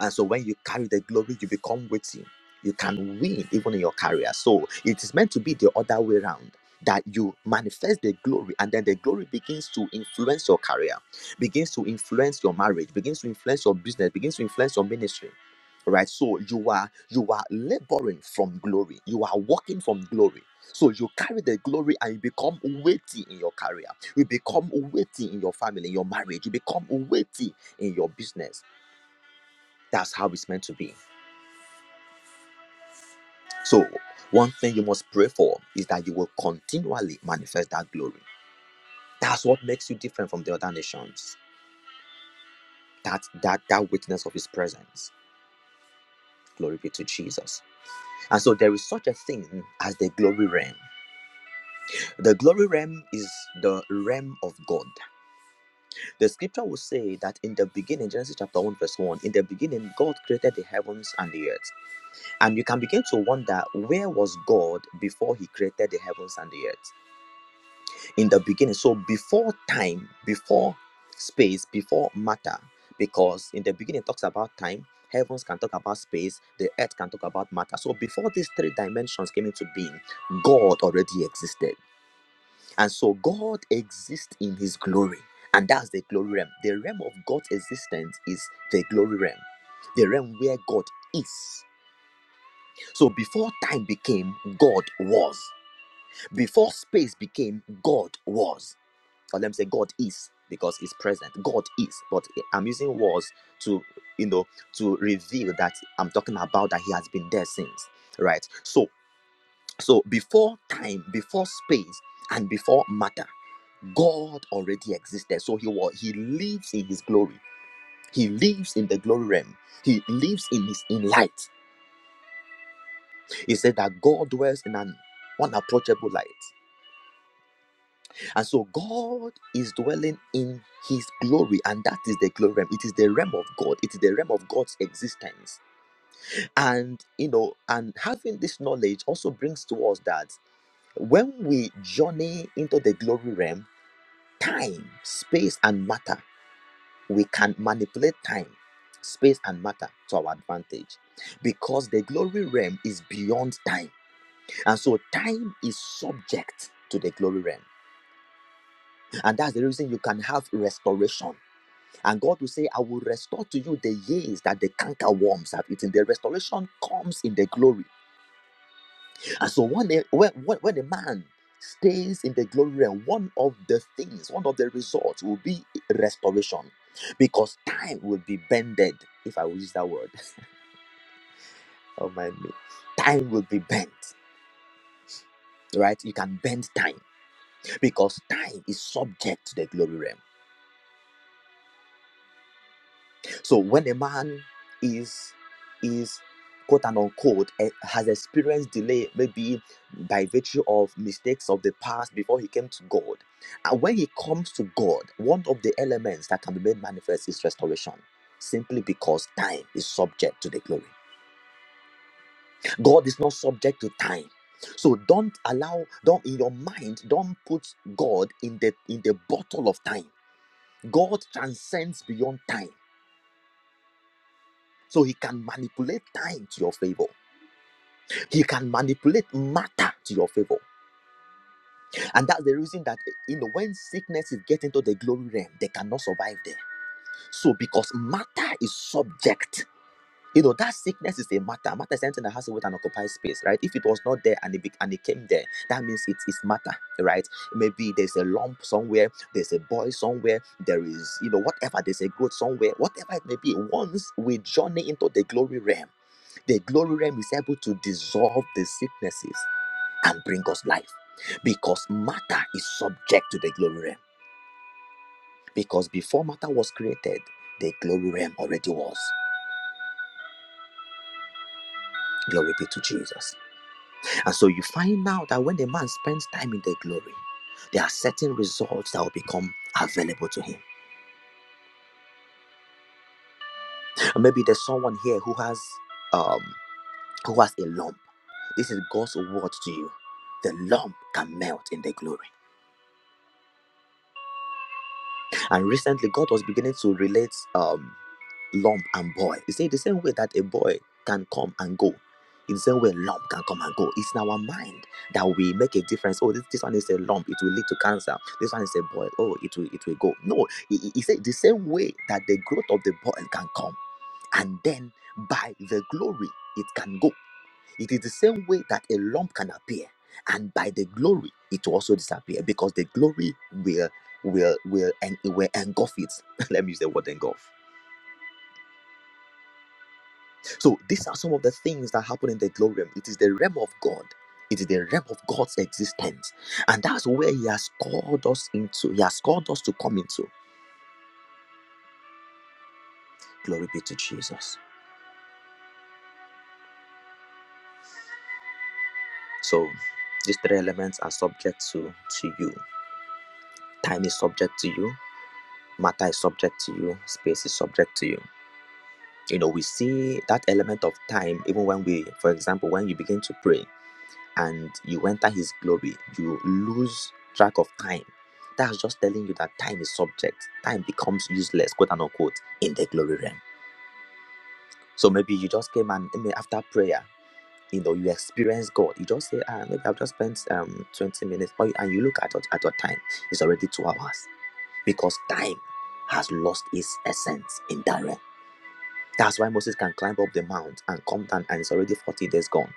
[SPEAKER 4] And so when you carry the glory, you become weighty. You can win even in your career. So it is meant to be the other way around that you manifest the glory and then the glory begins to influence your career, begins to influence your marriage, begins to influence your business, begins to influence your ministry. Right? So you are you are laboring from glory. You are walking from glory. So you carry the glory and you become weighty in your career. You become weighty in your family, in your marriage. You become weighty in your business that's how it's meant to be. So, one thing you must pray for is that you will continually manifest that glory. That's what makes you different from the other nations. That that that witness of his presence. Glory be to Jesus. And so there is such a thing as the glory realm. The glory realm is the realm of God. The scripture will say that in the beginning, Genesis chapter 1, verse 1, in the beginning, God created the heavens and the earth. And you can begin to wonder where was God before he created the heavens and the earth? in the beginning. So before time, before space, before matter, because in the beginning it talks about time, heavens can talk about space, the earth can talk about matter. So before these three dimensions came into being, God already existed. And so God exists in his glory. And that's the glory realm. The realm of God's existence is the glory realm, the realm where God is. So before time became, God was. Before space became, God was or let me say god is because he's present god is but i'm using words to you know to reveal that i'm talking about that he has been there since right so so before time before space and before matter god already existed so he was he lives in his glory he lives in the glory realm he lives in his in light he said that god dwells in an unapproachable light And so God is dwelling in his glory, and that is the glory realm. It is the realm of God, it is the realm of God's existence. And you know, and having this knowledge also brings to us that when we journey into the glory realm, time, space, and matter, we can manipulate time, space, and matter to our advantage because the glory realm is beyond time. And so time is subject to the glory realm. And that's the reason you can have restoration And God will say, I will restore to you the years that the canker worms have eaten. The restoration comes in the glory. And so when a, when, when when a man stays in the glory realm, one of the things, one of the results will be restoration. Because time will be bended, if I will use that word. oh my me. Time will be bent. Right? You can bend time because time is subject to the glory realm. So when a man is is quote and unquote eh, has experienced delay, maybe by virtue of mistakes of the past before he came to God, and when he comes to God, one of the elements that can be made manifest is restoration. Simply because time is subject to the glory. God is not subject to time. So don't allow, don't in your mind, don't put God in the in the bottle of time. God transcends beyond time. So he can manipulate time to your favor. He can manipulate matter to your favor. And that's the reason that you know when sicknesses get into the glory realm, they cannot survive there. So because matter is subject. You know that sickness is a matter. Matter is something that has to with an occupied space, right? If it was not there and it be, and it came there, that means it is matter, right? Maybe there's a lump somewhere, there's a boil somewhere, there is you know whatever, there's a growth somewhere, whatever it may be. Once we journey into the glory realm, the glory realm is able to dissolve the sicknesses and bring us life. Because matter is subject to the glory realm. Because before matter was created, the glory realm already was. Glory be to Jesus. And so you find out that when the man spends time in the glory, there are certain results that will become available to him. And maybe there's someone here who has um who has a lump. This is God's word to you. The lump can melt in the glory. And recently God was beginning to relate um lump and boy. He said the same way that a boy can come and go. In the same way, lump can come and go. It's in our mind that we make a difference. Oh, this, this one is a lump; it will lead to cancer. This one is a boil. Oh, it will it will go. No, he, he he said the same way that the growth of the boil can come, and then by the glory it can go. It is the same way that a lump can appear, and by the glory it will also disappear because the glory will will will and will engulf it. Let me use the word engulf So these are some of the things that happen in the glory realm. It is the realm of God. It is the realm of God's existence. And that's where He has called us into. He has called us to come into. Glory be to Jesus. So these three elements are subject to, to you. Time is subject to you. Matter is subject to you. Space is subject to you. You know, we see that element of time even when we, for example, when you begin to pray. and you enter his glory, you lose track of time. That's just telling you that time is subject. Time becomes useless, quote and unquote, in the glory realm. So maybe you just came and I after prayer, you know, you experience God. You just say, ah, maybe I've just spent um 20 minutes, or, and you look at your, at your time, it's already two hours because time has lost its essence in that realm. That's why Moses can climb up the mount and come down, and it's already 40 days gone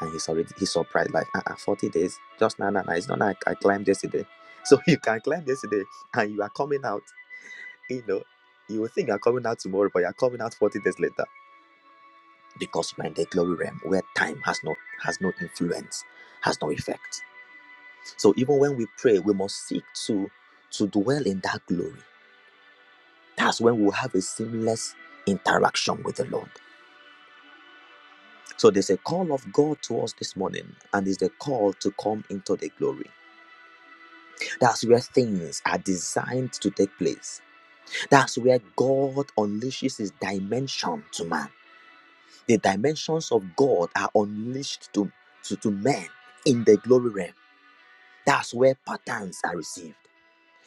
[SPEAKER 4] and he's already he's surprised like ah, ah, 40 days just now nah, nah, nah. it's not like i climbed yesterday so you can climb yesterday and you are coming out you know you will think you're coming out tomorrow but you're coming out 40 days later because you are in the glory realm where time has no has no influence has no effect so even when we pray we must seek to to dwell in that glory that's when we'll have a seamless interaction with the lord so there's a call of god to us this morning and it's the call to come into the glory That's where things are designed to take place. That's where God unleashes his dimension to man. The dimensions of God are unleashed to, to, to men in the glory realm. That's where patterns are received.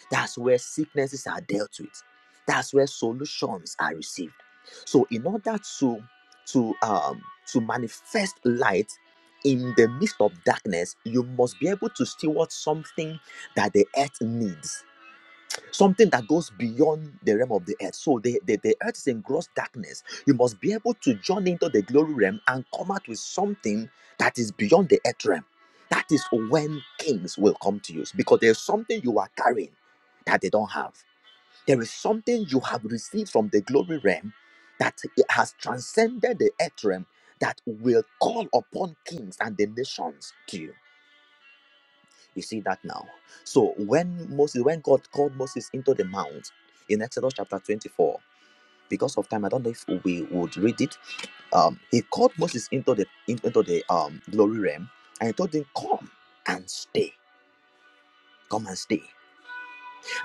[SPEAKER 4] That's where sicknesses are dealt with. That's where solutions are received. So, in order to to um to manifest light in the midst of darkness, you must be able to steward something that the earth needs something that goes beyond the realm of the earth. So the, the, the earth is in gross darkness. You must be able to join into the glory realm and come out with something that is beyond the earth realm. That is when kings will come to you because there's something you are carrying that they don't have. There is something you have received from the glory realm that it has transcended the earth realm that will call upon kings and the nations to you you see that now. So when Moses, when God called Moses into the mount in Exodus chapter 24, because of time, I don't know if we would read it. Um, he called Moses into the in- into the um glory realm and he told him, Come and stay. Come and stay.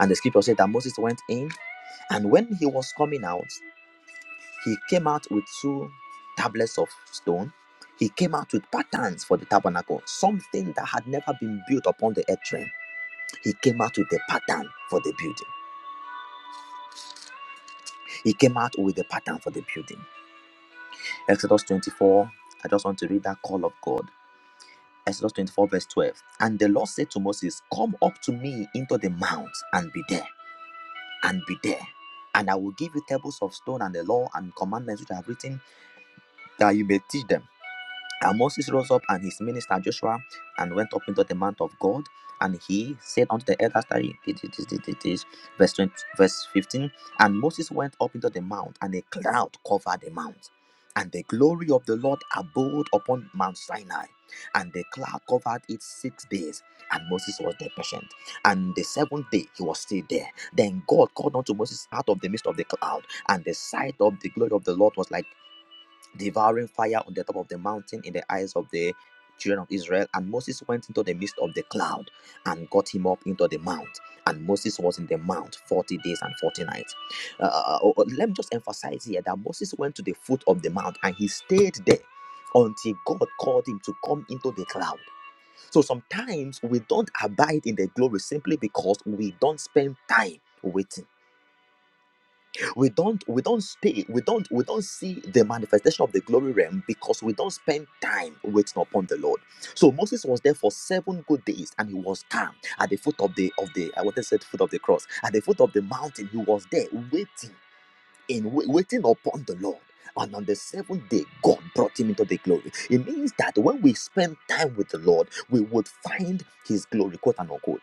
[SPEAKER 4] And the scripture said that Moses went in, and when he was coming out, he came out with two tablets of stone. He came out with patterns for the tabernacle, something that had never been built upon the earth realm. He came out with the pattern for the building. He came out with the pattern for the building. Exodus 24, I just want to read that call of God. Exodus 24, verse 12. And the Lord said to Moses, Come up to me into the mount and be there, and be there. And I will give you tables of stone and the law and commandments which I have written, that you may teach them And Moses rose up and his minister Joshua and went up into the mount of God. And he said unto the elders, tarry, it- it- it- it is verse 20, verse 15. And Moses went up into the mount, and a cloud covered the mount. And the glory of the Lord abode upon Mount Sinai. And the cloud covered it six days. And Moses was there patient. And the seventh day he was still there. Then God called unto Moses out of the midst of the cloud. And the sight of the glory of the Lord was like devouring fire on the top of the mountain in the eyes of the children of Israel. And Moses went into the midst of the cloud and got him up into the mount. And Moses was in the mount 40 days and 40 nights. Uh, uh, uh, uh, let me just emphasize here that Moses went to the foot of the mount and he stayed there until God called him to come into the cloud. So sometimes we don't abide in the glory simply because we don't spend time waiting we don't we don't stay we don't we don't see the manifestation of the glory realm because we don't spend time waiting upon the lord so moses was there for seven good days and he was calm at the foot of the of the i wanted to say the foot of the cross at the foot of the mountain he was there waiting in wai- waiting upon the lord and on the seventh day, God brought him into the glory. It means that when we spend time with the Lord, we would find his glory, quote and unquote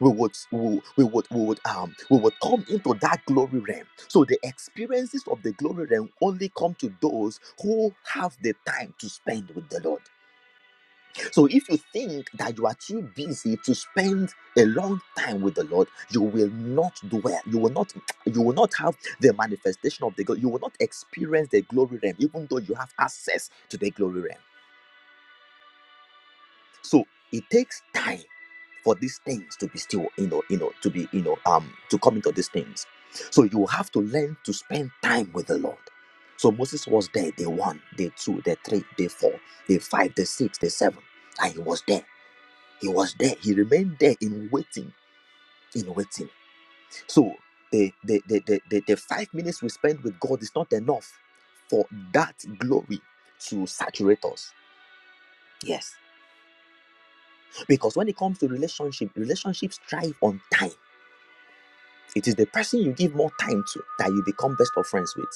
[SPEAKER 4] we would we, we would we would um we would come into that glory realm so the experiences of the glory realm only come to those who have the time to spend with the lord so if you think that you are too busy to spend a long time with the lord you will not dwell you will not you will not have the manifestation of the god you will not experience the glory realm even though you have access to the glory realm So it takes time for these things to be still, you know, you know, to be, you know, um, to come into these things. So you have to learn to spend time with the Lord. So Moses was there day one, day two, day three, day four, day five, day six, day seven, and he was there. He was there. He remained there in waiting, in waiting. So the the the the, the, the five minutes we spend with God is not enough for that glory to saturate us. Yes Because when it comes to relationship, relationships thrive on time. It is the person you give more time to that you become best of friends with.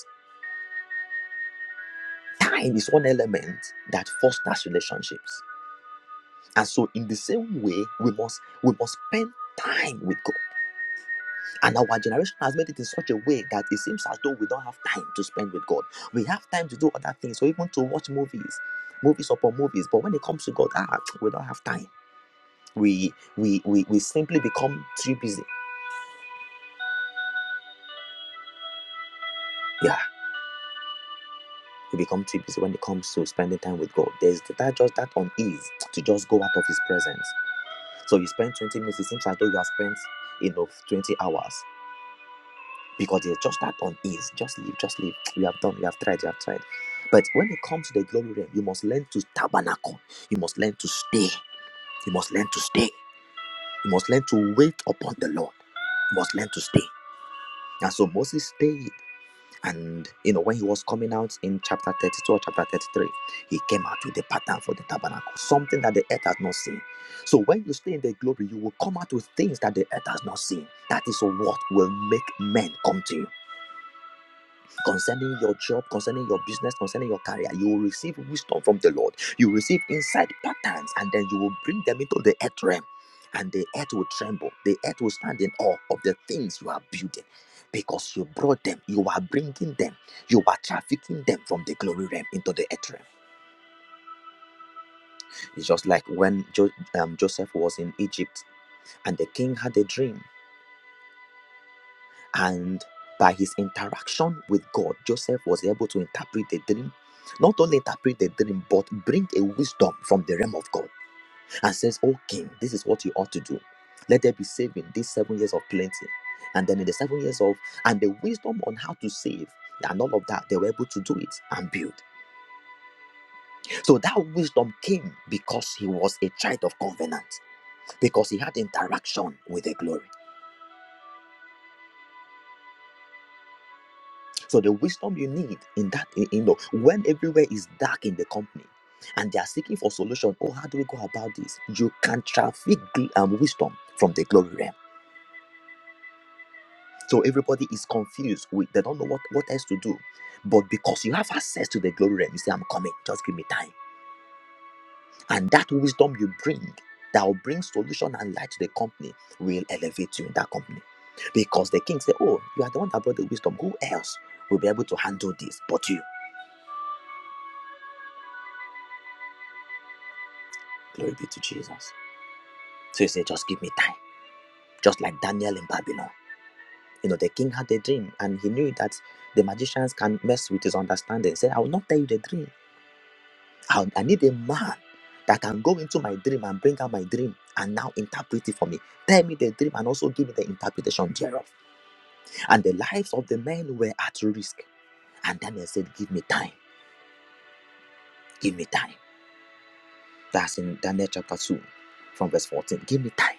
[SPEAKER 4] Time is one element that fosters relationships. And so in the same way, we must we must spend time with God. And our generation has made it in such a way that it seems as though we don't have time to spend with God. We have time to do other things, or even to watch movies, movies upon movies. But when it comes to God, ah, we don't have time. We we we, we simply become too busy. Yeah. you become too busy when it comes to spending time with God. There's that just that unease to just go out of His presence. So you spend 20 minutes, it seems as though you have spent, you know, 20 hours because there's just that unease. Just leave, just leave. You have done, you have tried, you have tried. But when it comes to the glory realm, you must learn to tabernacle. You must learn to stay. You must learn to stay. You must learn to wait upon the Lord. You must learn to stay. And so Moses stayed. And you know, when he was coming out in chapter 32 or chapter 33, he came out with a pattern for the tabernacle, something that the earth has not seen. So when you stay in the glory, you will come out with things that the earth has not seen. That is what will make men come to you concerning your job, concerning your business, concerning your career. You will receive wisdom from the Lord. You will receive inside patterns, and then you will bring them into the earth realm. And the earth will tremble. The earth will stand in awe of the things you are building because you brought them. You are bringing them. You are trafficking them from the glory realm into the earth realm. It's just like when jo- um, Joseph was in Egypt and the king had a dream and by his interaction with God, Joseph was able to interpret the dream. Not only interpret the dream, but bring a wisdom from the realm of God and says, Oh king, this is what you ought to do. Let there be saving these seven years of plenty. And then in the seven years of, and the wisdom on how to save and all of that, they were able to do it and build. So that wisdom came because he was a child of covenant, because he had interaction with the glory. So the wisdom you need in that, you know, when everywhere is dark in the company and they are seeking for solution, oh, how do we go about this? You can traffic gl- um, wisdom from the glory realm. So everybody is confused. We, they don't know what, what else to do. But because you have access to the glory realm, you say, I'm coming, just give me time. And that wisdom you bring that will bring solution and light to the company will elevate you in that company. Because the king said, Oh, you are the one that brought the wisdom. Who else will be able to handle this but you? Glory be to Jesus. So he said, just give me time, just like Daniel in Babylon. You know, the king had a dream and he knew that the magicians can mess with his understanding. He said, I will not tell you the dream. I, I need a man that can go into my dream and bring out my dream and now interpret it for me. Tell me the dream and also give me the interpretation thereof. And the lives of the men were at risk. And Daniel said, Give me time, give me time. That's in Daniel chapter 2 from verse 14. Give me time,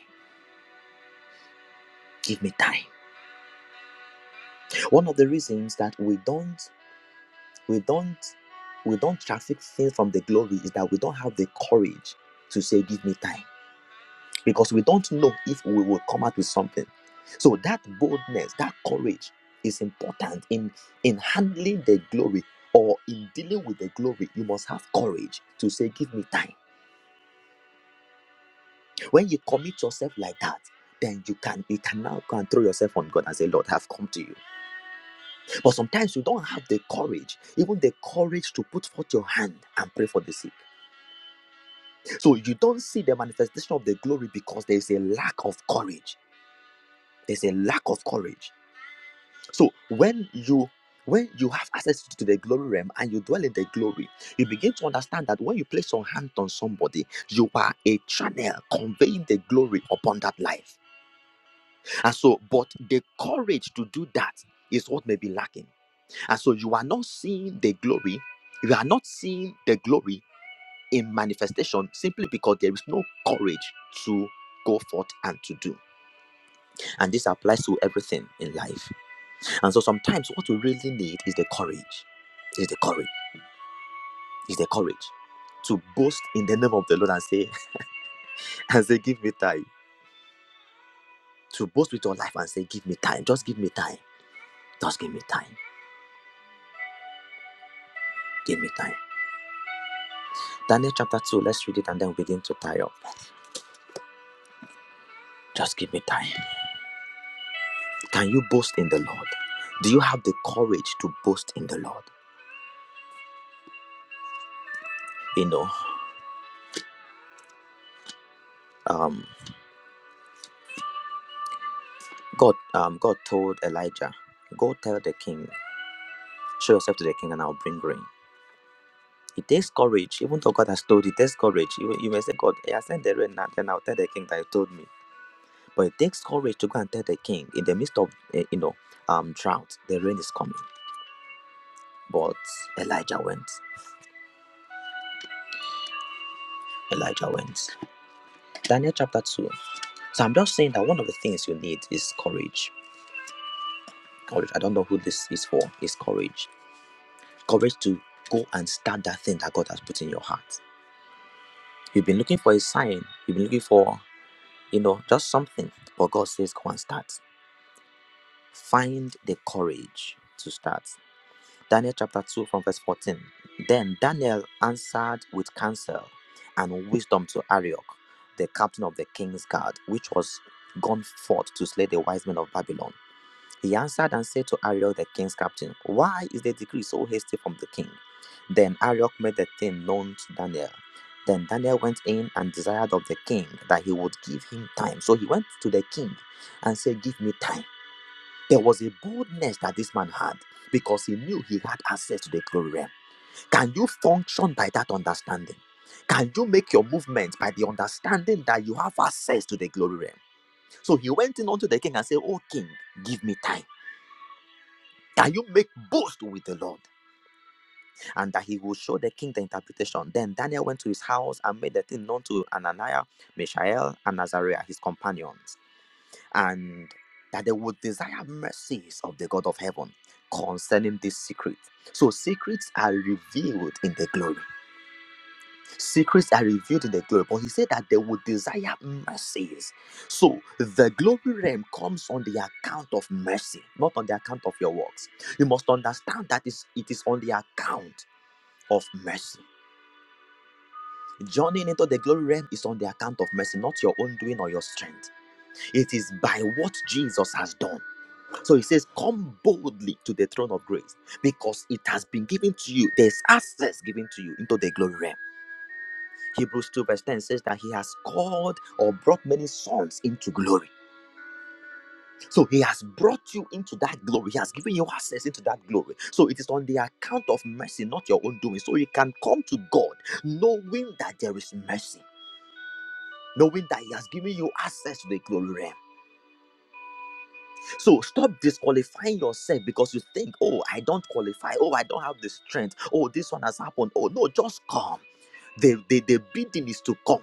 [SPEAKER 4] give me time. One of the reasons that we don't we don't we don't traffic things from the glory is that we don't have the courage to say give me time because we don't know if we will come out with something so that boldness that courage is important in in handling the glory or in dealing with the glory you must have courage to say give me time when you commit yourself like that then you can you can now go and throw yourself on god and say lord i have come to you but sometimes you don't have the courage even the courage to put forth your hand and pray for the sick So you don't see the manifestation of the glory because there is a lack of courage. There's a lack of courage. So when you when you have access to the glory realm and you dwell in the glory, you begin to understand that when you place your hand on somebody, you are a channel conveying the glory upon that life. And so, but the courage to do that is what may be lacking. And so you are not seeing the glory. You are not seeing the glory in manifestation simply because there is no courage to go forth and to do. And this applies to everything in life. And so sometimes what we really need is the courage. Is the courage. Is the courage to boast in the name of the Lord and say, and say, give me time. To boast with your life and say, give me time. Just give me time. Just give me time. Give me time. Daniel chapter 2, let's read it and then we begin to tie up. Just give me time. Can you boast in the Lord? Do you have the courage to boast in the Lord? You know, um. God, um, God told Elijah, "Go tell the king, show yourself to the king, and I'll bring rain." It takes courage, even though God has told you. It takes courage. You, you may say, "God, eh, I sent the rain now, then I'll tell the king that you told me." But it takes courage to go and tell the king in the midst of, eh, you know, um, drought. The rain is coming. But Elijah went. Elijah went. Daniel chapter two. So I'm just saying that one of the things you need is courage. Courage. I don't know who this is for. Is courage. Courage to go and start that thing that God has put in your heart You've been looking for a sign. You've been looking for, you know, just something. But God says, go and start. Find the courage to start. Daniel chapter 2 from verse 14. Then Daniel answered with counsel and wisdom to Arioch, the captain of the king's guard, which was gone forth to slay the wise men of Babylon. He answered and said to Arioch, the king's captain, Why is the decree so hasty from the king? Then Arioch made the thing known to Daniel. Then Daniel went in and desired of the king that he would give him time. So he went to the king and said, Give me time. There was a boldness that this man had because he knew he had access to the glory realm. Can you function by that understanding? Can you make your movements by the understanding that you have access to the glory realm? So he went in unto the king and said, Oh, king, give me time. That you make boast with the Lord, and that he will show the king the interpretation. Then Daniel went to his house and made the thing known to Ananiah, Mishael, and Azariah, his companions, and that they would desire mercies of the God of heaven concerning this secret. So secrets are revealed in the glory. Secrets are revealed in the glory, but he said that they would desire mercies. So the glory realm comes on the account of mercy, not on the account of your works. You must understand that is- it is on the account of mercy. Journeying into the glory realm is on the account of mercy, not your own doing or your strength. It is by what Jesus has done. So he says, Come boldly to the throne of grace because it has been given to you. There's access given to you into the glory realm. Hebrews 2 verse 10 says that he has called or brought many sons into glory. So he has brought you into that glory. He has given you access into that glory. So it is on the account of mercy, not your own doing. So you can come to God knowing that there is mercy. Knowing that he has given you access to the glory realm. So stop disqualifying yourself because you think, oh, I don't qualify. Oh, I don't have the strength. Oh, this one has happened. Oh, no, just come. The, the, the bidding is to come.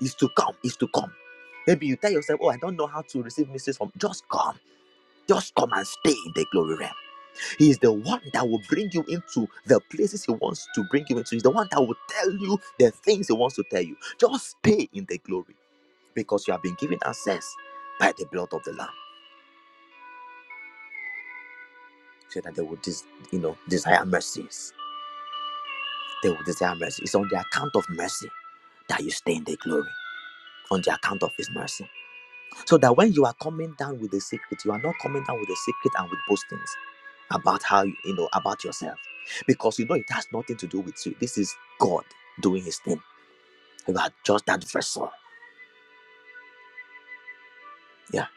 [SPEAKER 4] is to come, is to come. Maybe you tell yourself, Oh, I don't know how to receive messages from just come. Just come and stay in the glory realm. He is the one that will bring you into the places he wants to bring you into. He's the one that will tell you the things he wants to tell you. Just stay in the glory because you have been given access by the blood of the Lamb. So that they will dis- you know desire mercies. They will desire mercy. It's on the account of mercy that you stay in the glory. On the account of his mercy. So that when you are coming down with the secret, you are not coming down with the secret and with boastings about how you, you know about yourself. Because you know it has nothing to do with you. This is God doing his thing. You are just that vessel. Yeah.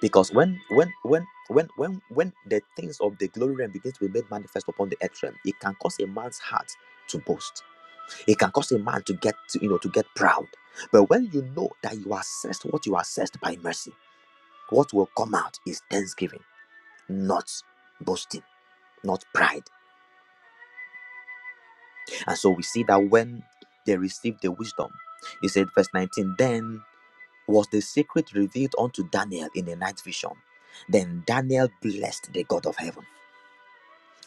[SPEAKER 4] Because when when when when when when the things of the glory realm begin to be made manifest upon the earth realm, it can cause a man's heart to boast. It can cause a man to get to, you know to get proud. But when you know that you are assessed what you are assessed by mercy, what will come out is thanksgiving not boasting, not pride. And so we see that when they received the wisdom, he said, verse 19, then was the secret revealed unto Daniel in a night vision. Then Daniel blessed the God of heaven.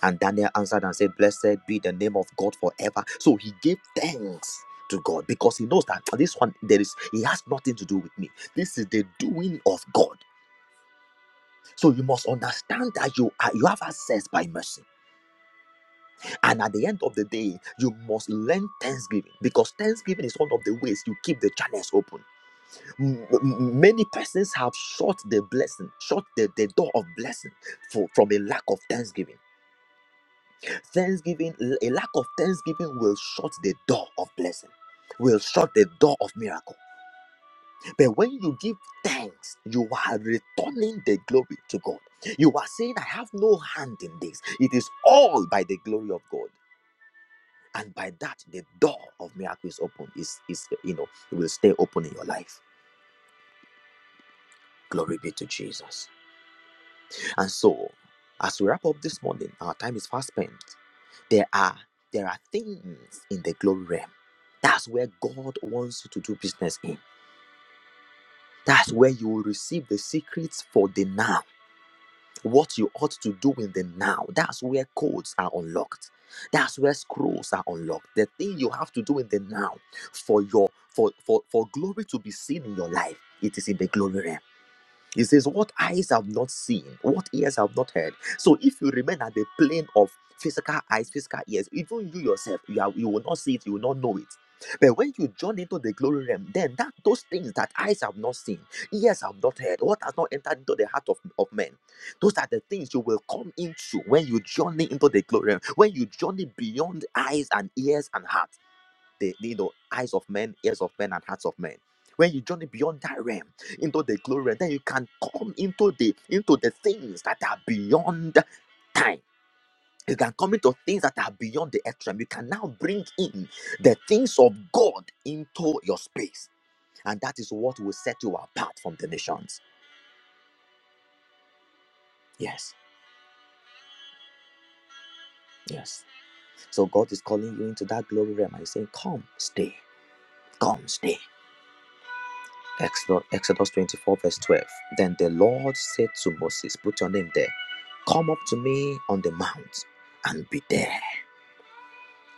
[SPEAKER 4] And Daniel answered and said, Blessed be the name of God forever. So he gave thanks to God because he knows that this one, there is, he has nothing to do with me. This is the doing of God. So you must understand that you are, you have access by mercy. And at the end of the day, you must learn thanksgiving because thanksgiving is one of the ways you keep the channels open. M- m- many persons have shut the blessing, shut the, the door of blessing for, from a lack of thanksgiving. Thanksgiving, a lack of thanksgiving will shut the door of blessing. Will shut the door of miracle. But when you give thanks, you are returning the glory to God. You are saying, I have no hand in this. It is all by the glory of God. and by that the door of miracle is open is is you know it will stay open in your life glory be to jesus and so as we wrap up this morning our time is fast spent there are there are things in the glory realm that's where god wants you to do business in that's where you will receive the secrets for the now what you ought to do in the now. That's where codes are unlocked. That's where scrolls are unlocked. The thing you have to do in the now for your for for, for glory to be seen in your life, it is in the glory realm. He says, What eyes have not seen, what ears have not heard. So if you remain at the plane of physical eyes, physical ears, even you yourself, you, are, you will not see it, you will not know it. But when you join into the glory realm, then that those things that eyes have not seen, ears have not heard, what has not entered into the heart of, of men, those are the things you will come into when you journey into the glory realm, when you journey beyond eyes and ears and heart the you know eyes of men, ears of men, and hearts of men. When you journey beyond that realm into the glory, realm, then you can come into the into the things that are beyond time. You can come into things that are beyond the earth realm. You can now bring in the things of God into your space. And that is what will set you apart from the nations. Yes, yes. So God is calling you into that glory realm and he's saying, Come, stay, come, stay. Exodus, Exodus 24, verse 12. Then the Lord said to Moses, Put your name there. Come up to me on the mount and be there.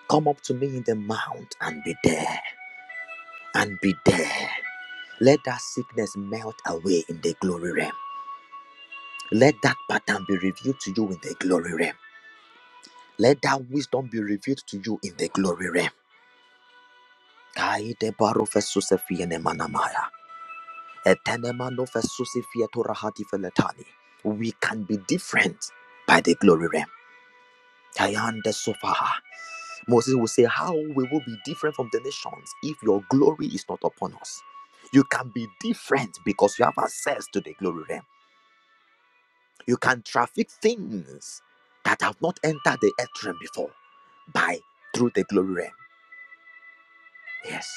[SPEAKER 4] Come up to me in the mount and be there. And be there. Let that sickness melt away in the glory realm. Let that pattern be revealed to you in the glory realm. Let that wisdom be revealed to you in the glory realm. We can be different by the glory realm. Tayan de sofaha. Moses will say, How we will be different from the nations if your glory is not upon us. You can be different because you have access to the glory realm. You can traffic things that have not entered the earth realm before by through the glory realm. Yes,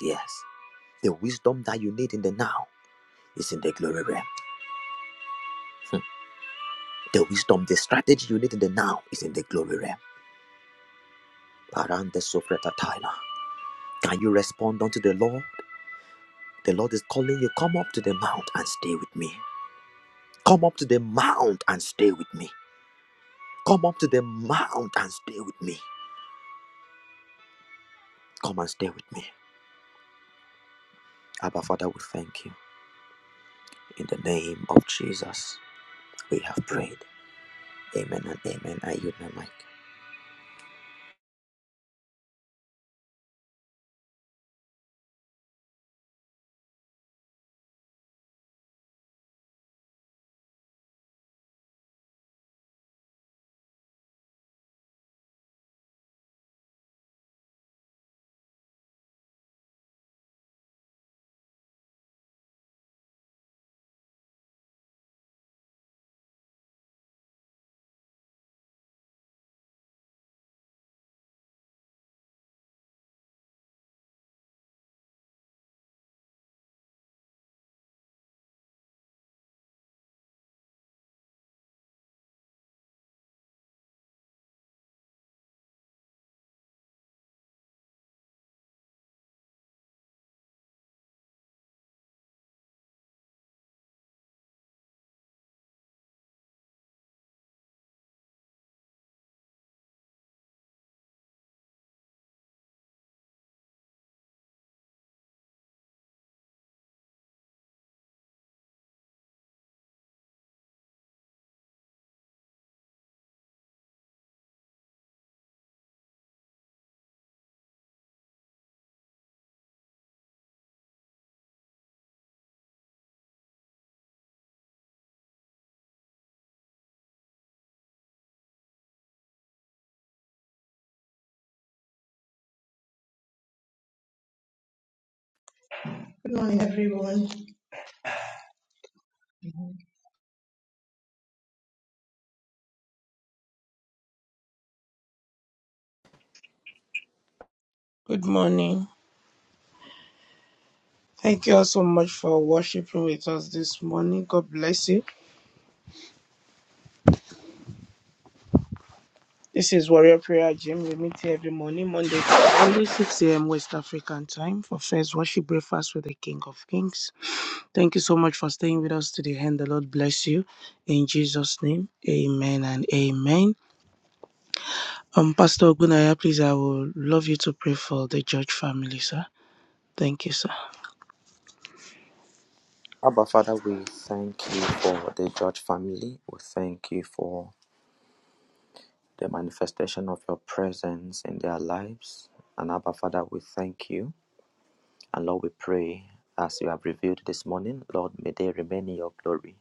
[SPEAKER 4] yes. The wisdom that you need in the now is in the glory realm. Hmm. The wisdom, the strategy you need in the now is in the glory realm. Parante sofreta taila. Can you respond unto the Lord? The Lord is calling you. Come up to the mount and stay with me. Come up to the mount and stay with me. Come up to the mount and stay with me. Come and stay with me. Abba Father, we thank you. In the name of Jesus, we have prayed. Amen and amen. I yield my mic.
[SPEAKER 5] Good morning. Thank you all so much for worshiping with us this morning. God bless you. This is Warrior Prayer Gym. We meet here every morning, Monday to Friday, 6 a.m. West African time for first worship breakfast with the King of Kings. Thank you so much for staying with us to the end. The Lord bless you. In Jesus' name, amen and amen. Um, Pastor Ogunaya, please, I would love you to pray for the George family, sir. Thank you, sir.
[SPEAKER 4] Abba Father, we thank you for the George family. We thank you for the manifestation of your presence in their lives. And Abba, Father, we thank you. And Lord, we pray as you have revealed this morning, Lord, may they remain in your glory.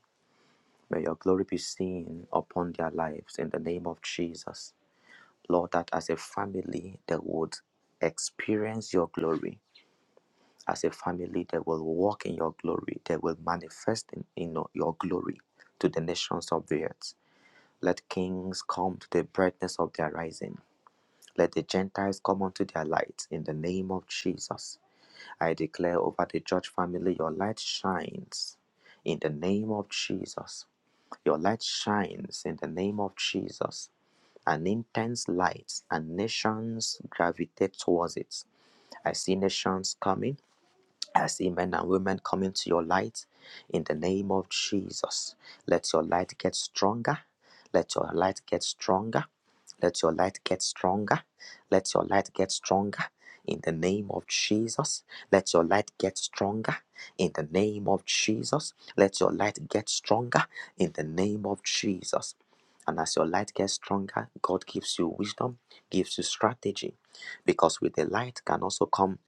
[SPEAKER 4] May your glory be seen upon their lives in the name of Jesus. Lord, that as a family, they would experience your glory. As a family, they will walk in your glory. They will manifest in, in your glory to the nations of the earth. Let kings come to the brightness of their rising. Let the Gentiles come unto their light in the name of Jesus. I declare over the church family, your light shines in the name of Jesus. Your light shines in the name of Jesus. An intense light, and nations gravitate towards it. I see nations coming. I see men and women coming to your light in the name of Jesus. Let your light get stronger. Let your light get stronger. Let your light get stronger. Let your light get stronger in the name of Jesus. Let your light get stronger in the name of Jesus. Let your light get stronger in the name of Jesus. And as your light gets stronger, God gives you wisdom, gives you strategy, because with the light can also come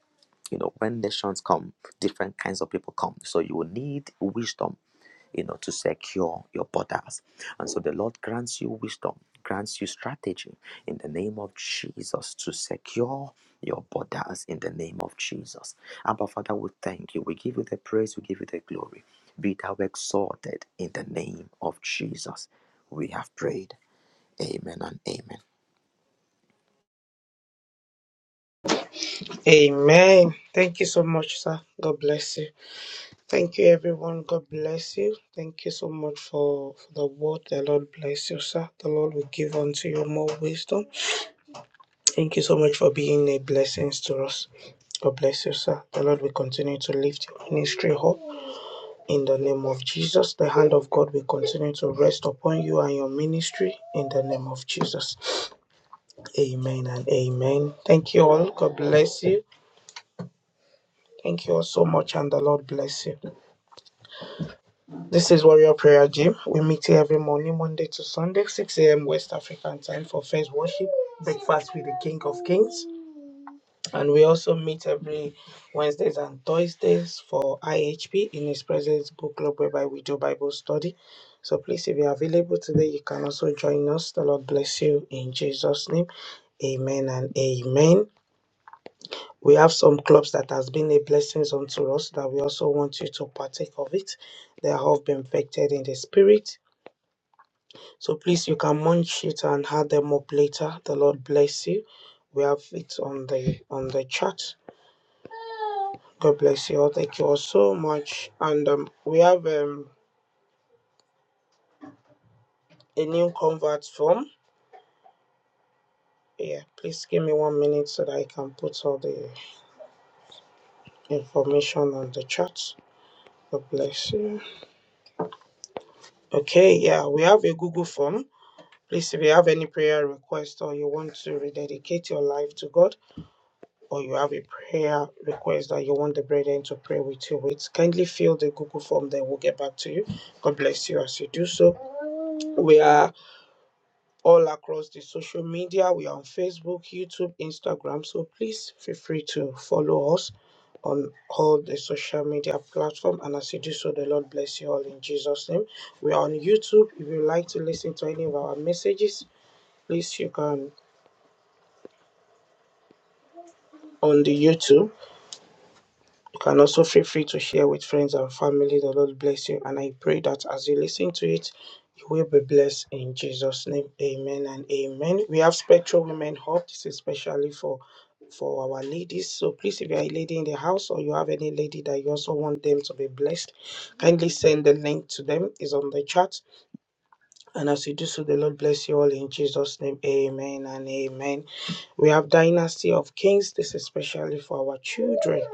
[SPEAKER 4] you know when nations come different kinds of people come so you will need wisdom you know to secure your borders and so the lord grants you wisdom grants you strategy in the name of jesus to secure your borders in the name of jesus abba father we thank you we give you the praise we give you the glory be thou exalted in the name of jesus we have prayed amen and amen
[SPEAKER 5] Amen. Thank you so much, sir. God bless you. Thank you, everyone. God bless you. Thank you so much for, for the word. The Lord bless you, sir. The Lord will give unto you more wisdom. Thank you so much for being a blessing to us. God bless you, sir. The Lord will continue to lift your ministry up in the name of Jesus. The hand of God will continue to rest upon you and your ministry in the name of Jesus. Amen and amen. Thank you all. God bless you. Thank you all so much, and the Lord bless you. This is Warrior Prayer Gym. We meet here every morning, Monday to Sunday, 6 a.m. West African time for first worship, breakfast with the King of Kings. And we also meet every Wednesdays and Thursdays for IHP in His Presence Book Club, whereby we do Bible study. So please, if you're available today, you can also join us. The Lord bless you in Jesus' name. Amen and amen. We have some clubs that has been a blessing unto us that we also want you to partake of it. They have been infected in the spirit So please, you can munch it and add them up later. The Lord bless you. We have it on the on the chat. God bless you all. Thank you all so much. And um, we have um, a new convert form. Yeah, please give me one minute so that I can put all the information on the chat. God bless you. Okay, yeah, we have a Google form. Please, if you have any prayer request or you want to rededicate your life to God, or you have a prayer request that you want the brethren to pray with you with, kindly fill the Google form, then we'll get back to you. God bless you as you do so. We are all across the social media. We are on Facebook, YouTube, Instagram. So please feel free to follow us on all the social media platform. And as you do so, the Lord bless you all in Jesus' name. We are on YouTube. If you like to listen to any of our messages, please you can on the YouTube. You can also feel free to share with friends and family. The Lord bless you. And I pray that as you listen to it, you will be blessed in Jesus' name. Amen and amen. We have Spectral Women Hub. This is especially for for our ladies. So please, if you are a lady in the house or you have any lady that you also want them to be blessed, kindly send the link to them. It's on the chat. And as you do so, the Lord bless you all in Jesus' name. Amen and amen. We have Dynasty of Kings. This is especially for our children.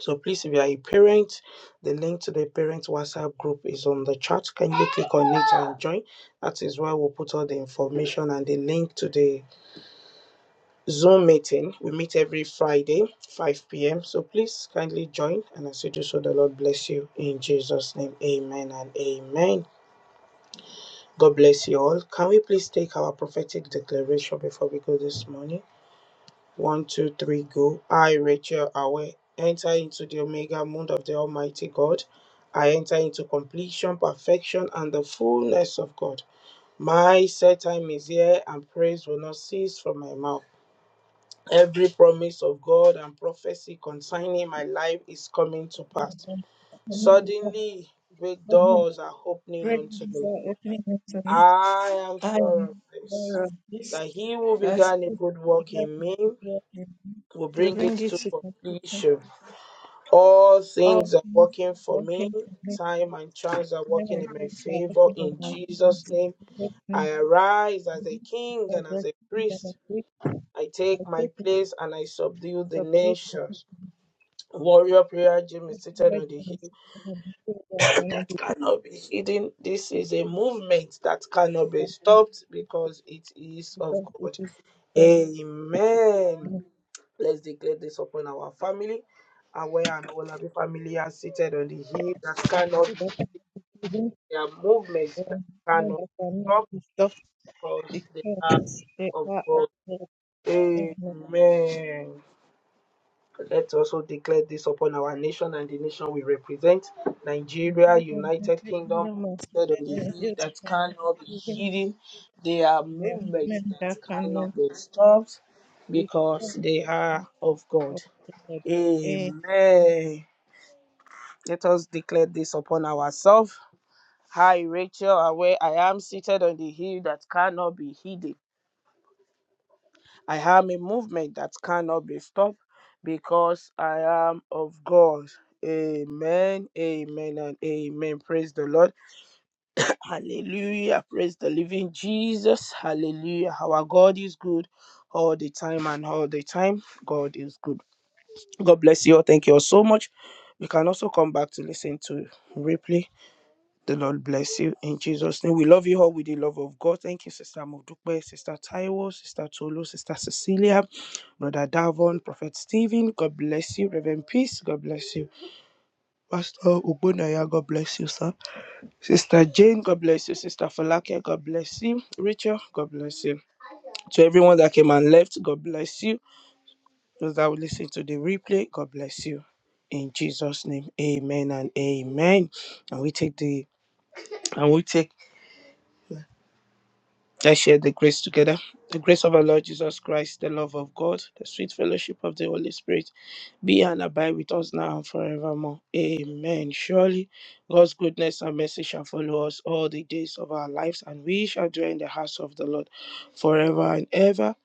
[SPEAKER 5] So please, if you are a parent, the link to the parent WhatsApp group is on the chat. Can you click on it and join? That is where we'll put all the information and the link to the Zoom meeting. We meet every Friday, 5 p.m. So please kindly join. And as you do so, the Lord bless you. In Jesus' name, amen and amen. God bless you all. Can we please take our prophetic declaration before we go this morning? One, two, three, go. I, Rachel Awe, enter into the Omega moon of the Almighty God. I enter into completion, perfection, and the fullness of God. My set time is here, and praise will not cease from my mouth. Every promise of God and prophecy concerning my life is coming to pass.
[SPEAKER 3] the door,
[SPEAKER 5] Suddenly, great
[SPEAKER 3] opening
[SPEAKER 5] doors are
[SPEAKER 3] the
[SPEAKER 5] opening
[SPEAKER 3] door,
[SPEAKER 5] unto me.
[SPEAKER 3] me.
[SPEAKER 5] I am
[SPEAKER 3] I
[SPEAKER 5] sure of
[SPEAKER 3] am
[SPEAKER 5] this,
[SPEAKER 3] aware of this.
[SPEAKER 5] that he who
[SPEAKER 3] That
[SPEAKER 5] began a
[SPEAKER 3] which
[SPEAKER 5] good
[SPEAKER 3] you
[SPEAKER 5] work
[SPEAKER 3] began
[SPEAKER 5] in
[SPEAKER 3] to
[SPEAKER 5] me
[SPEAKER 3] do here in me,
[SPEAKER 5] will
[SPEAKER 3] to
[SPEAKER 5] bring it
[SPEAKER 3] bring it
[SPEAKER 5] to
[SPEAKER 3] to completion.
[SPEAKER 5] completion All
[SPEAKER 3] All
[SPEAKER 5] things are
[SPEAKER 3] things
[SPEAKER 5] working
[SPEAKER 3] are
[SPEAKER 5] for me.
[SPEAKER 3] working for me.
[SPEAKER 5] Time and chance are
[SPEAKER 3] When
[SPEAKER 5] working in
[SPEAKER 3] my
[SPEAKER 5] my
[SPEAKER 3] hands are
[SPEAKER 5] favor.
[SPEAKER 3] working in
[SPEAKER 5] In
[SPEAKER 3] my
[SPEAKER 5] Jesus'
[SPEAKER 3] hands,
[SPEAKER 5] name,
[SPEAKER 3] great things
[SPEAKER 5] I arise as a king
[SPEAKER 3] are
[SPEAKER 5] and as
[SPEAKER 3] working
[SPEAKER 5] a
[SPEAKER 3] that I
[SPEAKER 5] priest.
[SPEAKER 3] take.
[SPEAKER 5] I take
[SPEAKER 3] I
[SPEAKER 5] my
[SPEAKER 3] take it
[SPEAKER 5] place and I subdue
[SPEAKER 3] to
[SPEAKER 5] the
[SPEAKER 3] subdue the people
[SPEAKER 5] nations. Warrior prayer gym
[SPEAKER 3] who are
[SPEAKER 5] is seated on the
[SPEAKER 3] doing
[SPEAKER 5] hill
[SPEAKER 3] it, and the people that cannot
[SPEAKER 5] that
[SPEAKER 3] be
[SPEAKER 5] cannot be hidden. This is a movement that cannot be
[SPEAKER 3] beaten,
[SPEAKER 5] stopped because it is of
[SPEAKER 3] because it
[SPEAKER 5] God.
[SPEAKER 3] is done.
[SPEAKER 5] Amen.
[SPEAKER 3] And
[SPEAKER 5] Let's declare this upon our family. Aware and all of the family are seated on the hill that
[SPEAKER 3] the
[SPEAKER 5] cannot
[SPEAKER 3] people
[SPEAKER 5] be
[SPEAKER 3] that are
[SPEAKER 5] hidden.
[SPEAKER 3] giving,
[SPEAKER 5] There are
[SPEAKER 3] uh,
[SPEAKER 5] movements that
[SPEAKER 3] men
[SPEAKER 5] cannot
[SPEAKER 3] that
[SPEAKER 5] be
[SPEAKER 3] cannot
[SPEAKER 5] stopped
[SPEAKER 3] be stopped,
[SPEAKER 5] because they are
[SPEAKER 3] because they
[SPEAKER 5] of
[SPEAKER 3] are of
[SPEAKER 5] God.
[SPEAKER 3] God. And the
[SPEAKER 5] Amen. Let's also declare this upon our nation and the nation we represent. Nigeria,
[SPEAKER 3] people that are
[SPEAKER 5] United
[SPEAKER 3] taking
[SPEAKER 5] Kingdom,
[SPEAKER 3] them as
[SPEAKER 5] said
[SPEAKER 3] children,
[SPEAKER 5] on the
[SPEAKER 3] and the
[SPEAKER 5] hill
[SPEAKER 3] people
[SPEAKER 5] that cannot be
[SPEAKER 3] that cannot
[SPEAKER 5] hidden. They are
[SPEAKER 3] the
[SPEAKER 5] movements
[SPEAKER 3] women
[SPEAKER 5] that
[SPEAKER 3] that cannot
[SPEAKER 5] cannot be
[SPEAKER 3] speak
[SPEAKER 5] stopped
[SPEAKER 3] the
[SPEAKER 5] because
[SPEAKER 3] words
[SPEAKER 5] they are of God.
[SPEAKER 3] of God. Amen.
[SPEAKER 5] Amen. Let us declare this upon ourselves. Hi, Rachel, where I am seated on the hill that cannot be hidden. I am a movement that cannot be stopped because I am of God. Amen, amen, and amen. Praise the Lord. Hallelujah. Praise the living Jesus. Hallelujah. Our God is good all the time and all the time. God is good. God bless you all. Thank you all so much. You can also come back to listen to replay the Lord bless you in Jesus' name. We love you all with the love of God. Thank you, Sister Modupe, Sister Taiwo, Sister Tolu, Sister Cecilia, Brother Davon, Prophet Stephen. God bless you, Reverend Peace. God bless you, Pastor Ugbonaya. God bless you, sir. Sister Jane. God bless you, Sister Falake. God bless you, Rachel, God bless you. To everyone that came and left, God bless you. Those that will listen to the replay, God bless you. In Jesus' name, Amen and Amen. And we take the and we take Let's share the grace together. The grace of our Lord Jesus Christ, the love of God, the sweet fellowship of the Holy Spirit be and abide with us now and forevermore. Amen. Surely God's goodness and mercy shall follow us all the days of our lives, and we shall dwell in the house of the Lord forever and ever.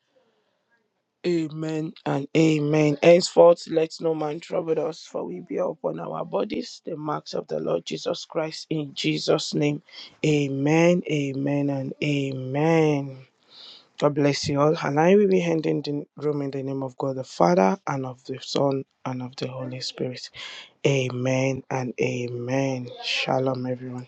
[SPEAKER 5] Amen and amen. Henceforth, let no man trouble us, for we bear upon our bodies the marks of the Lord Jesus Christ. In Jesus' name, amen, amen, and amen. God bless you all. And I will be ending the room in the name of God the Father and of the Son and of the Holy Spirit. Amen and amen. Shalom, everyone.